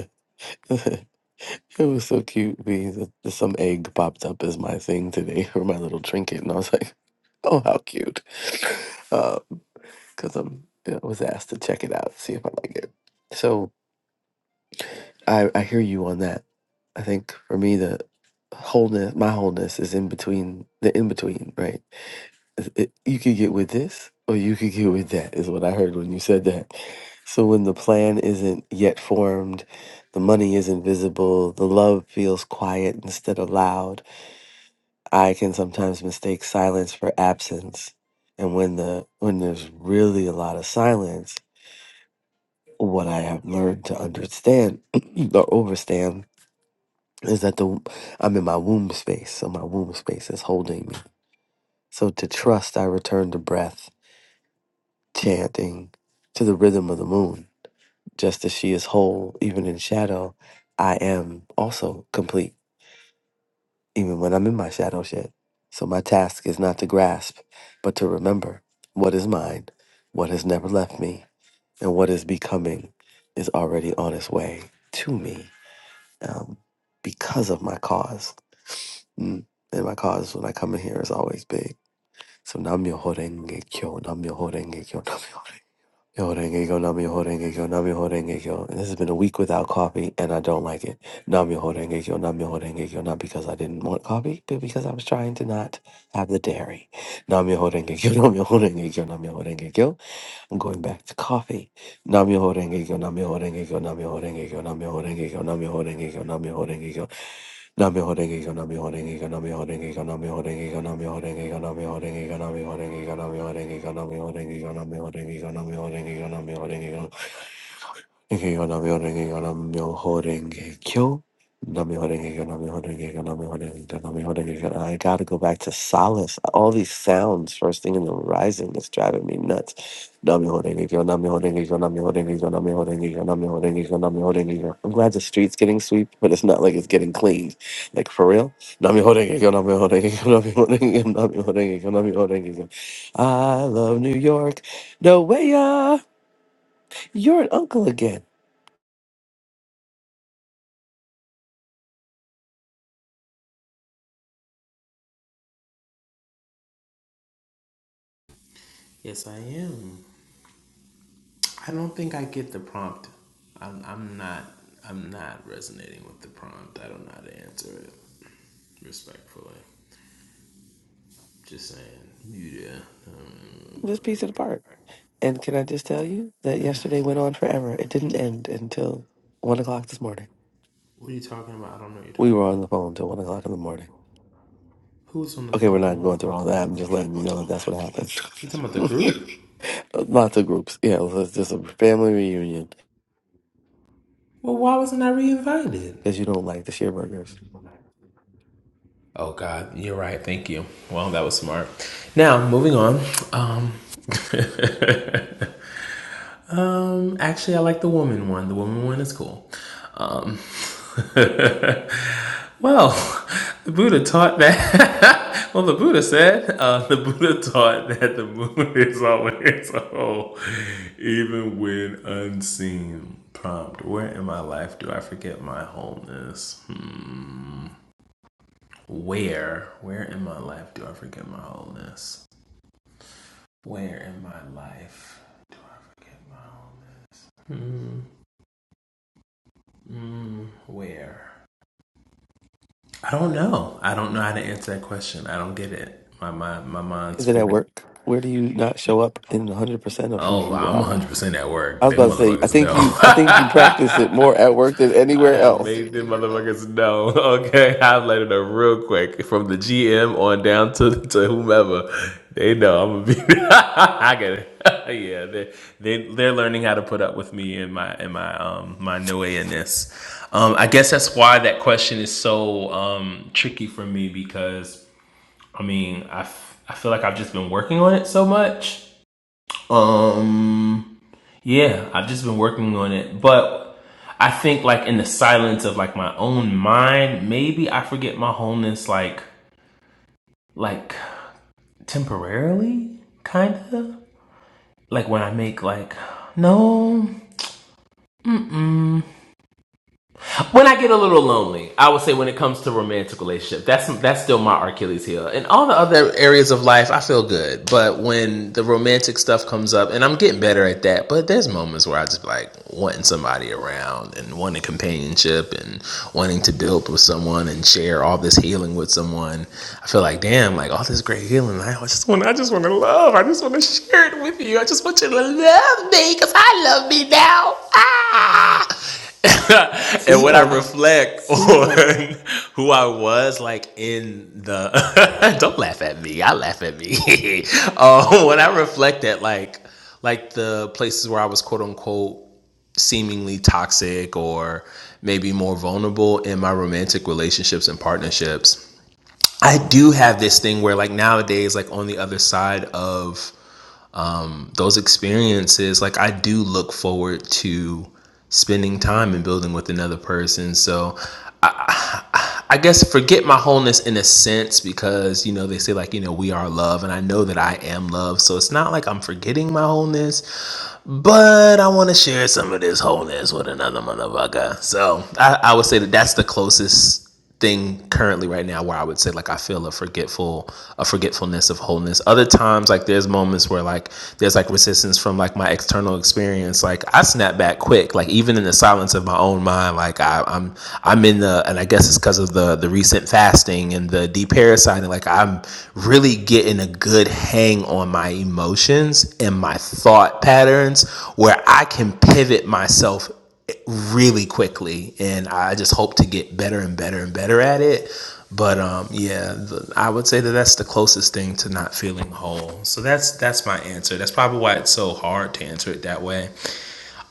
Speaker 8: it was so cute. Be that some egg popped up as my thing today for my little trinket, and I was like, "Oh, how cute!" Because I'm I was asked to check it out, see if I like it. So I I hear you on that. I think for me the wholeness, my wholeness is in between the in between, right? it- you could get with this or you could get with that is what i heard when you said that so when the plan isn't yet formed the money isn't visible the love feels quiet instead of loud i can sometimes mistake silence for absence and when the when there's really a lot of silence what i have learned to understand or overstand is that the i'm in my womb space so my womb space is holding me so to trust i return to breath chanting to the rhythm of the moon. Just as she is whole, even in shadow, I am also complete, even when I'm in my shadow shed. So my task is not to grasp, but to remember what is mine, what has never left me, and what is becoming is already on its way to me um, because of my cause. Mm. And my cause when I come in here is always big. So Namyo Horenge Kyo, Namyo Horenge Kyo, Nam Myoho Yo, denge go, nam yo, denge go, nam yo, denge go. This has been a week without coffee, and I don't like it. Nam yo, denge go, nam yo, denge go. Not because I didn't want coffee, but because I was trying to not have the dairy. Nam yo, denge go, nam yo, denge go, nam yo, denge go. I'm going back to coffee. Nam yo, denge go, nam yo, denge go, nam yo, denge go, nam yo, denge go, nam yo, denge go, nam yo, denge go, Namyo Renge Kyo Namyo Renge Kyo Namyo Renge Kyo Namyo Renge Kyo Namyo Renge Kyo Namyo Renge Kyo Namyo Renge Kyo Namyo Renge Kyo Namyo Renge Kyo Namyo Renge Kyo Namyo Renge Kyo Namyo Renge Kyo Renge-kyo, Namyo-renge-kyo, Namyo-renge-kyo. Namyo-renge-kyo, Namyo-renge-kyo, Namyo-renge-kyo, Namyo-renge-kyo. I gotta go back to solace. All these sounds first thing in the rising is driving me nuts. Namyo-renge-kyo, Namyo-renge-kyo, Namyo-renge-kyo, Namyo-renge-kyo, Namyo-renge-kyo, Namyo-renge-kyo. I'm glad the street's getting sweep, but it's not like it's getting cleaned. Like for real. Namyo-renge-kyo, Namyo-renge-kyo, Namyo-renge-kyo, Namyo-renge-kyo, Namyo-renge-kyo. I love New York. No way, uh, you're an uncle again.
Speaker 5: Yes, I am. I don't think I get the prompt. I'm, I'm not. I'm not resonating with the prompt. I don't know how to answer it respectfully. Just saying. Yeah. Um,
Speaker 8: Just piece it apart, And can I just tell you that yesterday went on forever. It didn't end until one o'clock this morning.
Speaker 5: What are you talking about? I don't know what you're
Speaker 8: We
Speaker 5: talking
Speaker 8: were on
Speaker 5: about.
Speaker 8: the phone till one o'clock in the morning.
Speaker 5: Who's on the
Speaker 8: Okay, we're
Speaker 5: phone till
Speaker 8: not
Speaker 5: one
Speaker 8: going through
Speaker 5: o'clock
Speaker 8: all
Speaker 5: in the
Speaker 8: that. I'm
Speaker 5: morning?
Speaker 8: just
Speaker 5: We're not
Speaker 8: letting you
Speaker 5: going to
Speaker 8: know that
Speaker 5: all
Speaker 8: that's
Speaker 5: that.
Speaker 8: what
Speaker 5: You talking about the
Speaker 8: happened.
Speaker 5: group?
Speaker 8: Lots of groups. Yeah, it was just a family reunion
Speaker 5: Well, why wasn't I reinvited?
Speaker 8: because you don't like the share burgers.
Speaker 5: Oh God, you're right. Thank you. Well, that was smart. Now moving on. Um, Um, actually, I like the woman one. The woman one is cool. Um, well, the Buddha taught that. well, the Buddha said uh, the Buddha taught that the moon is always a hole, even when unseen. Prompt: Where in my life do I forget my wholeness? Hmm. Where? Where in my life do I forget my wholeness? Where in my life do I forget my wholeness? Hmm. Where? I don't know. I don't know how to answer that question. I don't get it. My my my mind's
Speaker 8: Is it at
Speaker 5: giving.
Speaker 8: work? Where do you not show up in 100% of who
Speaker 5: Oh,
Speaker 8: you
Speaker 5: I'm
Speaker 8: are?
Speaker 5: 100% at
Speaker 8: I
Speaker 5: work.
Speaker 8: was
Speaker 5: Them
Speaker 8: about to say, I
Speaker 5: motherfuckers
Speaker 8: think
Speaker 5: know.
Speaker 8: you, I think you practice it more at work than
Speaker 5: I
Speaker 8: anywhere
Speaker 5: have
Speaker 8: else.
Speaker 5: made them motherfuckers know. Okay, I've let it know real quick from the GM on down to to whomever. They know I'm gonna be. I get it. yeah, they they they're learning how to put up with me and my and my um my ness. Um, I guess that's why that question is so um tricky for me because I mean, I, f- I feel like I've just been working on it so much. Um, yeah, I've just been working on it, but I think like in the silence of like my own mind, maybe I forget my wholeness like like temporarily, kind of like when I make like no, mm mm When I get a little lonely, I would say when it comes to romantic relationship, that's that's still my Achilles heel. In all the other areas of life, I feel good, but when the romantic stuff comes up, and I'm getting better at that, but there's moments where I just like wanting somebody around and wanting companionship and wanting to build with someone and share all this healing with someone. I feel like damn, like all this great healing. I just want, I just want to love. I just want to share it with you. I just want you to love me because I love me now. Ah. and
Speaker 8: Soon
Speaker 5: when I
Speaker 8: come,
Speaker 5: reflect
Speaker 8: soon come.
Speaker 5: on who I was, like in the don't laugh at me, I laugh at me. um, when I reflect at like like the places where I was quote unquote seemingly toxic or maybe more vulnerable in my romantic relationships and partnerships, I do have this thing where like nowadays, like on the other side of those experiences, like I do look forward to spending time and building with another person. So I guess forget my wholeness in a sense because, you know, they say like, you know, we are love and I know that I am love. So it's not like I'm forgetting my wholeness but I want to share some of this wholeness with another motherfucker. So I, I would say that that's the closest thing currently right now where I would say like I feel a forgetful a forgetfulness of wholeness. Other times like there's moments where like there's like resistance from like my external experience. Like I snap back quick. Like even in the silence of my own mind, like I, I'm I'm in the and I guess it's because of the the recent fasting and the deparasiting, like I'm really getting a good hang on my emotions and my thought patterns where I can pivot myself really quickly. And I just hope to get better and better and better at it. But um, yeah, the, I would say that that's the closest thing to not feeling whole. So that's that's my answer. That's probably why it's so hard to answer it that way.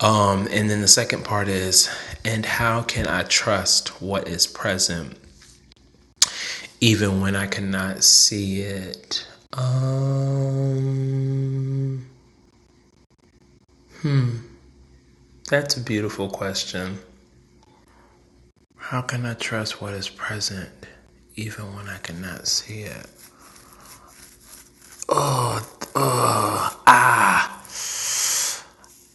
Speaker 5: Um, and then the second part is, and how can I trust what is present? even when I cannot see it? Um, that's a beautiful question. How can I trust what is present even when I cannot see it? Ah,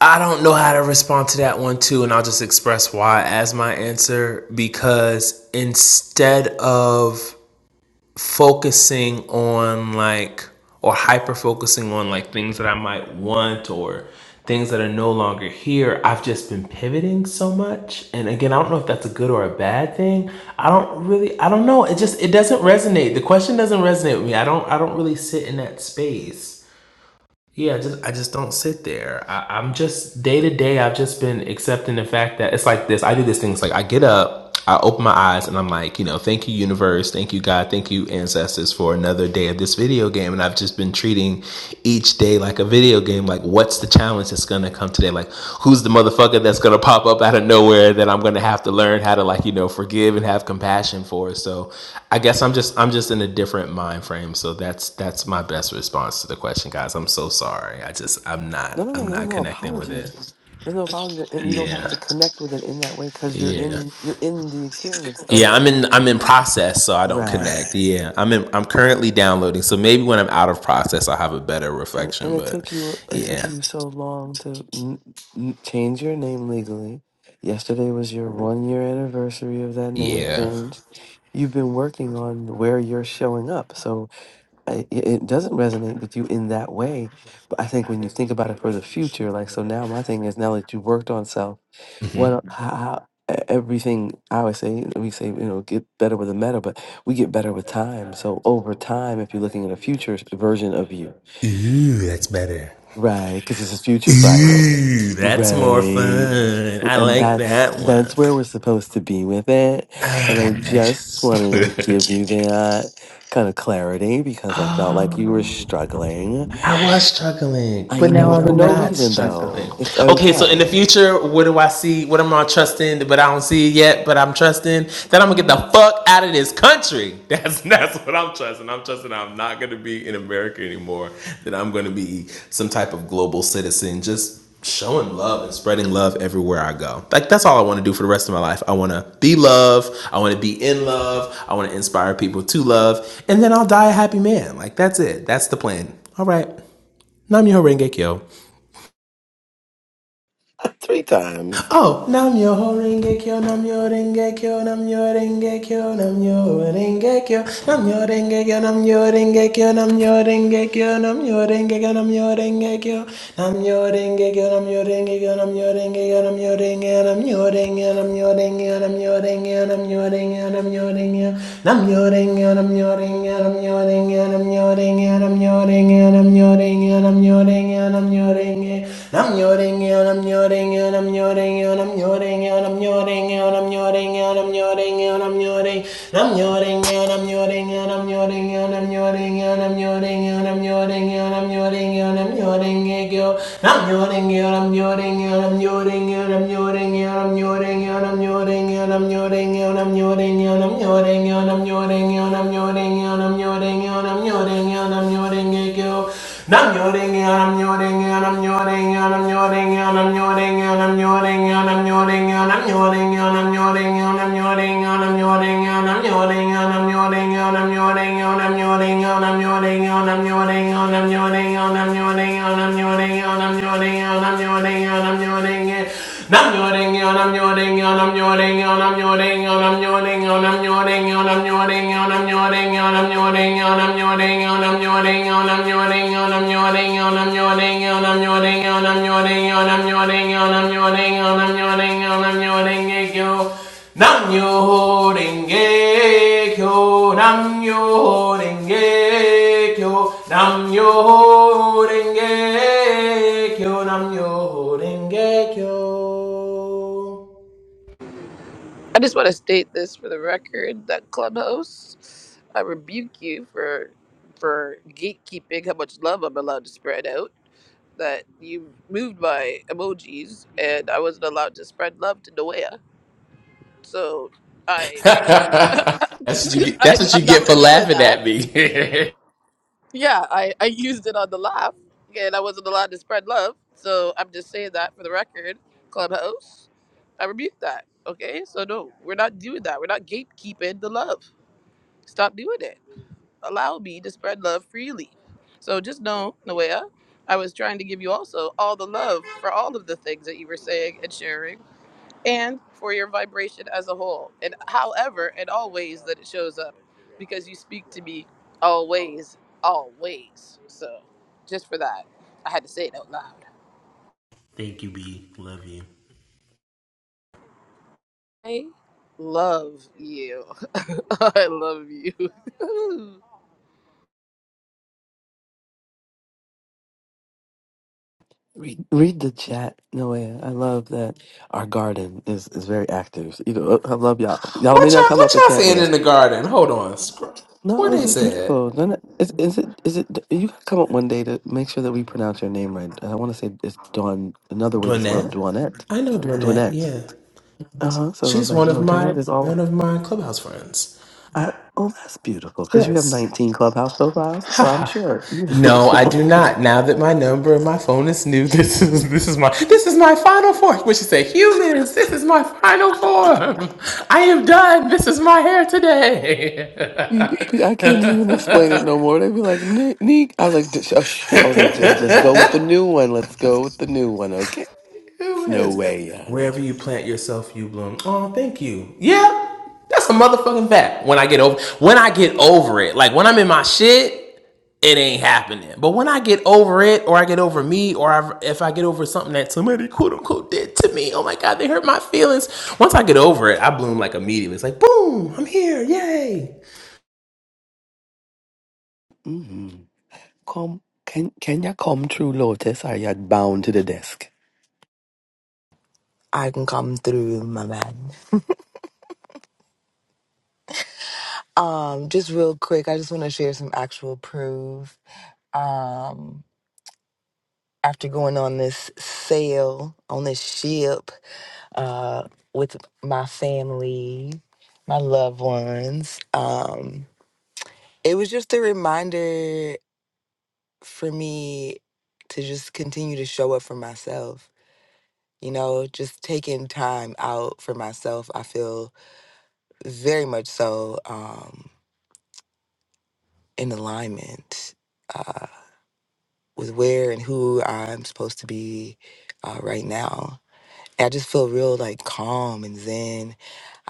Speaker 5: I don't know how to respond to that one too, and I'll just express why as my answer because instead of focusing on like or hyper focusing on like things that I might want or things that are no longer here. I've just been pivoting so much. And again, I don't know if that's a good or a bad thing. I don't really I don't know. It just it doesn't resonate. The question doesn't resonate with me. I don't I don't really sit in that space. Yeah, I just I just don't sit there. I, I'm just day to day. I've just been accepting the fact that it's like this. I do this thing. It's like I get up, I open my eyes, and I'm like, you know, thank you universe, thank you God, thank you ancestors for another day of this video game. And I've just been treating each day like a video game. Like, what's the challenge that's gonna come today. Like, who's the motherfucker that's gonna pop up out of nowhere that I'm gonna have to learn how to like, you know, forgive and have compassion for? So I guess I'm just I'm just in a different mind frame. So that's that's my best response to the question, guys. I'm so sorry. I just I'm
Speaker 8: No,
Speaker 5: not
Speaker 8: no,
Speaker 5: I'm
Speaker 8: no. There's
Speaker 5: not
Speaker 8: no
Speaker 5: connecting with
Speaker 8: apologies.
Speaker 5: it.
Speaker 8: There's no apologies, and you don't have
Speaker 5: Yeah.
Speaker 8: to connect with it in that way because you're
Speaker 5: Yeah.
Speaker 8: in you're in the experience of.
Speaker 5: Yeah. I'm in I'm in process, so I don't
Speaker 8: Right.
Speaker 5: connect. Yeah. I'm in I'm currently downloading. So maybe when I'm out of process I'll have a better
Speaker 8: And, and
Speaker 5: reflection.
Speaker 8: it
Speaker 5: But
Speaker 8: took you it took
Speaker 5: yeah.
Speaker 8: you so long to n- n- change your name legally. Yesterday was your one year anniversary of that name
Speaker 5: Yeah.
Speaker 8: change. You've been working on where you're showing up, so I, it it doesn't resonate with you in that way. But I think when you think about it for the future, like so now, my thing is now that you worked on self. Well, how, e- everything I would say, we say, you know, get better with the meta, but we get better with time. So over time, if you're looking at a future s- version of you,
Speaker 5: Ooh, that's better.
Speaker 8: right? Because this is future Friday,
Speaker 5: Ooh, that's more
Speaker 8: right?
Speaker 5: fun. I
Speaker 8: And
Speaker 5: like
Speaker 8: that's
Speaker 5: that one.
Speaker 8: that's where we're supposed to be with it. And I just
Speaker 5: Oh.
Speaker 8: wanted to give you
Speaker 5: that
Speaker 8: that kind of clarity because I felt
Speaker 5: oh,
Speaker 8: like you were struggling.
Speaker 5: I was struggling,
Speaker 8: I
Speaker 5: but now
Speaker 8: know for
Speaker 5: I'm
Speaker 8: no
Speaker 5: not
Speaker 8: reason
Speaker 5: struggling.
Speaker 8: though. It's
Speaker 5: Okay, so in the
Speaker 8: okay.
Speaker 5: future, what do I see? What am I trusting? But I don't see it yet. But I'm trusting that I'm gonna get the fuck out of this country. That's that's what I'm trusting. I'm trusting I'm not gonna be in America anymore. That I'm gonna be some type of global citizen. Just showing love and spreading love everywhere I go. Like that's all I want to do for the rest of my life. I want to be love. I want to be in love. I want to inspire people to love, and then I'll die a happy man. Like that's it. That's the plan.
Speaker 8: Three times.
Speaker 5: Nam nyo renge nam nyo renge nam nyo renge nam nyo renge nam nyo renge nam nyo renge nam nyo renge nam nyo renge nam nyo renge nam nyo renge nam nyo renge nam nyo renge nam nyo renge nam nyo renge nam nyo renge nam nyo renge nam nyo renge kyo nam nyo renge nam nyo renge nam nyo renge nam nyo renge nam nyo renge nam nyo renge nam nyo renge nam nyo renge nam nyo renge nam nyo renge nam nyo renge nam nyo renge nam nyo renge Nam yo ho renge kyo nam yo ho renge kyo nam yo renge kyo nam yo renge kyo
Speaker 9: I just want to state this for the record that Clubhouse, I rebuke you for for gatekeeping how much love I'm allowed to spread out. That you moved my emojis and I wasn't allowed to spread love to Noea. So I,
Speaker 5: That's what you get.
Speaker 9: I
Speaker 5: That's what you
Speaker 9: I'm
Speaker 5: get
Speaker 9: not
Speaker 5: for
Speaker 9: feeling
Speaker 5: laughing
Speaker 9: that.
Speaker 5: at me.
Speaker 9: Yeah, I I used it on the laugh and I wasn't allowed to spread love. So I'm just saying that for the record, Clubhouse, I rebuke that. Okay, so no, we're not doing that. We're not gatekeeping the love. Stop doing it. allowed me to spread love freely. So just know, Noea, I was trying to give you also all the love for all of the things that you were saying and sharing, and for your vibration as a whole, and however and always that it shows up, because you speak to me always, always. So just for that, I had to say it out loud. I love you. I love you.
Speaker 8: Read, read the chat, Noah. I love that our garden is, is very active. So, You know, I love y'all. Y'all
Speaker 5: what
Speaker 8: may not
Speaker 5: y'all?
Speaker 8: come
Speaker 5: What
Speaker 8: up and
Speaker 5: y'all
Speaker 8: chat with
Speaker 5: saying
Speaker 8: us.
Speaker 5: in the garden? Hold on. Scr-
Speaker 8: No,
Speaker 5: What
Speaker 8: it's
Speaker 5: they
Speaker 8: just
Speaker 5: said?
Speaker 8: beautiful. No, no, is, is it? Is it? You gotta come up one day to make sure that we pronounce your name right. And I want to say it's Dawn. Another way to spell
Speaker 5: Dwinette.
Speaker 8: Dwanette.
Speaker 5: I know Dwinette.
Speaker 8: Dwanette.
Speaker 5: Yeah,
Speaker 8: Uh huh. So I was
Speaker 5: she's
Speaker 8: like,
Speaker 5: one
Speaker 8: no,
Speaker 5: of my
Speaker 8: Dwanette is all.
Speaker 5: one of my clubhouse friends.
Speaker 8: I, oh, that's beautiful because you have
Speaker 5: Yes.
Speaker 8: 19 clubhouse profiles. So I'm sure.
Speaker 5: No, I do not. Now that my number and my phone is new, this is this is my this is my final form. Which is say, humans, this is my final form. I am done. This is my hair today.
Speaker 8: P- P- I can't even explain it no more. They'd be like, Nick, Nick. I was like, just, oh, sh-. I was like, just let's go with the new one. Let's go with the new one. Okay. It's no
Speaker 5: Humans.
Speaker 8: way. Uh,
Speaker 5: Wherever you plant yourself, you bloom. Oh, thank you. Yeah. That's a motherfucking fact. When I get over when I get over it. Like when I'm in my shit, it ain't happening. But when I get over it, or I get over me, or I, if I get over something that somebody quote unquote did to me, oh my God, they hurt my feelings. Once I get over it, I bloom like immediately. It's like, boom, I'm here, yay.
Speaker 8: hmm Come, can can ya come true, Lotus? Are ya bound to the desk?
Speaker 3: I can come through, my man. Um, just real quick, I just want to share some actual proof. Um, after going on this sail on this ship uh, with my family, my loved ones, um, it was just a reminder for me to just continue to show up for myself. You know, just taking time out for myself, I feel very much so um, in alignment. uh, with where and who I'm supposed to be uh, right now. I just feel real like calm and zen.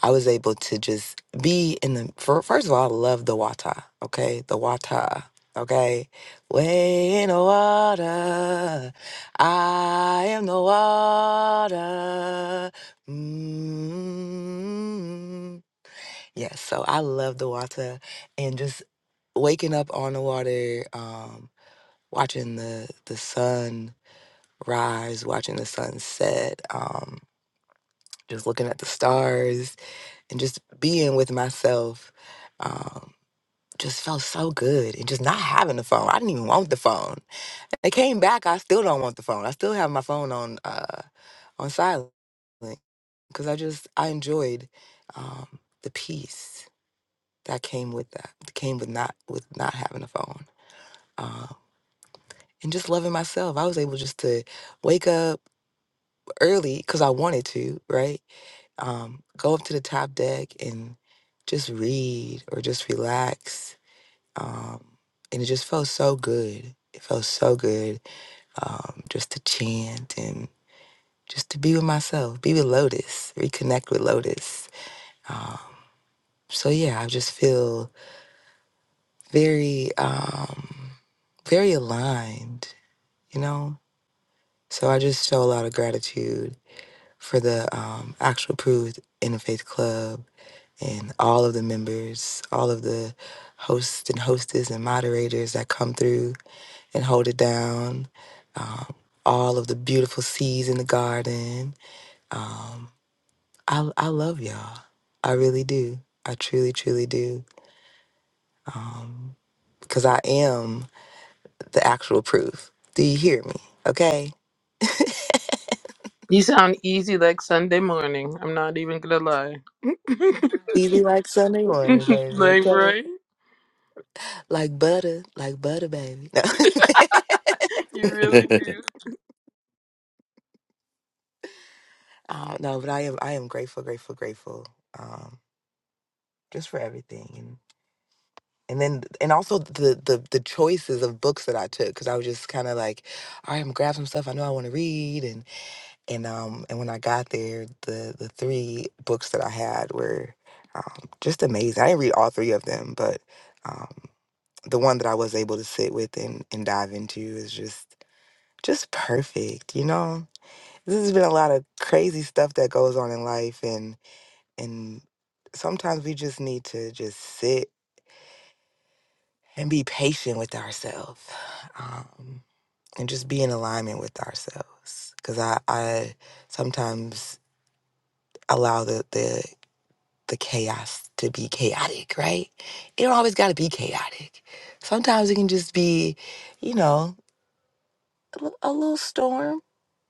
Speaker 3: I was able to just be in the fir- first of all, I love the water. Okay, the water. Okay, way in the water. I am the water. mm Yes, so I love the water and just waking up on the water, um, watching the the sun rise, watching the sunset, um, just looking at the stars, and just being um, just on. It came on silent because I did um, the peace that came with that came with not with not having a phone. Um, and just loving myself, I was able just to wake up early because I wanted to, right? Um, go up to the top deck and just read or just relax. Um, and it just felt so good. It felt so good um, just to chant and just to be with myself, be with Lotus, reconnect with Lotus. Um, so yeah, I just feel very, um, very aligned, you know. So I just show a lot of gratitude for the um, actual Proof Interfaith Club and all of the members, all of the hosts and hostess and moderators that come through and hold it down. Um, all of the beautiful seeds in the garden, um, I I love y'all. I really do. I truly, truly do. Um, because I am the actual proof. Do you hear me? Okay.
Speaker 9: You sound easy like Sunday morning. I'm not even gonna lie.
Speaker 3: Easy like Sunday morning, baby.
Speaker 9: Like,
Speaker 3: Okay.
Speaker 9: right?
Speaker 3: Like butter, like butter, baby. No,
Speaker 9: You
Speaker 8: we
Speaker 9: really do.
Speaker 3: uh, no, but I am. I am grateful, grateful, grateful. Um, just for everything, and and then and also the the the choices of books that I took because I was just kind of like, all right, I'm gonna grab some stuff I know I want to read, and um and when I got there, the the three books that I had were um, just amazing. I didn't read all three of them, but um, the one that I was able to sit with and and dive is just. per- Um, this has been a lot of crazy stuff that goes on in life, and and some it and be patient with um and just uh, some s- allow the the the chaos to be chaotic, right? It don't always got to be chaotic. Sometimes it can just be, you know, a, li- a little storm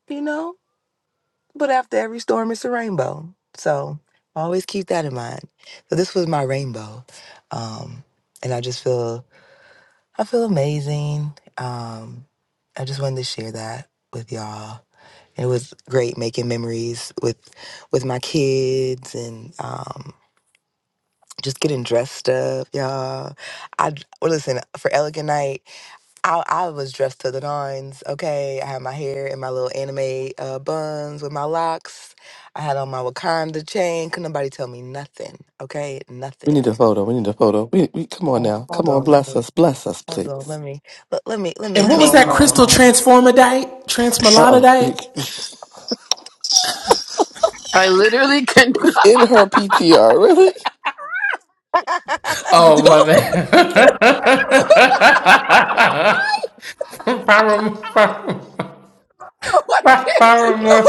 Speaker 3: you know. But after every storm, it's a rainbow. So always keep that in mind. So this was my rainbow, um, and I just feel I feel amazing. Um, I just wanted to share that with y'all. It was great making memories with with my kids and um, just getting dressed up, y'all. I well, listen for Elegant Night. I, I was dressed to the nines. Okay, I had my hair in my little anime uh, buns with my locks. I had on my Wakanda chain. Could nobody tell me nothing? Okay, nothing.
Speaker 8: need a photo. We need a photo. We, we come on
Speaker 3: Oh,
Speaker 8: now. Come
Speaker 3: hold
Speaker 8: on,
Speaker 3: on, let
Speaker 8: bless
Speaker 3: me.
Speaker 8: us, bless us,
Speaker 3: Hold on,
Speaker 8: please.
Speaker 3: let me. Let, let me. Let me go on.
Speaker 8: Uh uh it's
Speaker 9: I literally can
Speaker 8: in her PTR. Really?
Speaker 5: Oh
Speaker 9: do
Speaker 5: my
Speaker 9: no,
Speaker 5: man,
Speaker 9: I
Speaker 5: Power
Speaker 9: can't. No,
Speaker 5: more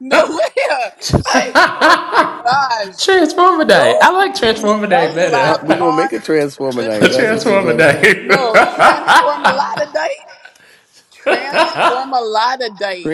Speaker 9: no way. I oh my gosh.
Speaker 5: Transformer Day. I
Speaker 9: Don't
Speaker 5: like
Speaker 9: make me
Speaker 5: Transformer Day
Speaker 9: belly
Speaker 8: Uh,
Speaker 9: laugh
Speaker 5: better.
Speaker 8: we gonna
Speaker 9: on
Speaker 8: make a transformer night. That's
Speaker 9: flipping.
Speaker 8: what you gonna do.
Speaker 5: Day.
Speaker 9: No, transform a lot of diet. Transform a lot of diet.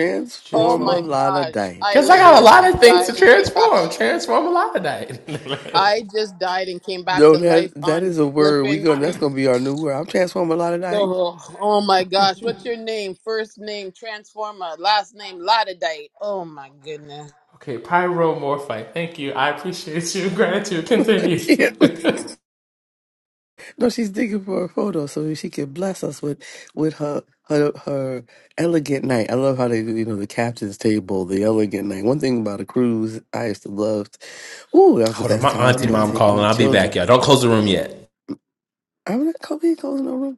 Speaker 9: Oh my
Speaker 5: Transformer.
Speaker 9: gosh.
Speaker 8: Lana
Speaker 9: I
Speaker 5: Because I got a
Speaker 9: literally
Speaker 5: lot
Speaker 9: just
Speaker 5: of things
Speaker 9: died
Speaker 5: to
Speaker 9: and came back to
Speaker 5: transform.
Speaker 9: life.
Speaker 5: Transform a lot of day.
Speaker 9: I just died and came back
Speaker 8: No,
Speaker 9: to
Speaker 8: that
Speaker 9: life
Speaker 8: that
Speaker 9: on
Speaker 8: is a word. We going that's
Speaker 9: flipping
Speaker 8: gonna be our new word. I'm transforming a lot tonight.
Speaker 9: Oh, oh my gosh. What's your name? First name, Transformer. Last name, Lodidite. Oh my goodness.
Speaker 5: okay, pyromorphite. Thank you. I appreciate you. Gratitude.
Speaker 8: Yeah.
Speaker 5: Continue.
Speaker 8: no, she's digging for a photo so she can bless us with with her her her elegant night. I love how they do, you know, the captain's table, the elegant night. One thing about a cruise I used to love. Ooh, that was the
Speaker 5: Hold on,
Speaker 8: best
Speaker 5: my
Speaker 8: time
Speaker 5: auntie
Speaker 8: with
Speaker 5: mom
Speaker 8: taking the
Speaker 5: calling. I'll be
Speaker 8: children.
Speaker 5: back, y'all. Don't close the room yet.
Speaker 8: I'm not gonna be going no room.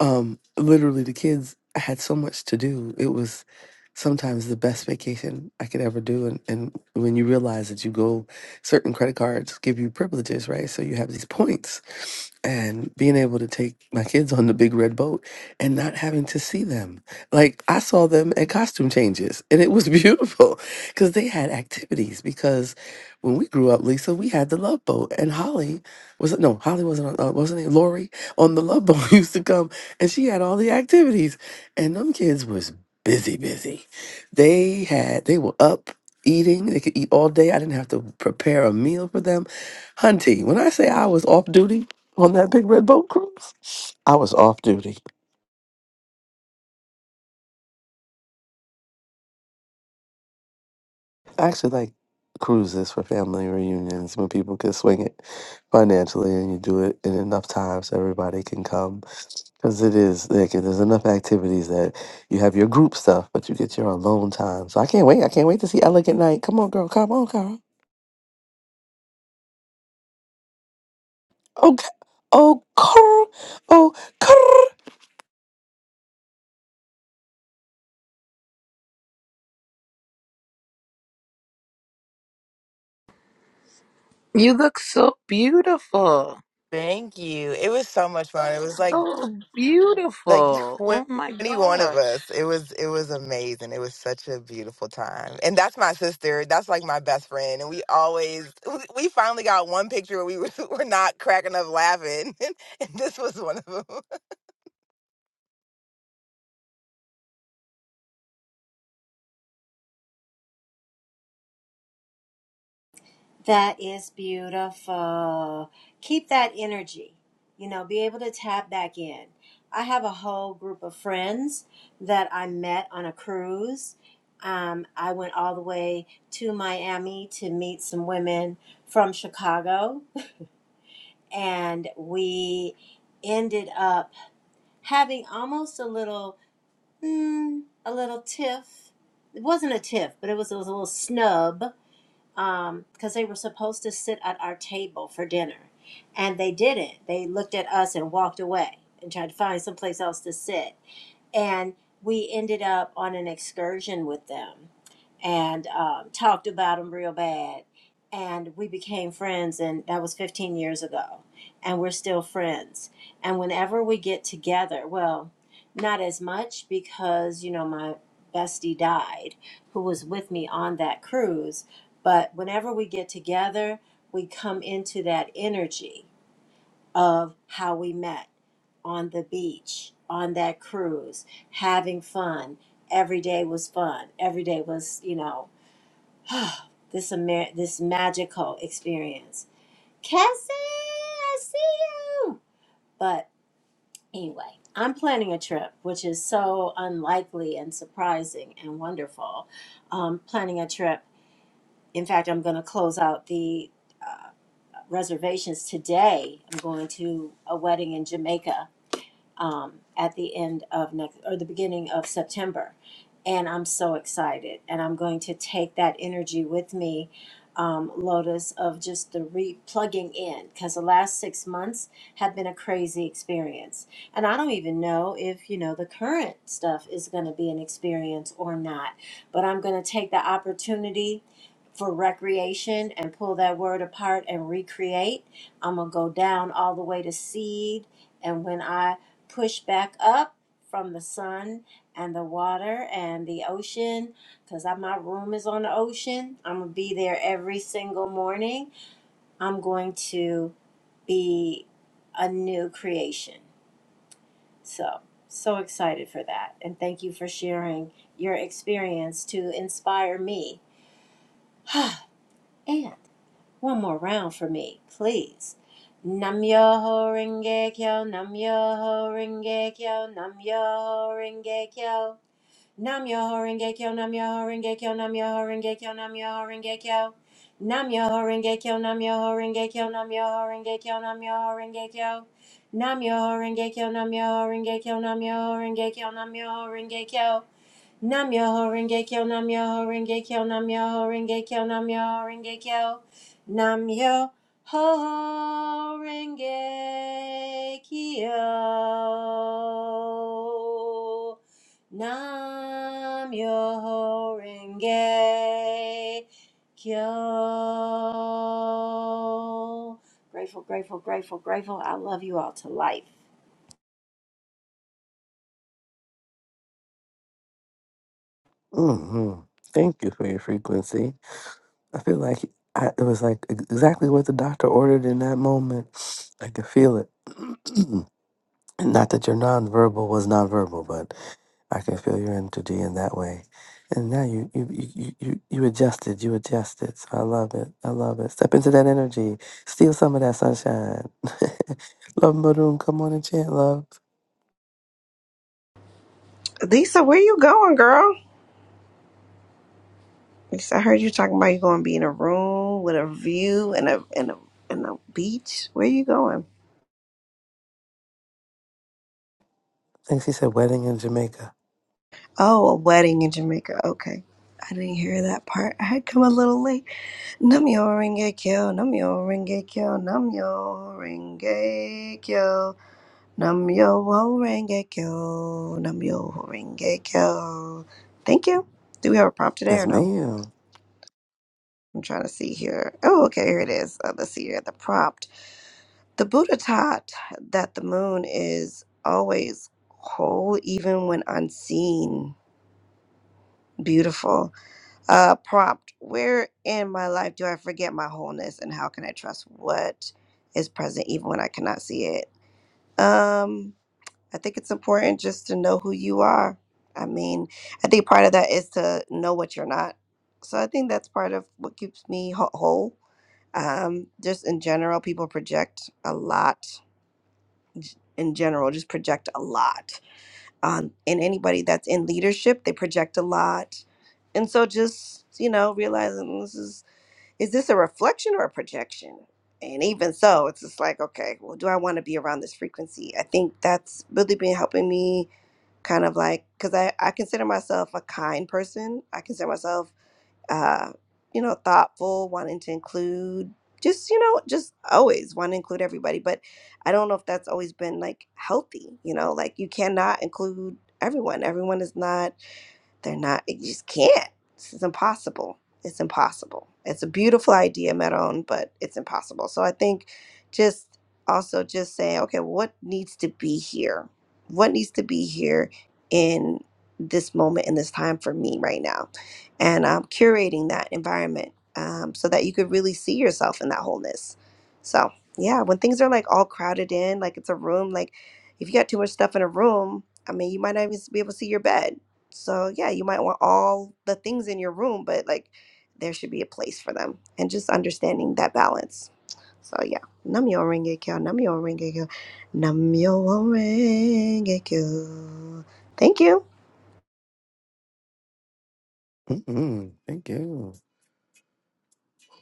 Speaker 8: Um, literally, the kids had so much to do. It was sometimes the best vacation I could ever do. And, and when you realize that you go, certain credit cards give you privileges, right? So you have these points. And being able to take my kids on the big red boat and not having to see them. Like I saw them at costume changes, and it was beautiful because they had activities. Because when we grew up, Lisa, we had the love boat, and Holly was no Holly wasn't on, uh, wasn't it Lori on the love boat used to come and she had all the activities. And them kids was busy, busy. They had they were up eating. They could eat all day. I didn't have to prepare a meal for them. Hunty, when I say I was off duty on that big red boat cruise, I was off duty. I actually like cruises for family reunions when people can swing it financially and you do it in enough time so everybody can come. Because it is, like, there's enough activities that you have your group stuff, but you get your alone time. So I can't wait. I can't wait to see Elegant Night. Come on, girl. Come on, girl. Oh, oh, girl. Oh, girl.
Speaker 9: You look so beautiful.
Speaker 3: Thank you. It was so much fun. It was like.
Speaker 9: So
Speaker 3: like
Speaker 9: beautiful. Oh my
Speaker 3: 21 of
Speaker 9: gosh.
Speaker 3: us it was it was amazing it was such a beautiful time and that's my sister that's like my best friend and we always we we finally got one picture where we were, were not cracking up laughing and this was one of them
Speaker 12: That is beautiful. Keep that energy. You know, be able to tap back in. I have a whole group of friends that I met on a cruise. Um, I went all the way to Miami to meet some women from Chicago, and we ended up having almost a little mm, a little tiff. It wasn't a tiff, but it was, it was a little snub because um, they were supposed to sit at our table for dinner, and they didn't. They looked at us and walked away and tried to find someplace else to sit and we ended up on an excursion with them and um, talked about them real bad and we became friends and that was 15 years ago and we're still friends and whenever we get together well not as much because you know my bestie died who was with me on that cruise but whenever we get together we come into that energy of how we met on the beach, on that cruise, having fun. Every day was fun. Every day was, you know, this Amer- this magical experience. Cassie, I see you. But anyway, I'm planning a trip, which is so unlikely and surprising and wonderful. Um, planning a trip. In fact, I'm going to close out the uh, reservations today. I'm going to a wedding in Jamaica um, at the end of next or the beginning of September. And I'm so excited. And I'm going to take that energy with me, um, Lotus, of just the re plugging in because the last six months have been a crazy experience. And I don't even know if, you know, the current stuff is going to be an experience or not. But I'm going to take the opportunity for recreation and pull that word apart and recreate. I'm going to go down all the way to seed. And when I push back up from the sun and the water and the ocean because my room is on the ocean. I'm going to be there every single morning. I'm going to be a new creation. So, so excited for that. And thank you for sharing your experience to inspire me. and One more round for me, please. Nam Yoho Renge Kyo, Nam Yoho Renge Kyo, Nam Yoho Renge Kyo. Nam Yoho Renge Kyo, Nam Yoho Renge Kyo, Nam Yoho Renge Kyo, Nam Yoho Renge Kyo. Nam Yoho Renge Kyo, Nam Yoho Renge Kyo, Nam Yoho Renge Kyo, Nam Yoho Renge Kyo. Nam Yoho Renge Kyo, Nam Yoho Renge Kyo, Nam Yoho Renge Kyo, Nam Yoho Renge Kyo. Nam Yoho Renge Kyo, Nam Yoho Renge Kyo, Nam Yoho Renge Kyo, Nam Yoho Renge Kyo, Nam Yoho Renge Kyo. Nam Yoho Renge Kyo. Grateful, grateful, grateful, grateful. I love you all to life.
Speaker 8: Mm-hmm. Thank you for your frequency. I feel like I, it was like ex- exactly what the doctor ordered in that moment. I could feel it. Not that your nonverbal was nonverbal, but I can feel your energy in that way. And now you you you you you you adjusted, you adjusted. So I love it. I love it. Step into that energy. Steal some of that sunshine. love Maroon, come on and chant, love. I
Speaker 14: Lisa, where you going, girl? Lisa, I heard you talking about you going to be in a room with a view and a and a and a beach. Where you going?
Speaker 8: think she said wedding in Jamaica.
Speaker 14: Oh, a wedding in Jamaica. Okay. I didn't hear that part. I had come a little late. Namyo renge kyo, namyo renge kyo, namyo renge kyo, namyo renge kyo, namyo renge kyo. Thank you. Do we have a prompt today
Speaker 8: Yes,
Speaker 14: or no?
Speaker 8: ma'am.
Speaker 14: I'm trying to see here. Oh, okay, here it is. Uh, let's see here. The prompt. The Buddha taught that the moon is always whole, even when unseen. Beautiful. Uh, prompt Where in my life do I forget my wholeness, and how can I trust what is present even when I cannot see it? Um, I think it's important just to know who you are. I mean, I think part of that is to know what you're not. So I think that's part of what keeps me wh- whole. Um, just in general, people project a lot in general just project a lot. Um, and anybody that's in leadership, they project a lot. And so just, you know, realizing this is, is this a reflection or a projection? And even so, it's just like, okay, well, do I want to be around this frequency? I think that's really been helping me kind of like, because I, I consider myself a kind person. I consider myself uh, you know, thoughtful, wanting to include just, you know, just always want to include everybody. But I don't know if that's always been like healthy, you know, like you cannot include everyone. Everyone is not they're not, you just can't. This is impossible. It's impossible. It's a beautiful idea, Meron, but it's impossible. So I think just also just saying, okay, what needs to be here? What needs to be here in this moment, in this time for me right now? And um, curating that environment um, so that you could really see yourself in that wholeness. So, yeah, when things are like all crowded in, like it's a room, like if you got too much stuff in a room, I mean, you might not even be able to see your bed so yeah, you might want all the things in your room, but like there should be a place for them and just understanding that balance. So yeah. Namyo renge kyo, namyo renge kyo, namyo renge kyo. Thank you.
Speaker 8: Mm-mm. Thank you.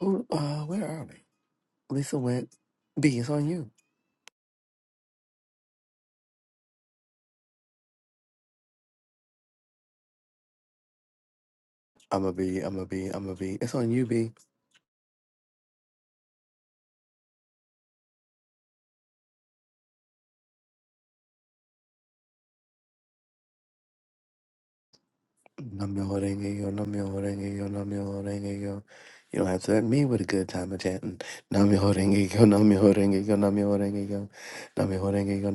Speaker 8: Who uh where are we? Lisa went. B, it's on you. i am going be, i am going be, i am going be. It's on you, B. Nam-myoho-renge-kyo, Nam-myoho-renge-kyo, Nam-myoho-renge-kyo. You don't have to let me with a good time of chanting. nam myoho renge yo! Nam-myoho-renge-kyo, Nam-myoho-renge-kyo. nam myoho renge yo!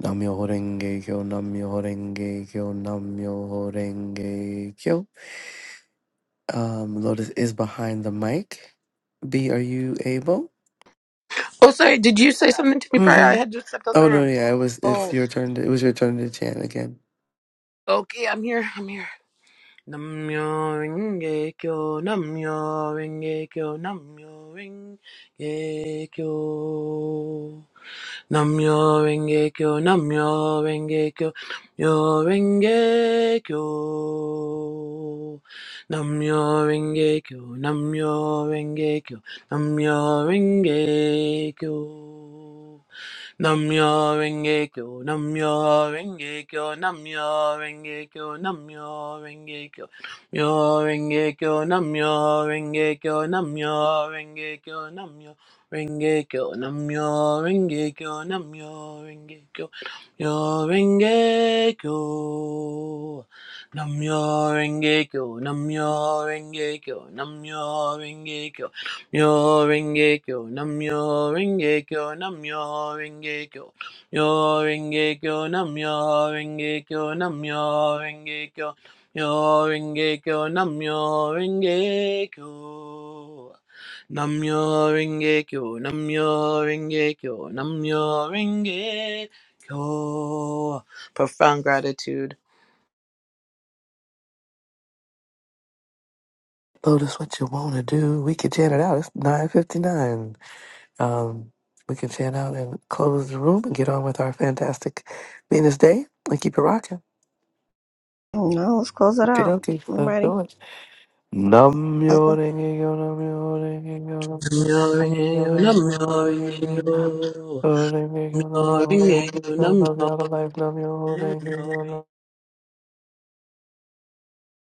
Speaker 8: Nam-myoho-renge-kyo, nam renge kyo nam renge kyo nam renge kyo nam renge kyo Um, Lotus is behind the mic. B, are you able?
Speaker 9: Oh, sorry. Did you say something to me prior? I
Speaker 8: Mm-hmm.
Speaker 9: had just stepped out the
Speaker 8: Oh no,
Speaker 9: room.
Speaker 8: yeah, it was. It's
Speaker 9: Oh,
Speaker 8: your turn. To, it was your turn to chant again.
Speaker 9: okay. I'm here. Namyo Renge Kyo, Namyo Renge Kyo, Namyo Renge Kyo. Namyo Renge Kyo, Namyo Renge Kyo, Namyo Renge Kyo. Namyo Renge Kyo, Namyo Renge Kyo, Namyo Renge Kyo. Namyo Renge Kyo, Namyo Renge Kyo, Namyo Renge Kyo, Namyo Renge Kyo, Myo Renge Kyo, Namyo Renge Kyo, Namyo Renge Kyo, Namyo Renge Kyo, Namyo Renge Kyo, Namyo Renge Kyo, Myo Renge Kyo. Namyo Renge Kyo, Namyo Renge Kyo, Namyo Renge Kyo. Myo renge kyo, namyo renge kyo, namyo renge kyo, myo renge kyo, namyo renge kyo, namyo renge kyo, myo renge kyo, namyo renge kyo, namyo renge kyo, namyo renge kyo, namyo renge kyo. Profound gratitude.
Speaker 8: Lotus, what you wanna do? We can chant it out. It's nine fifty nine. Um, we can fan out and close the room and get on with our fantastic Venus day and keep it rocking.
Speaker 14: No, let's close it
Speaker 8: Okay,
Speaker 14: out.
Speaker 8: okay,
Speaker 14: I'm
Speaker 8: let's
Speaker 14: ready.
Speaker 8: do it. Nam yo renge yo nam yo renge yo nam
Speaker 9: Namyo
Speaker 8: yo
Speaker 9: renge
Speaker 8: renge yo
Speaker 9: kyo,
Speaker 8: nam
Speaker 9: namyo
Speaker 8: yo
Speaker 9: renge kyo,
Speaker 8: renge
Speaker 9: namyo
Speaker 8: yo.
Speaker 9: renge kyo,
Speaker 8: Nam yo renge yo nam yo renge yo. Love you
Speaker 9: namyo
Speaker 8: all of life. Nam yo renge yo.
Speaker 9: phenomenal
Speaker 8: nam